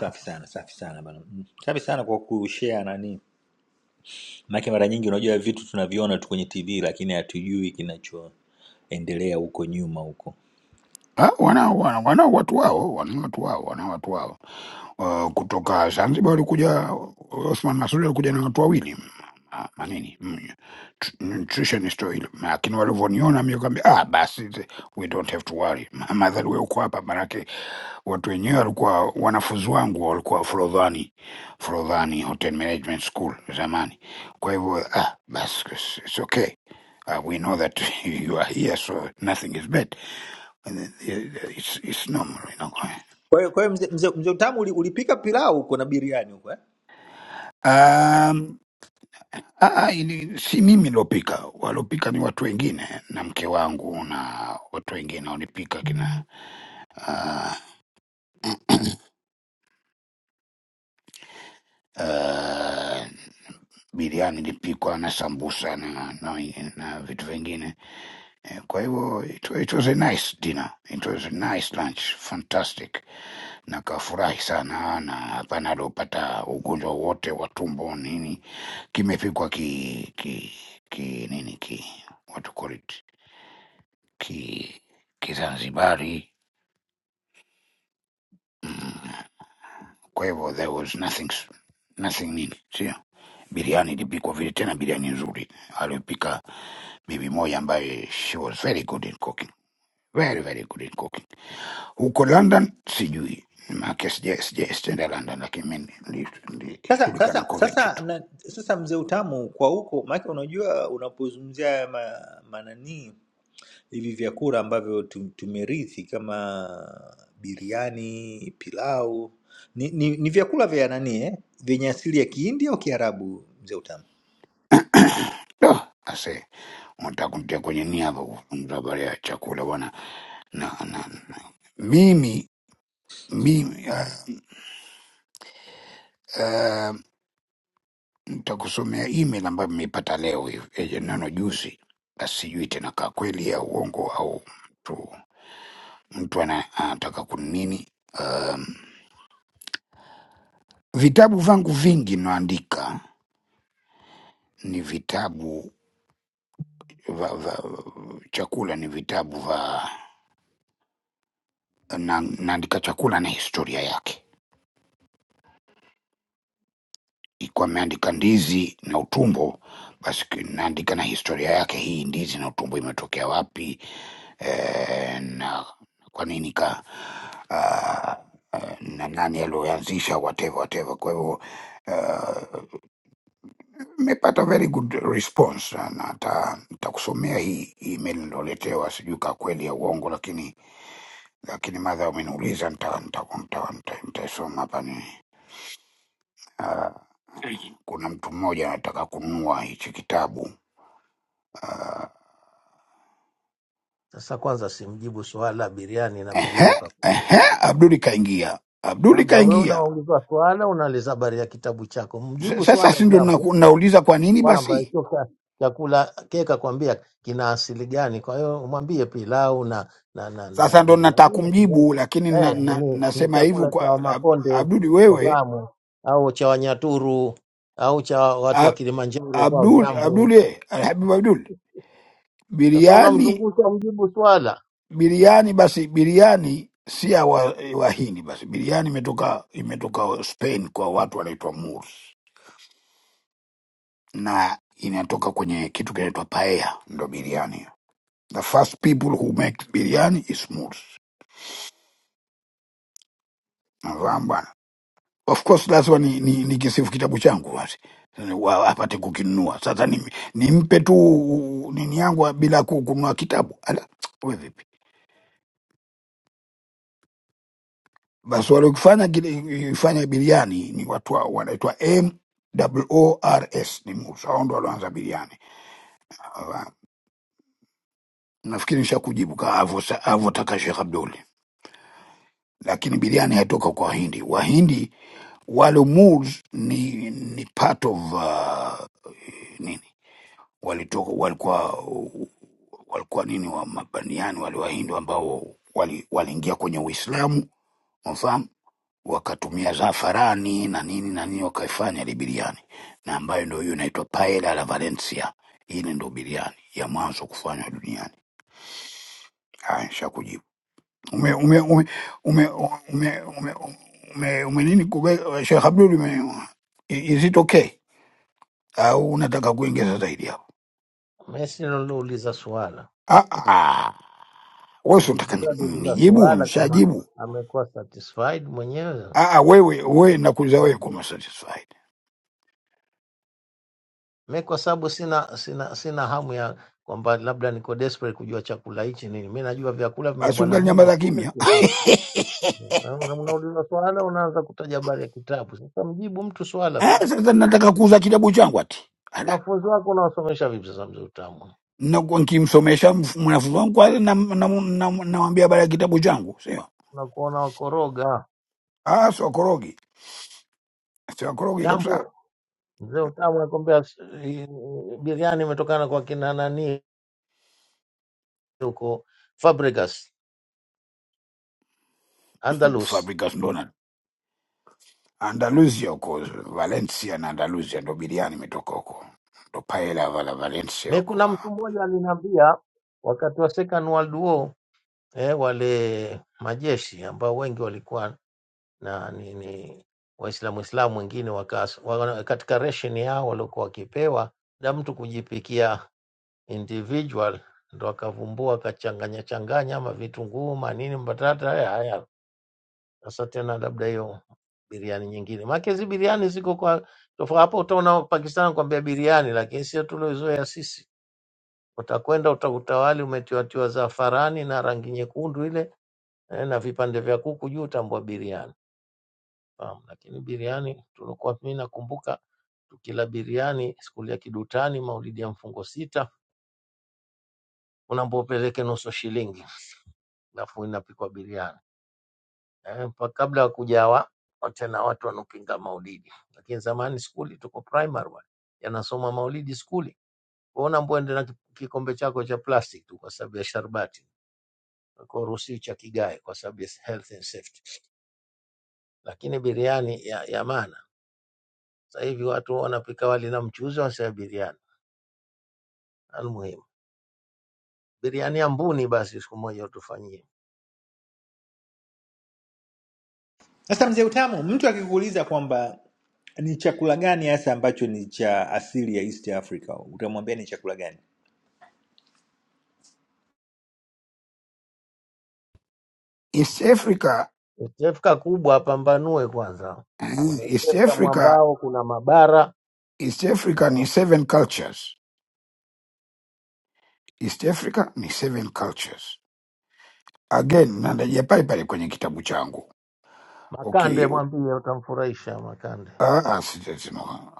C: Safi sana, safi sana bana. Mm. Safi sana kwa kushare nani, maana mara nyingi unajua vitu tunaviona tu kwenye TV lakini hatujui kinachoendelea huko nyuma huko.
G: Ah, Wana, wana, wana watu wao, wana watu wao, wana watu wao. Uh, kutoka Zanzibar walikuja Othman Masud alikuja na watu wawili mm, Ah, manini mm, tr- nutritionist wa ile. lakini walivyoniona mi kaambia ah, basi we don't have to worry madhari we uko hapa manake watu wenyewe walikuwa wanafunzi wangu walikuwa Forodhani, Forodhani Hotel Management School zamani. Kwa hivyo ah, bas, it's it's okay. Uh, we know that [LAUGHS] you are here so nothing is bad. And it- It's, it's normal, you know.
C: Kwa hiyo kwa hiyo mzee mzee mzee utamu uli- ulipika pilau huko na biriani huko eh?
G: Um, ah, ah, ili- si mimi nilopika, walopika ni watu wengine na mke wangu na watu wengine walipika kina uh, uh, biriani ilipikwa na sambusa na, na, na vitu vingine Eh, Kwa hivyo it, it was a nice dinner, it was a nice lunch, fantastic. Nakafurahi sana na hapana aliopata ugonjwa wote wa tumbo nini, kimepikwa ki, ki, ki nini ki what to call it ki Kizanzibari. Kwa hivyo there was nothing s- nothing nini, sio biriani ilipikwa vile tena, biriani nzuri aliyopika bibi moja ambaye she was very good in cooking, very very good in cooking. huko London sijui, maake sija- sija- sijaenda London, lakini mi ni- ni-
C: Sasa
G: nilishughulika na
C: sasa sasa
G: Coventry tu.
C: na, sasa mzee utamu kwa huko, maana unajua unapozungumzia haya ma, mananii hivi vyakula ambavyo tu- tumerithi kama biriani, pilau ni, ni, ni vyakula vya nani eh? vyenye asili ya Kihindi au Kiarabu, mzee utamu.
G: Ah, Ase, unataka kunitia kwenye niaba kuzungumza habari ya chakula bwana, na, na, na mimi mimi ah, ah, nitakusomea email ambayo nimeipata leo hivi eh, neno juzi. Ah, sijui tena kaa kweli ya uongo au mtu mtu ana- anataka kunini. Um, vitabu vangu vingi naandika ni vitabu va, va, chakula ni vitabu va na, naandika chakula na historia yake. Ikiwa ameandika ndizi na utumbo, basi ki- naandika na historia yake, hii ndizi na utumbo imetokea wapi eh, na kwa nini ka ah, eh, na nani aliyoanzisha whatever whatever. Kwa hivyo ah, nimepata uh, very good response, na na hata nitakusomea hii email niloletewa, sijui ka kweli ya uongo, lakini lakini madha umeniuliza nitaisoma nita, nita, nita, nita nitaisoma hapa ni ah, kuna mtu mmoja anataka kununua hichi kitabu Ah,
I: Sasa kwanza simjibu swala biriani na pilau
G: ehe, ehe,
I: kakuuliza.
G: Abduli kaingia, Abduli
I: Kabla wewe
G: kaingia.
I: unawaulizwa swala, unaliza habari ya kitabu chako,
G: S-
I: mjibu
G: Sasa
I: swala
G: si ndo naku-
I: jambo
G: nauliza kwa nini
I: kwamba
G: basi?
I: hicho cha- chakula keka kwambia kina asili gani. Kwa hiyo umwambie pilau na na, na, na
G: Sasa ndo nataka
I: biriani asili yake.
G: kumjibu, lakini na,
I: eh,
G: na,
I: ni, ni
G: nasema hivyo
I: chakula cha
G: kwa Ab-
I: Wamakonde
G: Abduli wewe,
I: wafahamu, au cha Wanyaturu au cha watu wa
G: A-
I: Kilimanjaro kwao
G: Abdul
I: jambo.
G: Abdul eh, Alhabibu Abdul,
I: Sasa
G: biriani
I: unamzungusha, mjibu swala.
G: biriani basi biriani si ya wa- wahindi basi biriani imetoka imetoka spain kwa watu wanaitwa moors na inatoka kwenye kitu kinaitwa paella ndo biriani the first people who make biriani is moors nafahamu bwana of course lazima ni, ni, ni kisifu kitabu changu basi Wa- apate kukinunua sasa nimi- nimpe tu nini yangu bila ku- kununua kitabu Ala, we vipi Basi waliokifanya kile- ifanya biriani ni watu hao wanaitwa MWORS, ni Musa. Hao ndo walioanza biriani. Ah, Nafikiri nisha kujibu ka avyo- avyotaka Shekh Abdul, lakini biriani haitoka kwa Wahindi. Wahindi wale Moors ni, ni part of uh, nini walitoka walikuwa walikuwa nini wa mabaniani wale Wahindi ambao wali- waliingia kwenye Uislamu, unafahamu wakatumia zafarani na nini na nini, wakaifanya ile biriani, na ambayo ndio hiyo inaitwa paella la Valencia. Ile ndio biriani ya mwanzo kufanywa duniani. Haya, nishakujibu. Ume ume ume ume ume ume ume, ume nini kube Sheikh Abdul ume, i- is it okay au unataka kuongeza zaidi hapo?
I: Mimi si nilouliza swala
G: Ah ah, wewe si
I: Mlisi
G: unataka ni-
I: wewe aliuliza
G: nijibu?
I: suala kama
G: Nishajibu.
I: amekuwa satisfied mwenyewe.
G: Ah ah, wewe wewe nakuuliza wewe
I: Maana
G: kama satisfied,
I: Mimi kwa sababu sina sina sina hamu ya kwamba labda niko desperate kujua chakula hichi nini. Mimi najua vyakula
G: basi
I: vimeumbwa na
G: ungali
I: Mungu
G: nyamaza
I: tule
G: kimya.
I: tu sasa. Na una- Unauliza swala unaanza kutaja habari ya kitabu. Sasa mjibu mtu swala
G: Eh,
I: kwanza.
G: sasa nataka kuuza kitabu changu ati
I: Wanafunzi wako unawasomesha vipi sasa mzee utamu?
G: nakuwa nkimsomesha mf- mwanafunzi wangu kwanza namwambia na, na, na namwambia habari ya kitabu changu, sio
I: Unakuona wakoroga.
G: ah, siwakorogi siwakorogi kabisa.
I: Jambo mzee utamu anakwambia s- i- i- biriani imetokana kwa kina nani huko Fabregas Andalus.
G: Fabregas Donald Andalusia huko Valencia na Andalusia ndo biriani imetoka huko, ndo paella vala Valencia
I: Mi
G: huko
I: kuna mtu mmoja aliniambia wakati wa Second World War eh, wale majeshi ambao wengi walikuwa na ni, ni Waislamu Islamu wengine wakas, wana, katika ration yao waliokuwa wakipewa na mtu kujipikia individual, ndo akavumbua akachanganya changanya ama vitunguu manini mbatata haya haya. Sasa tena labda hiyo biriani nyingine, maana hizi biriani ziko kwa tofauti. Hapo utaona Pakistan kwambia biriani, lakini sio tuliozoea sisi utakwenda utakuta wali umetiwatiwa zafarani na rangi nyekundu ile eh, na vipande vya kuku juu, utambua biriani fahamu. Lakini biriani tulikuwa, mimi nakumbuka tukila biriani skuli ya Kidutani, maulidi ya mfungo sita, unaambiwa upeleke nusu shilingi, alafu inapikwa biriani eh, pa- kabla ya kujawa tena watu wanopinga maulidi. Lakini zamani skuli tuko primary wale yanasoma maulidi skuli, wewe unaambiwa ende na ki- kikombe chako cha plastic tu kwa sababu ya sharbati Kirusi cha kigae kwa sababu ya health and safety. Lakini biriani ya, ya maana sasa hivi watu wanapika wali na mchuzi, wanasema biriani almuhimu. Biriani ya mbuni basi siku moja utufanyie.
C: Sasa mzee
I: [LAUGHS]
C: utamu, mtu akikuuliza kwamba ni chakula gani hasa ambacho ni cha asili ya East Africa, utamwambia ni chakula gani?
G: East Africa.
I: Tefka kubwa pambanue kwanza. Kuna
G: eh, East
I: tefka
G: Africa,
I: mwambao, kuna mabara.
G: East Africa ni seven cultures. East Africa ni seven cultures. Again, narejea pale pale kwenye kitabu changu.
I: Makande
G: Okay,
I: mwambie, utamfurahisha Makande.
G: Ah, ah, sija- sina-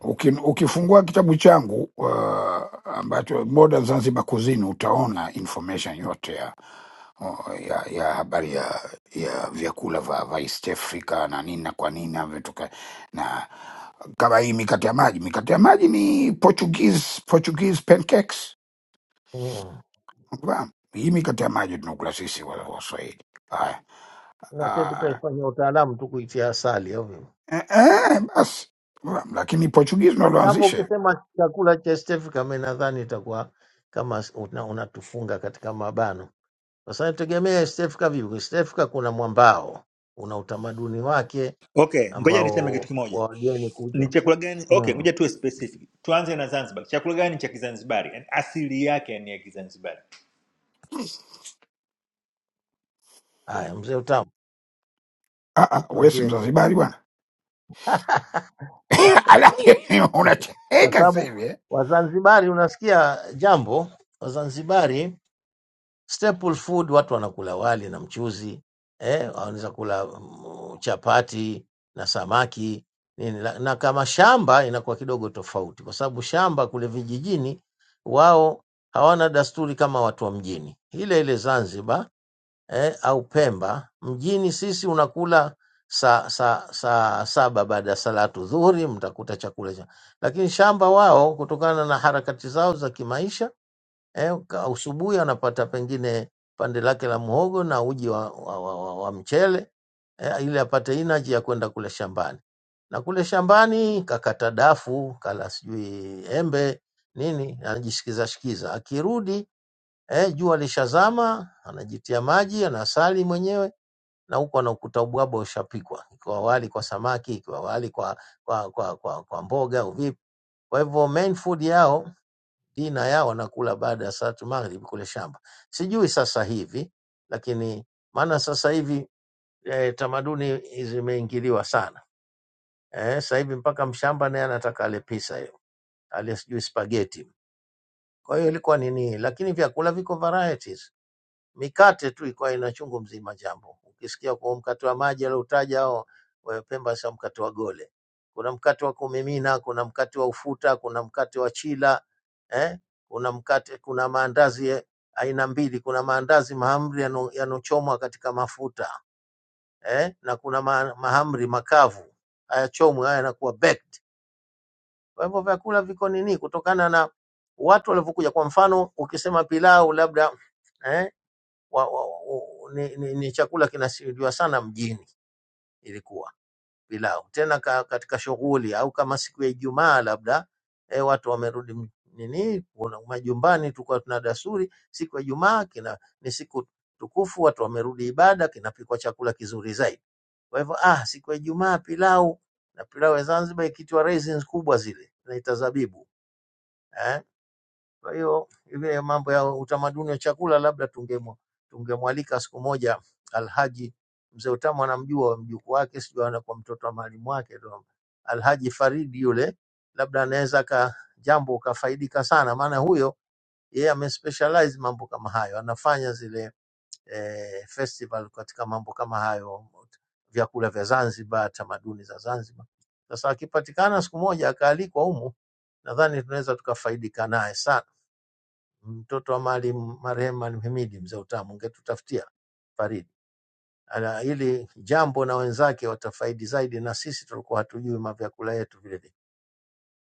G: Uki- Ukifungua kitabu changu uh, ambacho Modern Zanzibar Cuisine utaona information yote ya, uh, ya, ya habari ya, ya vyakula vya vya East Africa na nini na kwa nini navyotoka, na kama hii mikate ya maji, mikate ya maji ni Portuguese, Portuguese pancakes.
I: Mm.
G: Unafahamu? Hii mikate ya maji tunakula sisi wa- Waswahili. Haya,
I: Na sisi
G: ah,
I: tukaifanya utaalamu tu kuitia asali au vipi?
G: eh, eh, basi Unafahamu? lakini Portuguese ndio
I: Jambo
G: walioanzisha hiyo.
I: ukisema chakula cha East Africa, mimi nadhani itakuwa kama s- una- unatufunga katika mabano, kwa sababu tegemea East Africa vipi? East Africa kuna mwambao, una utamaduni wake
C: Okay, ngoja niseme
I: ambao
C: kitu kimoja.
I: wa wageni
C: ni
I: kuja.
C: chakula gani okay
I: Mm.
C: ngoja tuwe specific tuanze na zanzibar chakula gani cha kizanzibari yani asili yake yani ya kizanzibari
I: Haya, mzee utamu
G: Ah, ah, wewe si
I: mwambie
G: Mzanzibari bwana? [LAUGHS] alafu
I: kwa
G: unacheka sasa
I: sababu
G: hivi eh?
I: Wazanzibari, unasikia jambo, Wazanzibari staple food watu wanakula wali na mchuzi eh, wanaweza kula mm, chapati na samaki nini, la- na kama shamba inakuwa kidogo tofauti, kwa sababu shamba kule vijijini wao hawana dasturi kama watu wa mjini. Ile ile Zanzibar eh, au Pemba mjini, sisi unakula saa saa saa saba baada ya salatu dhuhuri, mtakuta chakula cha lakini shamba wao, kutokana na harakati zao za kimaisha eh, ka- asubuhi anapata pengine pande lake la muhogo na uji wa, wa, wa, wa, wa mchele eh, ili apate inaji ya kwenda kule shambani, na kule shambani kakata dafu, kala sijui embe nini, anajisikiza shikiza, akirudi eh, jua lishazama, anajitia maji, anasali mwenyewe na huku anakuta ubwabwa ushapikwa, ikiwa wali kwa samaki, ikiwa wali kwa kwa kwa, kwa, kwa mboga au vipi. Kwa hivyo main food yao dina yao wanakula baada ya salatu maghrib kule shamba. Sijui sasa hivi, lakini maana sasa hivi eh, tamaduni zimeingiliwa sana eh, sasa hivi mpaka mshamba naye anataka ale pizza hiyo ale sijui spaghetti. Kwa hiyo ilikuwa ni nini, lakini vyakula viko varieties mikate tu ilikuwa ina chungu mzima jambo. Ukisikia kwa mkate wa maji alioutaja hao eh, Pemba, sio mkate wa gole. Kuna mkate wa kumimina, kuna mkate wa ufuta, kuna mkate wa chila eh? kuna mkate, kuna maandazi ya aina mbili. Kuna maandazi mahamri yano- yanochomwa katika mafuta eh? na kuna ma, mahamri makavu hayachomwi, haya yanakuwa baked. Kwa hivyo vyakula viko nini, kutokana na watu walivyokuja. Kwa mfano ukisema pilau labda eh? wa, wa, wa, ni, ni, ni chakula kinasimuliwa sana mjini, ilikuwa pilau tena ka, katika shughuli au kama siku ya Ijumaa labda e, watu wamerudi m- nini kuna- majumbani. Tulikuwa tuna desturi siku ya Ijumaa kina ni siku tukufu, watu wamerudi ibada, kinapikwa chakula kizuri zaidi. Kwa hivyo ah, siku ya Ijumaa pilau na pilau ya Zanzibar ikiitwa raisins kubwa zile tunaita zabibu eh? Kwa hiyo ile mambo ya utamaduni wa chakula labda tungemu tungemwalika siku moja Alhaji mzee Utamu anamjua mjukuu wake, sijui anakuwa mtoto wa mwalimu wake ndo Alhaji Faridi yule, labda anaweza ka jambo ukafaidika sana, maana huyo yeye ame specialize mambo kama hayo, anafanya zile eh, festival katika mambo kama hayo, vyakula vya Zanzibar, tamaduni za Zanzibar. Sasa akipatikana siku moja akaalikwa humu, nadhani tunaweza tukafaidika naye sana mtoto wa Maalim marehemu Maalim Hamidi mzee wa utamu, ungetutafutia Faridi Ala, ili jambo na wenzake watafaidi zaidi, na sisi tulikuwa hatujui mavyakula yetu vile vile.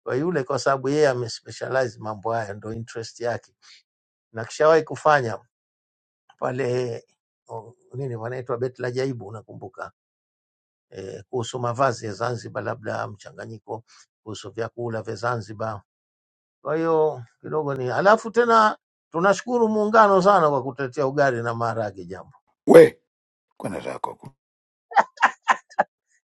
I: Kwa yule, kwa sababu yeye amespecialize mambo haya, ndo interest yake, na kishawahi kufanya pale o, nini wanaitwa Beti la Jaibu, unakumbuka eh, kuhusu mavazi ya Zanzibar, labda mchanganyiko kuhusu vyakula vya Zanzibar. Kwa hiyo kidogo ni alafu tena tunashukuru muungano sana kwa kutetea ugali na maharage jamani.
G: we kwenda zako huko.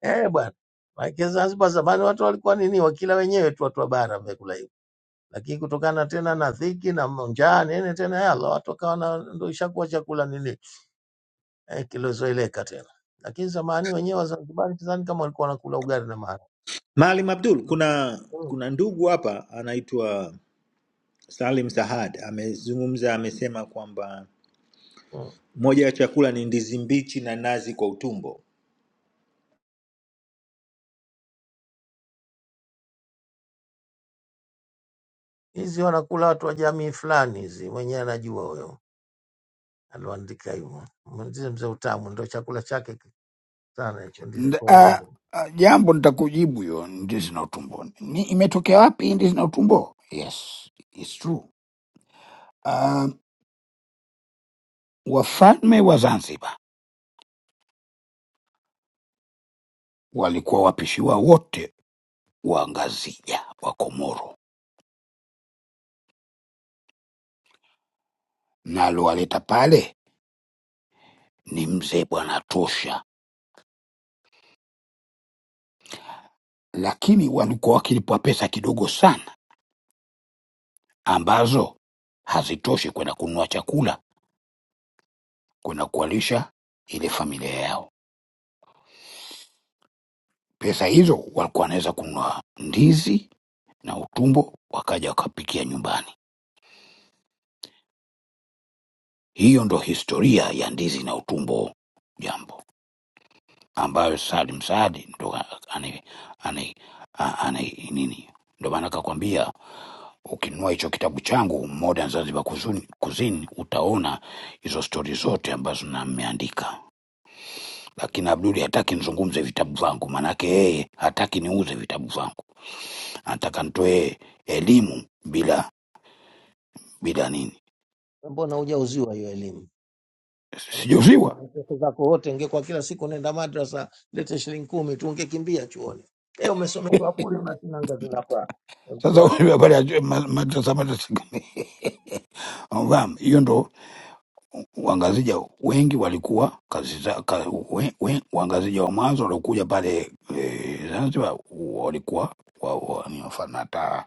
I: eh bwana. Maana Zanzibar zamani watu walikuwa nini, wakila wenyewe tu, watu wa bara vyakula hivyo, lakini kutokana tena na dhiki na njaa nene tena, yala watu wakawa na ndio ishakuwa chakula nini eh, kilozoeleka tena, lakini zamani wenyewe Wazanzibari sidhani kama walikuwa wanakula ugali na mara
C: maalim abdul kuna
I: Mm.
C: kuna ndugu hapa anaitwa salim sahad amezungumza amesema kwamba
I: mm.
C: moja ya chakula ni ndizi mbichi na nazi kwa utumbo
I: hizi wanakula watu wa jamii fulani hizi, mwenyewe anajua huyo aliandika hivyo. Mwenzie mzee utamu, ndo chakula chake sana hicho, ndizi
G: Nd-
I: kwa
G: ah,
I: urumbo.
G: ah, jambo nitakujibu hiyo ndizi na utumbo ni imetokea wapi hii ndizi na utumbo yes it's true Ah, wafalme wa zanzibar walikuwa wapishiwa wote wa ngazija wa komoro na aliowaleta pale ni mzee bwana tosha lakini walikuwa wakilipwa pesa kidogo sana ambazo hazitoshi kwenda kununua chakula kwenda kuwalisha ile familia yao. Pesa hizo walikuwa wanaweza kununua ndizi na utumbo, wakaja wakapikia nyumbani. Hiyo ndo historia ya ndizi na utumbo, jambo ambayo Salim Saadi ndo ana- ana- a- ana- nini, ndo maana akakwambia ukinunua hicho kitabu changu Modern Zanzibar Kuzuni- Cuisine utaona hizo stori zote ambazo na mmeandika, lakini Abduli hataki nizungumze vitabu vangu, maanake yeye hataki niuze vitabu vangu. anataka nitoe elimu bila bila nini,
I: Mbona hujauziwa hiyo elimu? wanakusomesha
G: sijauziriwa.
I: pesa zako wote, ingekuwa kila siku nenda madrasa, lete shilingi kumi tu, ungekimbia chuoni. Leo umesomeshwa bure, unashinanga zinafaa. Mtu
G: Sasa
I: wake.
G: wewe [LAUGHS] habari ya ma- madrasa madrasa, gani? unafahamu? hiyo ndo wangazija wengi walikuwa kazi za, ka, we, we, wangazija wa mwanzo waliokuja pale e, Zanzibar walikuwa wa, wa, ni mfano hata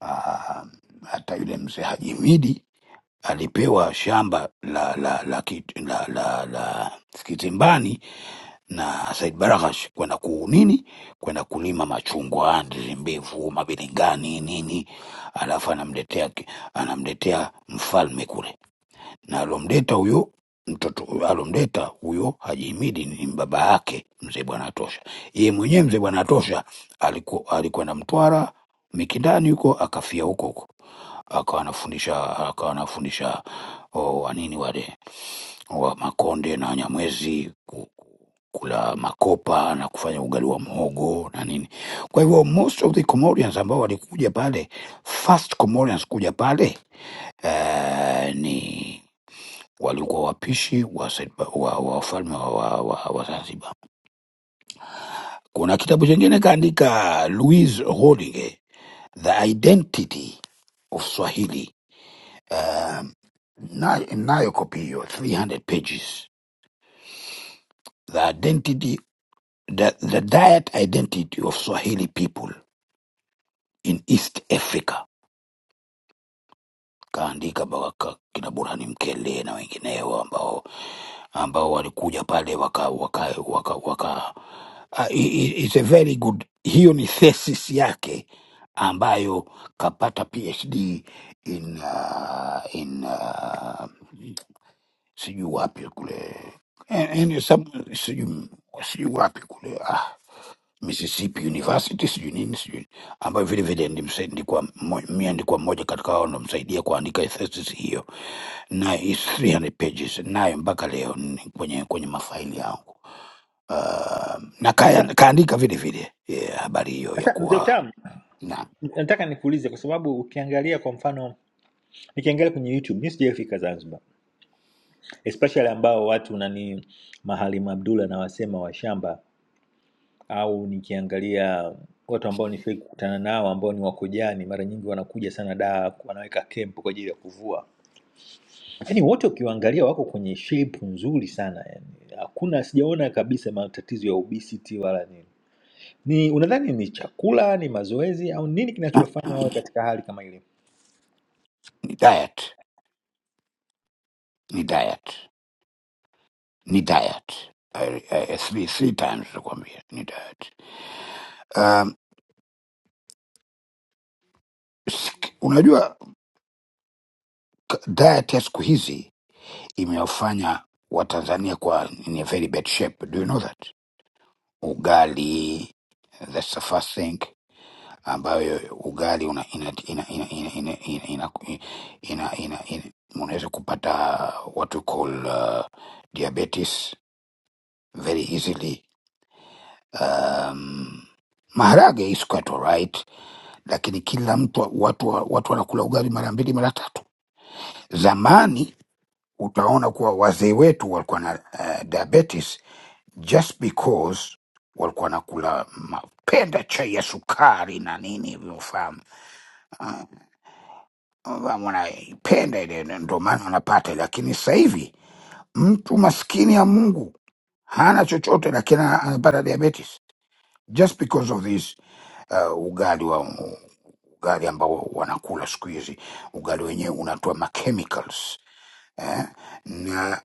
G: ah, hata yule mzee Haji Midi alipewa shamba la la la, la, la, la, la, la Kitimbani na Said Baraghash kwenda ku nini, kwenda kulima machungwa, ndizi mbivu, mabilingani nini, alafu anamletea ki- anamletea mfalme kule, na alomleta huyo mtoto alomleta huyo Haji Himidi ni baba yake mzee Bwana Tosha. Yeye mwenyewe mzee Bwana Tosha alikuwa alikwenda Mtwara Mikindani huko akafia huko huko, akawa anafundisha akawa anafundisha oh, wanini wale wa Makonde na Wanyamwezi ku- ku- kula makopa na kufanya ugali wa mhogo na nini. Kwa hivyo most of the Comorians ambao walikuja pale, first Comorians kuja pale eh, ni walikuwa wapishi wa Zanzibar- wa- wa wafalme wa, wa, wa, wa Zanzibar. Kuna kitabu chengine kaandika Louise Holding, The Identity of Swahili, um, na- nayo kopi hiyo 300 pages, The Identity the, the diet identity of Swahili people in East Africa. Kaandika baka kina Burhani Mkele na wengineo ambao ambao walikuja pale waka waka waka, waka uh, it's a very good. Hiyo ni thesis yake ambayo kapata PhD in uh, in uh, sijui wapi kule, and, and some sijui sijui wapi kule ah, Mississippi University sijui nini sijui ambayo vile vile ndimsa- ndikuwa mmo- mia ndikuwa mmoja katika wao nomsaidia kuandika thesis hiyo, na is 300 pages nayo mpaka leo ni kwenye kwenye mafaili yangu. Uh, na kaya,
C: sasa
G: kaandika vile vile yeah, habari hiyo ya
C: sasa, mzee
G: kuwa
C: utamu
G: na
C: nataka nikuulize kwa sababu ukiangalia kwa mfano nikiangalia kwenye youtube mi sijaifika zanzibar especially ambao watu nani mahalim abdul anawasema washamba au nikiangalia watu ambao nishawahi kukutana nao ambao ni wakojani, mara nyingi wanakuja sana da, wanaweka kempu kwa ajili ya kuvua. Yaani wote ukiwaangalia wako kwenye shape nzuri sana yani, hakuna sijaona kabisa matatizo ya obesity wala nini. Ni unadhani ni chakula, ni mazoezi au nini kinachofanya wawe katika hali kama ile?
G: ni diet ni diet ni diet I, I, three, three times nakwambia ni diet um, sik- unajua k- diet ya siku hizi imewafanya Watanzania kuwa in a very bad shape. Do you know that? Ugali, that's the first thing ambayo ugali una ina ina ina ina ina ina ina ina ina ina unaweza kupata what we call uh, diabetes very easily. Um, maharage is quite alright, lakini kila mtu watu watu wanakula ugali mara mbili mara tatu. Zamani utaona kuwa wazee wetu walikuwa na uh, diabetes just because walikuwa wanakula mapenda chai ya sukari na nini hivyo, ufahamu Ah, ufahamu, wanaipenda ile, ndo maana wanapata. Lakini sasa hivi mtu maskini ya Mungu hana chochote, lakini ana- anapata diabetes just because of this uh, ugali wa ugali ambao wanakula siku hizi, ugali wenyewe unatoa machemicals eh? na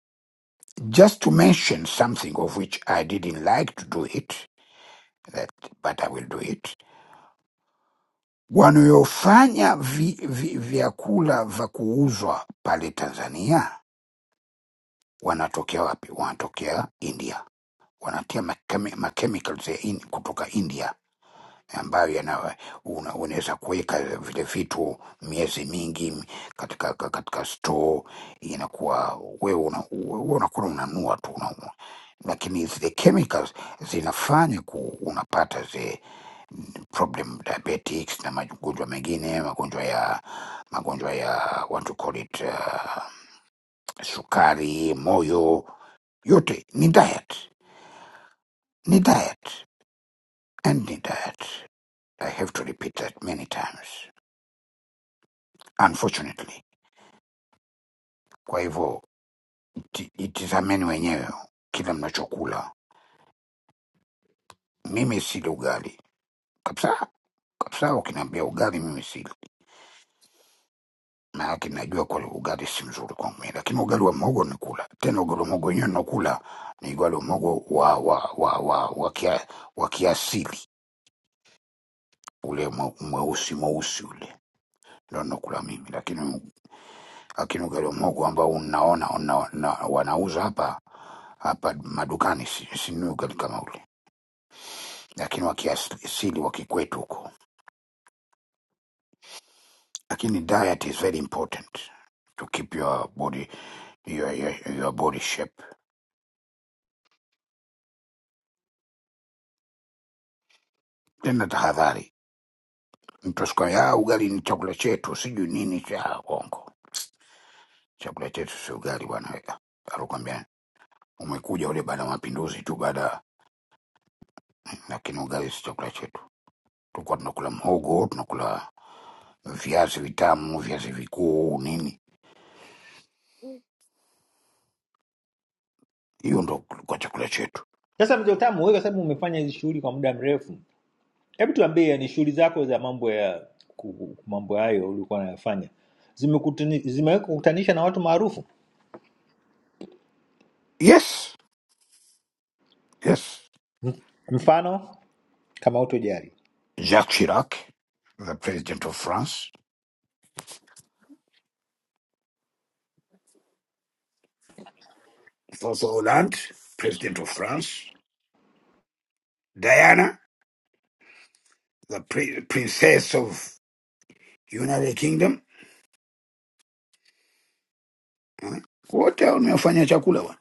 G: just to mention something of which I didn't like to do it that, but I will do it wanayofanya vi, vi, vyakula vya kuuzwa pale Tanzania wanatokea wapi? Wanatokea India, wanatia makemi- machemicals ya in, kutoka India ambayo yana una- unaweza kuweka vile vitu miezi mingi m- katika ka- katika store, inakuwa wewe una- wewe unakuwa unanunua tu una, lakini zile chemicals zinafanya ku, unapata ze problem diabetics na magonjwa mengine magonjwa ya magonjwa ya what to call it uh, sukari moyo yote ni diet ni diet and ni diet i have to repeat that many times unfortunately kwa hivyo iti- itizameni wenyewe kila mnachokula mimi sili ugali kabisa kabisa ukiniambia ugali mimi sili maanake najua kwa ugali si mzuri kwangu mimi, lakini ugali wa mogo nikula tena. Ugali wa mogo wenyewe nakula ni ugali wa mogo wa wa wa wa wa, kia, wa kiasili ule mwe- mweusi mweusi ule ndo nakula mimi, lakini lakini ugali wa mogo ambao unaona una, na, wanauza hapa hapa madukani si- sinunui ugali kama ule, lakini wa kiasili wa kikwetu huko. Lakini diet is very important to keep your body your, your, your body shape. Tena tahadhari Mtasukuma ya ugali ni chakula chetu, sijui nini cha Kongo, chakula chetu si ugali bwana. wewe. Alikwambia umekuja ule baada ya mapinduzi tu, baada lakini ugali si chakula chetu. Tulikuwa tunakula mhogo, tunakula viazi vitamu, viazi vikuu, nini, hiyo ndo kulikuwa chakula chetu.
C: Sasa mzee Utamu, wewe kwa sababu umefanya hizi shughuli kwa muda mrefu, hebu tuambie, ni shughuli zako za mambo ya ku- ku- mambo hayo ulikuwa unayafanya zimekutani- zimewekukutanisha na watu maarufu?
G: Yes, yes.
C: mfano kama utojali
G: Jacques Chirac, the president of France, François Hollande, president of France, Diana, the pri- princess of United Kingdom, wote hao nimefanya chakula bwana,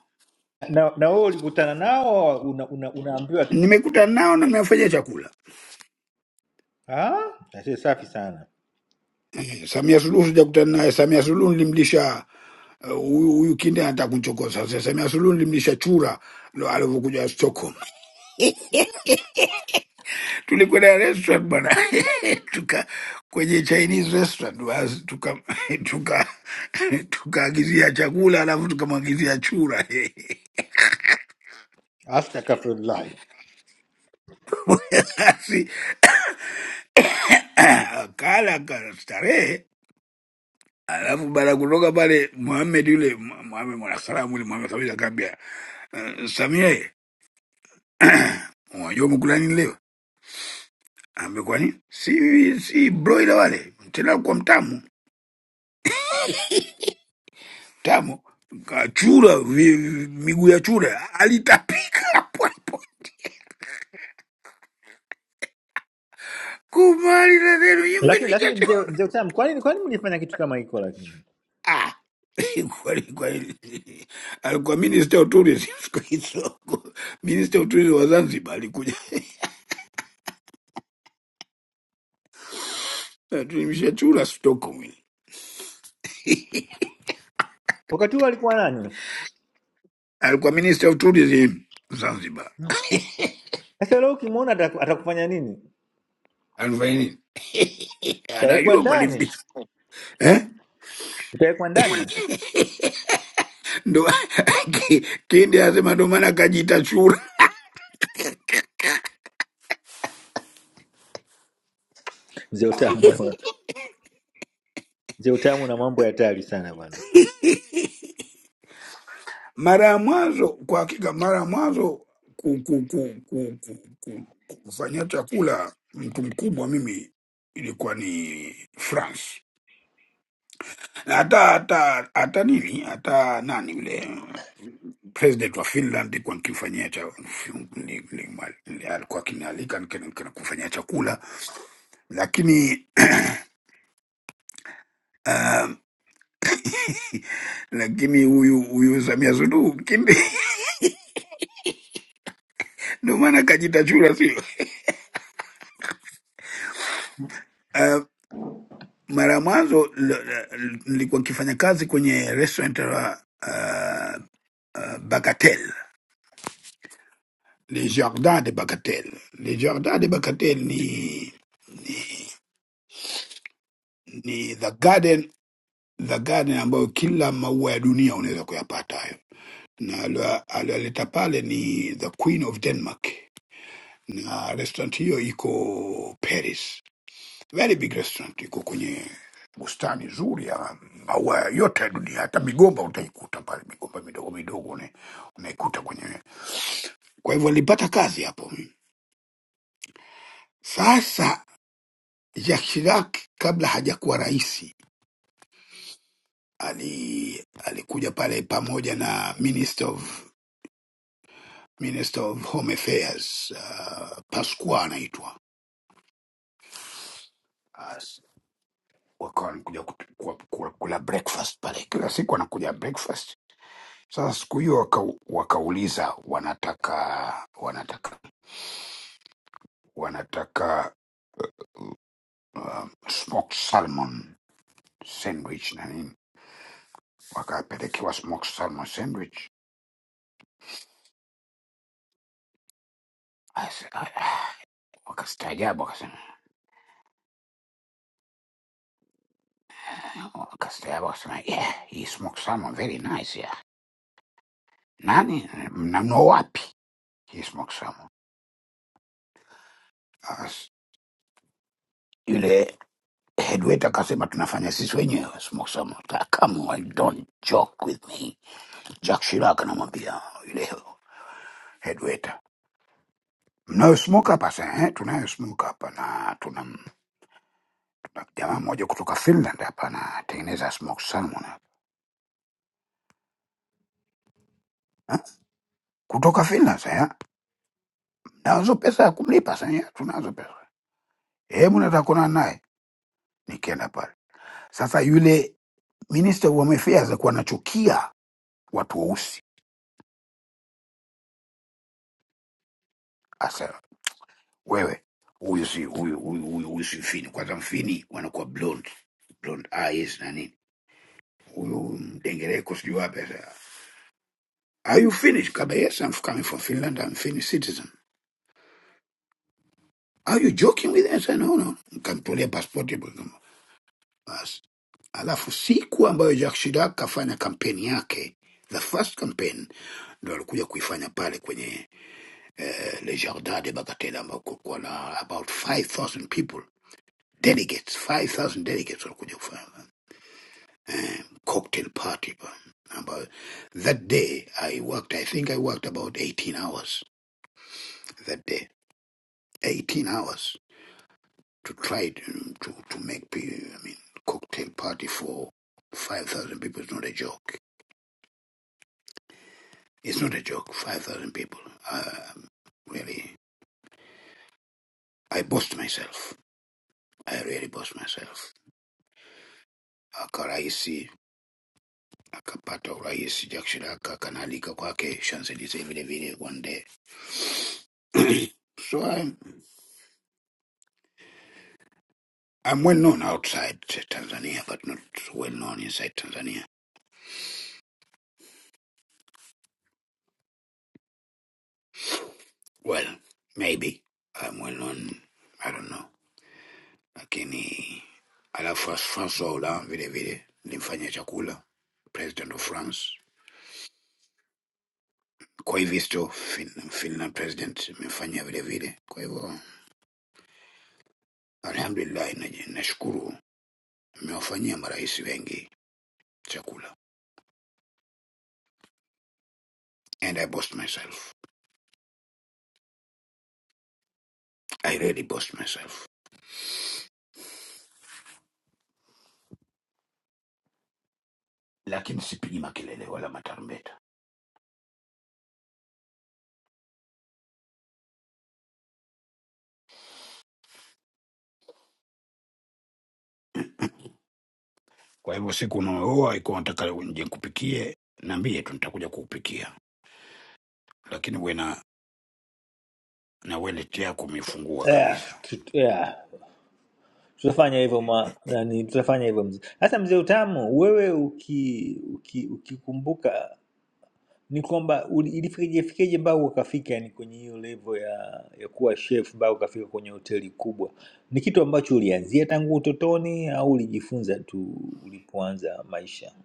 C: na, na wewe ulikutana nao una, una, unaambiwa tu
G: nimekutana nao na nimefanya chakula.
C: "Ah, aisee, safi sana
G: Eh, Samia Suluhu sijakutana naye. Samia Suluhu nilimlisha eh, huyu huyu kinde anataka kunchokoza. Sasa Samia Suluhu nilimlisha chura ndo alivyokuja Stockholm. [LAUGHS] Tulikwenda restaurant bwana, [LAUGHS] tuka kwenye Chinese restaurant basi tuka [LAUGHS] tuka tukaagizia chakula alafu tukamwagizia chura
C: astaghfirullah
G: [LAUGHS] basi [CLEARS THROAT] akala akastarehe Alafu baada ya kutoka pale, Mohamed yule Mu- Mohamed mwanasalamu yule Mohamed kabisa akaambia uh, Samia, ye, unajua umekula nini leo? Ambia kwa nini? Si si broila wale tena kwa mtamu mtamu kachura vi- vi- miguu ya chura alitapika hapo hapo kumali na neno yimbe
C: lakini lakini mzee
G: nilichachura
C: mzee utamu kwa nini kwa nini mlifanya kitu kama hiko lakini
G: [LAUGHS] ah kweli kweli alikuwa minister of tourism [LAUGHS] siku hizo minister of tourism wa Zanzibar alikuja [LAUGHS] tulimshachura stock mimi.
C: wakati huo alikuwa nani
G: alikuwa minister of tourism Zanzibar,
C: Hmm. sasa leo ukimwona ataku- atakufanya nini
G: alifanya nini?
C: utawekwa
G: Anajua
C: ndani
G: kwalifisha eh?
C: hmm? utawekwa ndani
G: Ndo [LAUGHS] Ki- Kindi anasema ndo maana akajiita chura.
C: mzee utamu bwana mzee utamu na mambo ya hatari sana bwana
G: Mara ya mwanzo, kwa hakika, mara ya mwanzo ku, ku, ku, ku, ku, ku, kufanya chakula mtu mkubwa mimi ilikuwa ni France, na hata hata hata nini hata nani yule president wa Finland kwa nikifanyia cha ni- ni- ni- alikuwa akinialika nikana- nikana kufanyia chakula lakini [CLEARS THROAT] lakini huyu huyu Samia Suluhu kimbi [LAUGHS] ndio maana kajita chura, sio uh, [LAUGHS] mara ya mwanzo l- l- nilikuwa nikifanya kazi kwenye restaurant la uh, uh, Bagatelle Les Jardins de Bagatelle. Les Jardins de Bagatelle ni ni the garden the garden ambayo kila maua ya dunia unaweza kuyapata hayo, na alio- aliyoleta pale ni the Queen of Denmark, na restaurant hiyo iko Paris very big restaurant iko kwenye bustani nzuri ya maua yote ya dunia, hata migomba utaikuta pale, migomba midogo midogo una- unaikuta kwenye. Kwa hivyo alipata kazi hapo. Sasa Jacques Chirac kabla hajakuwa rais ali, alikuja pale pamoja na Minister of, Minister of Home Affairs uh, Pasqua anaitwa As- wakawa wanakuja kut- kwa- kwa- kula breakfast pale, kila siku anakuja breakfast Sasa siku hiyo waka, wakauliza wanataka wanataka wanataka um, smoked salmon sandwich na nini, wakapelekewa smoked salmon sandwich. Asa- ah, ah, Wakastaajabu wakasema "Ah, wakastaajabu wakasema yeah, hii smoked salmon very nice yeah. Nani mnamnua wapi hii smoked salmon? As- Yule head waiter akasema tunafanya sisi wenyewe smoked salmon. Ka- Come on, don't joke with me. Jack Shirak anamwambia yule head waiter mnayosmoke hapa sasa eh, tunayosmoke hapa na tuna jamaa mmoja kutoka Finland hapa anatengeneza smoke salmon hapa eh, kutoka Finland sasa eh, nazo pesa ya kumlipa sasa eh, tunazo pesa hebu nataka kuonana naye, nikienda pale sasa, yule minister wa mafias alikuwa anachukia watu weusi, asa wewe huyu si huyu huyu huyu huyu si Mfini, kwanza Mfini wanakuwa blonde blonde eyes na nini, huyu mdengereko sijui wapi sasa Are you Finnish? Kaba, yes, I'm coming from Finland. I'm Finnish citizen. Are you joking with me? I said, no, no. Nikamtolea pasipoti hapo, nikam- basi. Alafu siku ambayo Jacques Chirac kafanya kampeni yake, the first campaign, ndo alikuja kuifanya pale kwenye eh, Le Jardin de Bagatelle ambao kulikuwa na about 5000 people delegates, 5000 delegates walikuja kufanya eh, cocktail party pa ambayo that day I worked, I think I worked about 18 hours that day, 18 hours to try it, um, to, to make people, I mean, cocktail party for 5,000 people is not a joke. It's not a joke, 5,000 people. Um, really, I boast myself. I really boast myself. Akaraisi, akapata urahisi Jack Chirac kanaalika kwake Champs-Elysees vile vile one day. [CLEARS THROAT] [COUGHS] so I'm, I'm well known outside Tanzania, but not well known inside Tanzania. Well, maybe I'm well known. I don't know. Lakini alafu Francois Hollande vile vile nilimfanyia chakula, president of France. Kwa hivi sto fin, Finland president imefanyia vile vile. Kwa hivyo alhamdulillah, naji- nashukuru nimewafanyia marais wengi chakula and I boast myself, I really boast myself, lakini sipigi makelele wala matarumbeta. Kwa hivyo siku unaoa ikuwa nataka nje nikupikie, naambie tu nitakuja kukupikia, lakini uwe na na wallet yako umefungua
C: yeah,
G: kabisa.
C: tu- tu- yeah. tutafanya hivyo ma- nani tutafanya hivyo mzee sasa mzee utamu wewe uki uki ukikumbuka ni kwamba uli- ilifikaje fikaje mpaka ukafika yani kwenye hiyo level ya, ya kuwa chef mpaka ukafika kwenye hoteli kubwa? Ni kitu ambacho ulianzia tangu utotoni au ulijifunza tu ulipoanza maisha?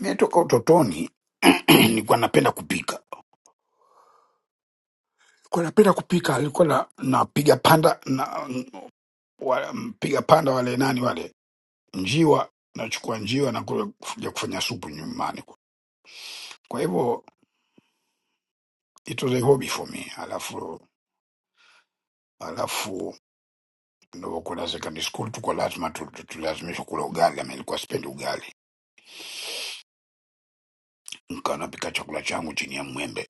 G: Mimi toka utotoni [CLEARS THROAT] nilikuwa napenda kupika, nilikuwa napenda kupika, nilikuwa na napiga panda na wa- mpiga panda wale nani wale njiwa, nachukua njiwa na kule kuja kufanya supu nyumbani. Kwa hivyo it was a hobby for me. Alafu alafu nilivyokuwa secondary school tuko lazima tu- tu- tulazimishwa kula ugali, ama ilikuwa sipendi ugali, nikawa napika chakula changu chini ya mwembe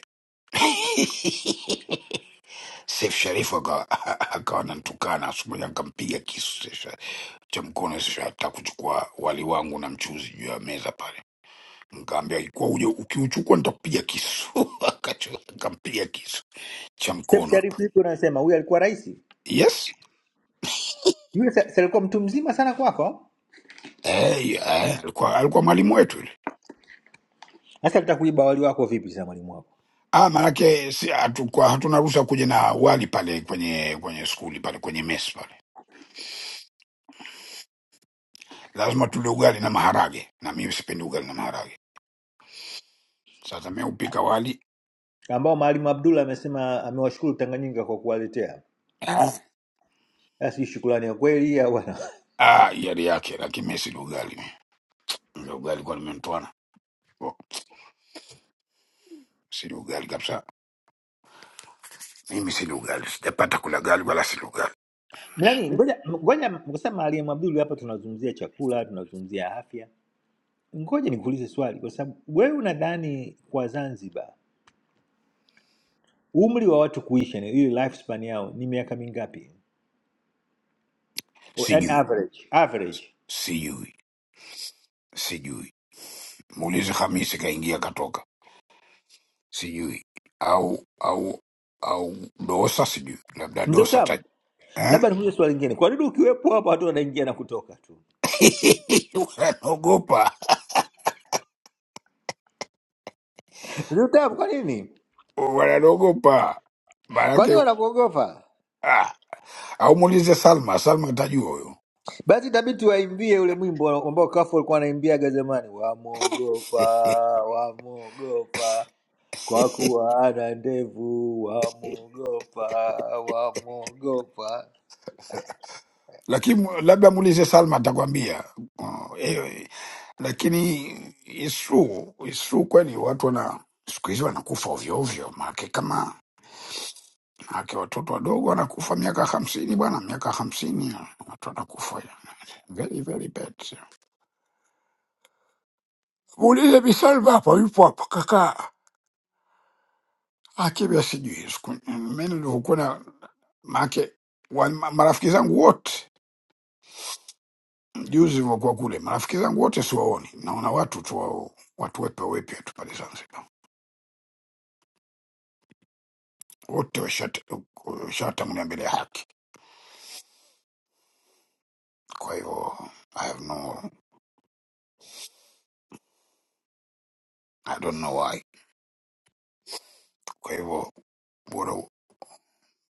G: [LAUGHS] Seif Sharifu akawa [LAUGHS] akawa ananitukana, asubuhi akampiga kisu cha mkono. Sasa hata kuchukua wali wangu na mchuzi juu ya meza pale, nikaambia ikuwa uje ukiuchukua nitakupiga kisu. [LAUGHS] Akachu- Akampiga kisu cha
C: Step
G: mkono
C: Sharifu,
G: hapa.
C: vipi unasema huyu alikuwa rais?
G: Yes
C: Yule si si alikuwa mtu mzima sana kwako?
G: eh, eh, alikuwa alikuwa mwalimu wetu yule.
C: Sasa alitaka kuiba wali wako vipi sasa mwalimu wako?
G: Ah, maanake si, hatukuwa- hatuna ruhusa kuja na wali pale kwenye kwenye skuli pale kwenye mess pale, lazima tule ugali na maharage, na mimi sipendi ugali na maharage. Sasa mimi upika wali
C: Ambao Mwalimu Abdullah amesema amewashukuru Tanganyika kwa kuwaletea.
G: ah,
C: Sasa hii shukrani ya kweli au bwana? [LAUGHS]
G: ah, yari yake, lakini mimi sili ugali mimi. Ndio ugali kwa nimentwana. Oh, sili ugali kabisa Mimi sina ugali, sijapata kula gali wala sina ugali,
C: Nani ngoja ngoja ngoja Mwalimu Abdullah hapa tunazungumzia chakula, tunazungumzia afya Ngoja nikuulize swali, kwa sababu wewe unadhani kwa Zanzibar umri wa watu kuishi, yani ile lifespan yao ni miaka mingapi? O- Yaani
G: sijui
C: average, average.
G: sijui sijui. Muulize Hamisi, kaingia katoka, sijui au au au Dosa, sijui labda
C: Mzee
G: Dosa ta
C: Utamu,
G: eh?
C: labda nikuulize swali lingine, kwa nini ukiwepo hapa watu wanaingia na kutoka tu?
G: [LAUGHS] wananogopa
C: Mzee Utamu, kwa nini?
G: wananogopa
C: Kwa nini
G: maanake
C: wanakuogopa?
G: ah. Au muulize Salma, Salma atajua huyo.
C: Basi itabidi tuwaimbie ule mwimbo ambao Kafu alikuwa anaimbiaga zamani, wamwogopa, wamwogopa kwa kuwa ana ndevu, wamwogopa, wamwogopa.
G: lakini mu- labda muulize Salma atakwambia. Oh, eh, eh. Lakini isu isu kweli watu wana siku hizi wanakufa ovyo ovyo, maake kama maake watoto wadogo wanakufa miaka hamsini bwana, miaka hamsini eh, watu wanakufa ya. very very bad. Muulize Bi Salma hapo, yupo hapo kaka akibia, sijui siku mimi nilivyokuwa na maake wa- marafiki zangu wote Juzi nilivyokuwa kule, marafiki zangu wote siwaoni, naona watu tu wa- watu wepe wepya tu pale Zanzibar, wote washata- washatangulia mbele ya haki. Kwa hivyo I have no, I don't know why. Kwa hivyo bora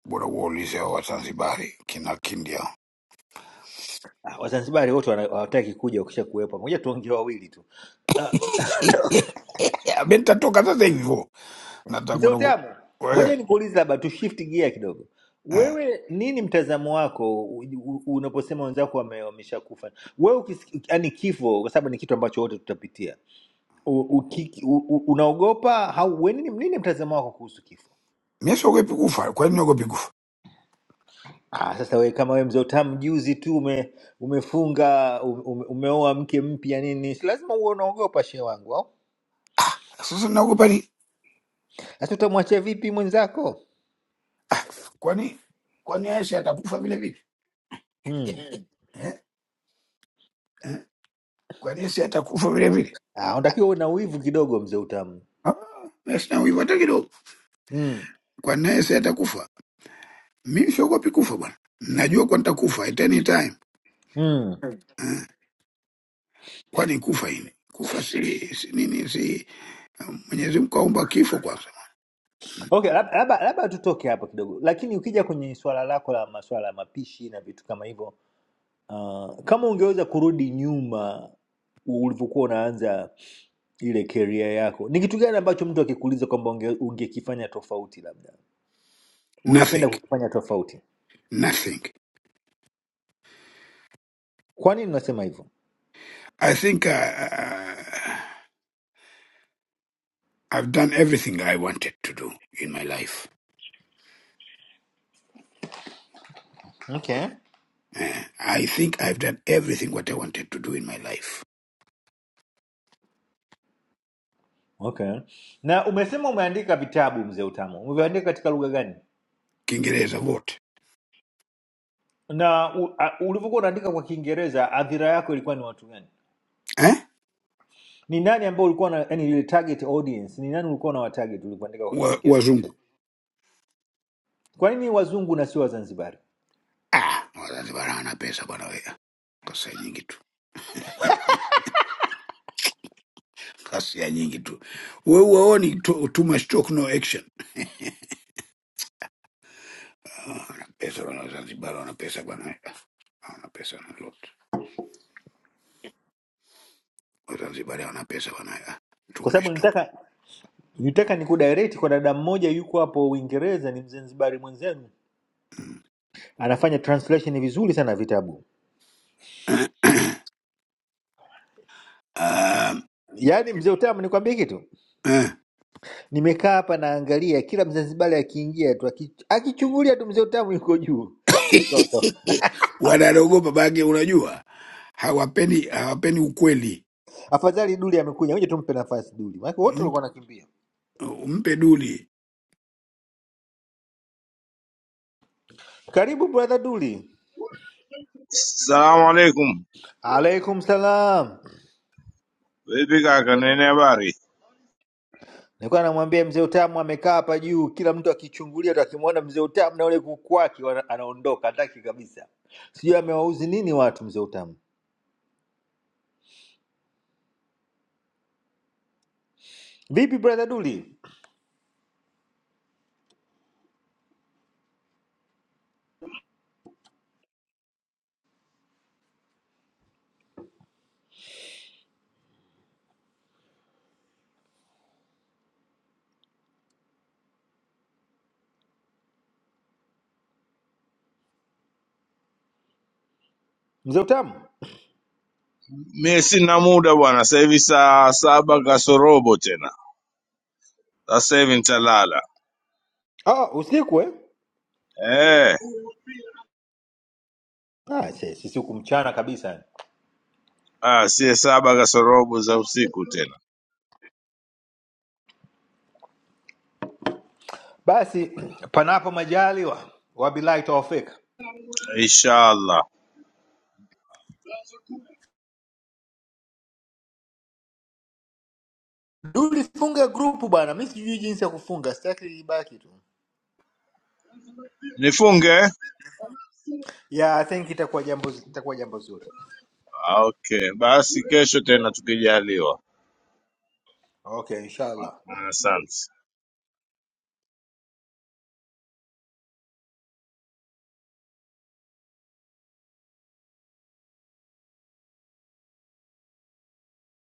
G: bora waulize hao Wazanzibari kina Kindia
C: Wazanzibari wote wana- hawataki kuja ukisha kuwepo. Ngoja tuongee wawili tu. Ah,
G: [LAUGHS] mi nitatoka sasa hivyo,
C: Mzee
G: nataka na
C: Utamu,
G: wewe
C: ngoja
G: eh,
C: nikuulize labda tu shift gear kidogo.
G: eh.
C: Wewe nini mtazamo wako u- u- unaposema wenzako wame- wameshakufa? Wewe ukisikia yani kifo, kwa sababu ni kitu ambacho wote tutapitia. U, uki, u, u, unaogopa au wewe nini, nini mtazamo wako kuhusu kifo?
G: mimi siogopi kufa. Kwa nini niogopi kufa?
C: Ah, sasa wewe kama wewe mzee Utamu juzi tu ume, umefunga ume, ume- umeoa mke mpya nini, si lazima uwe unaogopa shehe wangu au?
G: Sasa naogopa ni
C: Sasa utamwachia vipi mwenzako?
G: Ah, kwani kwani Aisha atakufa vile vile
C: Hmm.
G: [LAUGHS] eh? Kwani yeye si atakufa vile vile?
C: Ah, unatakiwa uwe na wivu kidogo mzee utamu
G: Ah, mimi sina wivu hata kidogo.
C: mm.
G: Kwani yeye si atakufa? Mimi siogopi kufa bwana, najua kwa nitakufa at any time.
C: Mm.
G: Ah, kwani kufa ini kufa si, si nini si um, Mwenyezi Mungu kaumba kifo kwanza.
C: Okay, lab- labda labda tutoke hapo kidogo, lakini ukija kwenye swala lako la masuala ya mapishi na vitu kama hivyo uh, kama ungeweza kurudi nyuma ulivyokuwa unaanza ile career yako, ni kitu gani ambacho mtu akikuuliza kwamba unge, ungekifanya tofauti, labda ungependa
G: Nothing,
C: kukifanya tofauti?
G: nothing.
C: Kwa nini unasema hivyo?
G: I think uh, uh, I've done everything I wanted to do in my life.
C: Okay.
G: Eh, I think I've done everything what I wanted to do in my life.
C: Okay. Na umesema umeandika vitabu mzee utamu, umeandika katika lugha gani?
G: Kiingereza wote
C: na u- a- ulivyokuwa unaandika kwa kiingereza adhira yako ilikuwa ni watu gani
G: eh?
C: ni nani ambao ulikuwa na yani ile target audience ni nani ulikuwa na watarget ulipoandika kwa
G: Wa,
C: kiingereza
G: wazungu
C: kwa nini wazungu na sio wazanzibari
G: Ah, Wazanzibar hawana pesa bwana we. Kasia nyingi tu, kasia nyingi tu. We uwaoni too, too much talk no action. Ah, Wana pesa bwana, Wazanzibar wana pesa bwana we. Ah, Hawana pesa na lot. Wazanzibar hawana pesa bwana we. Ah, Too
C: kwa sababu
G: much talk.
C: nitaka nitaka nikudirect kwa dada mmoja yuko hapo uingereza ni mzanzibari mwenzenu
G: Mm.
C: anafanya translation vizuri sana vitabu
G: [COUGHS] [CLEARS THROAT] Um,
C: yaani mzee utamu nikwambie kitu
G: eh.
C: nimekaa hapa naangalia kila mzanzibari akiingia tu aki- akichungulia tu mzee utamu yuko juu Tuondoke.
G: [LAUGHS] Wanaogopa bage, unajua hawapeni, hawapeni ukweli.
C: afadhali duli amekuja ngoja tumpe nafasi duli maana wote
G: Mp-
C: walikuwa wanakimbia
G: Mpe duli
C: Karibu brother Duli.
D: Assalamu alaikum.
C: Alaikum salam.
D: Vipi kaka, nini habari?
C: Nilikuwa namwambia mzee Utamu amekaa hapa juu, kila mtu akichungulia tu akimwona mzee Utamu na ule kuku wake wana- anaondoka, hataki kabisa. Sijui amewauzi nini watu mzee Utamu. Vipi brother Duli? Mzee Utamu?
D: Mie sina muda bwana, sasa hivi saa saba kasorobo tena, sasa hivi nitalala
C: Ah, usiku eh?
D: eh.
C: Ah, se- sisi huku mchana kabisa.
D: Ah, sie saba kasorobo za usiku tena
C: Basi [CLEARS THROAT] panapo majaliwa, wabillahi tawafika.
D: inshallah
C: Duli, funga grupu bwana, mi sijui jinsi ya kufunga, sitaki ibaki tu.
D: nifunge
C: Yeah, I think itakuwa jambo itakuwa jambo zuri.
D: Ah, okay basi kesho tena tukijaliwa
C: Okay, inshallah.
D: asante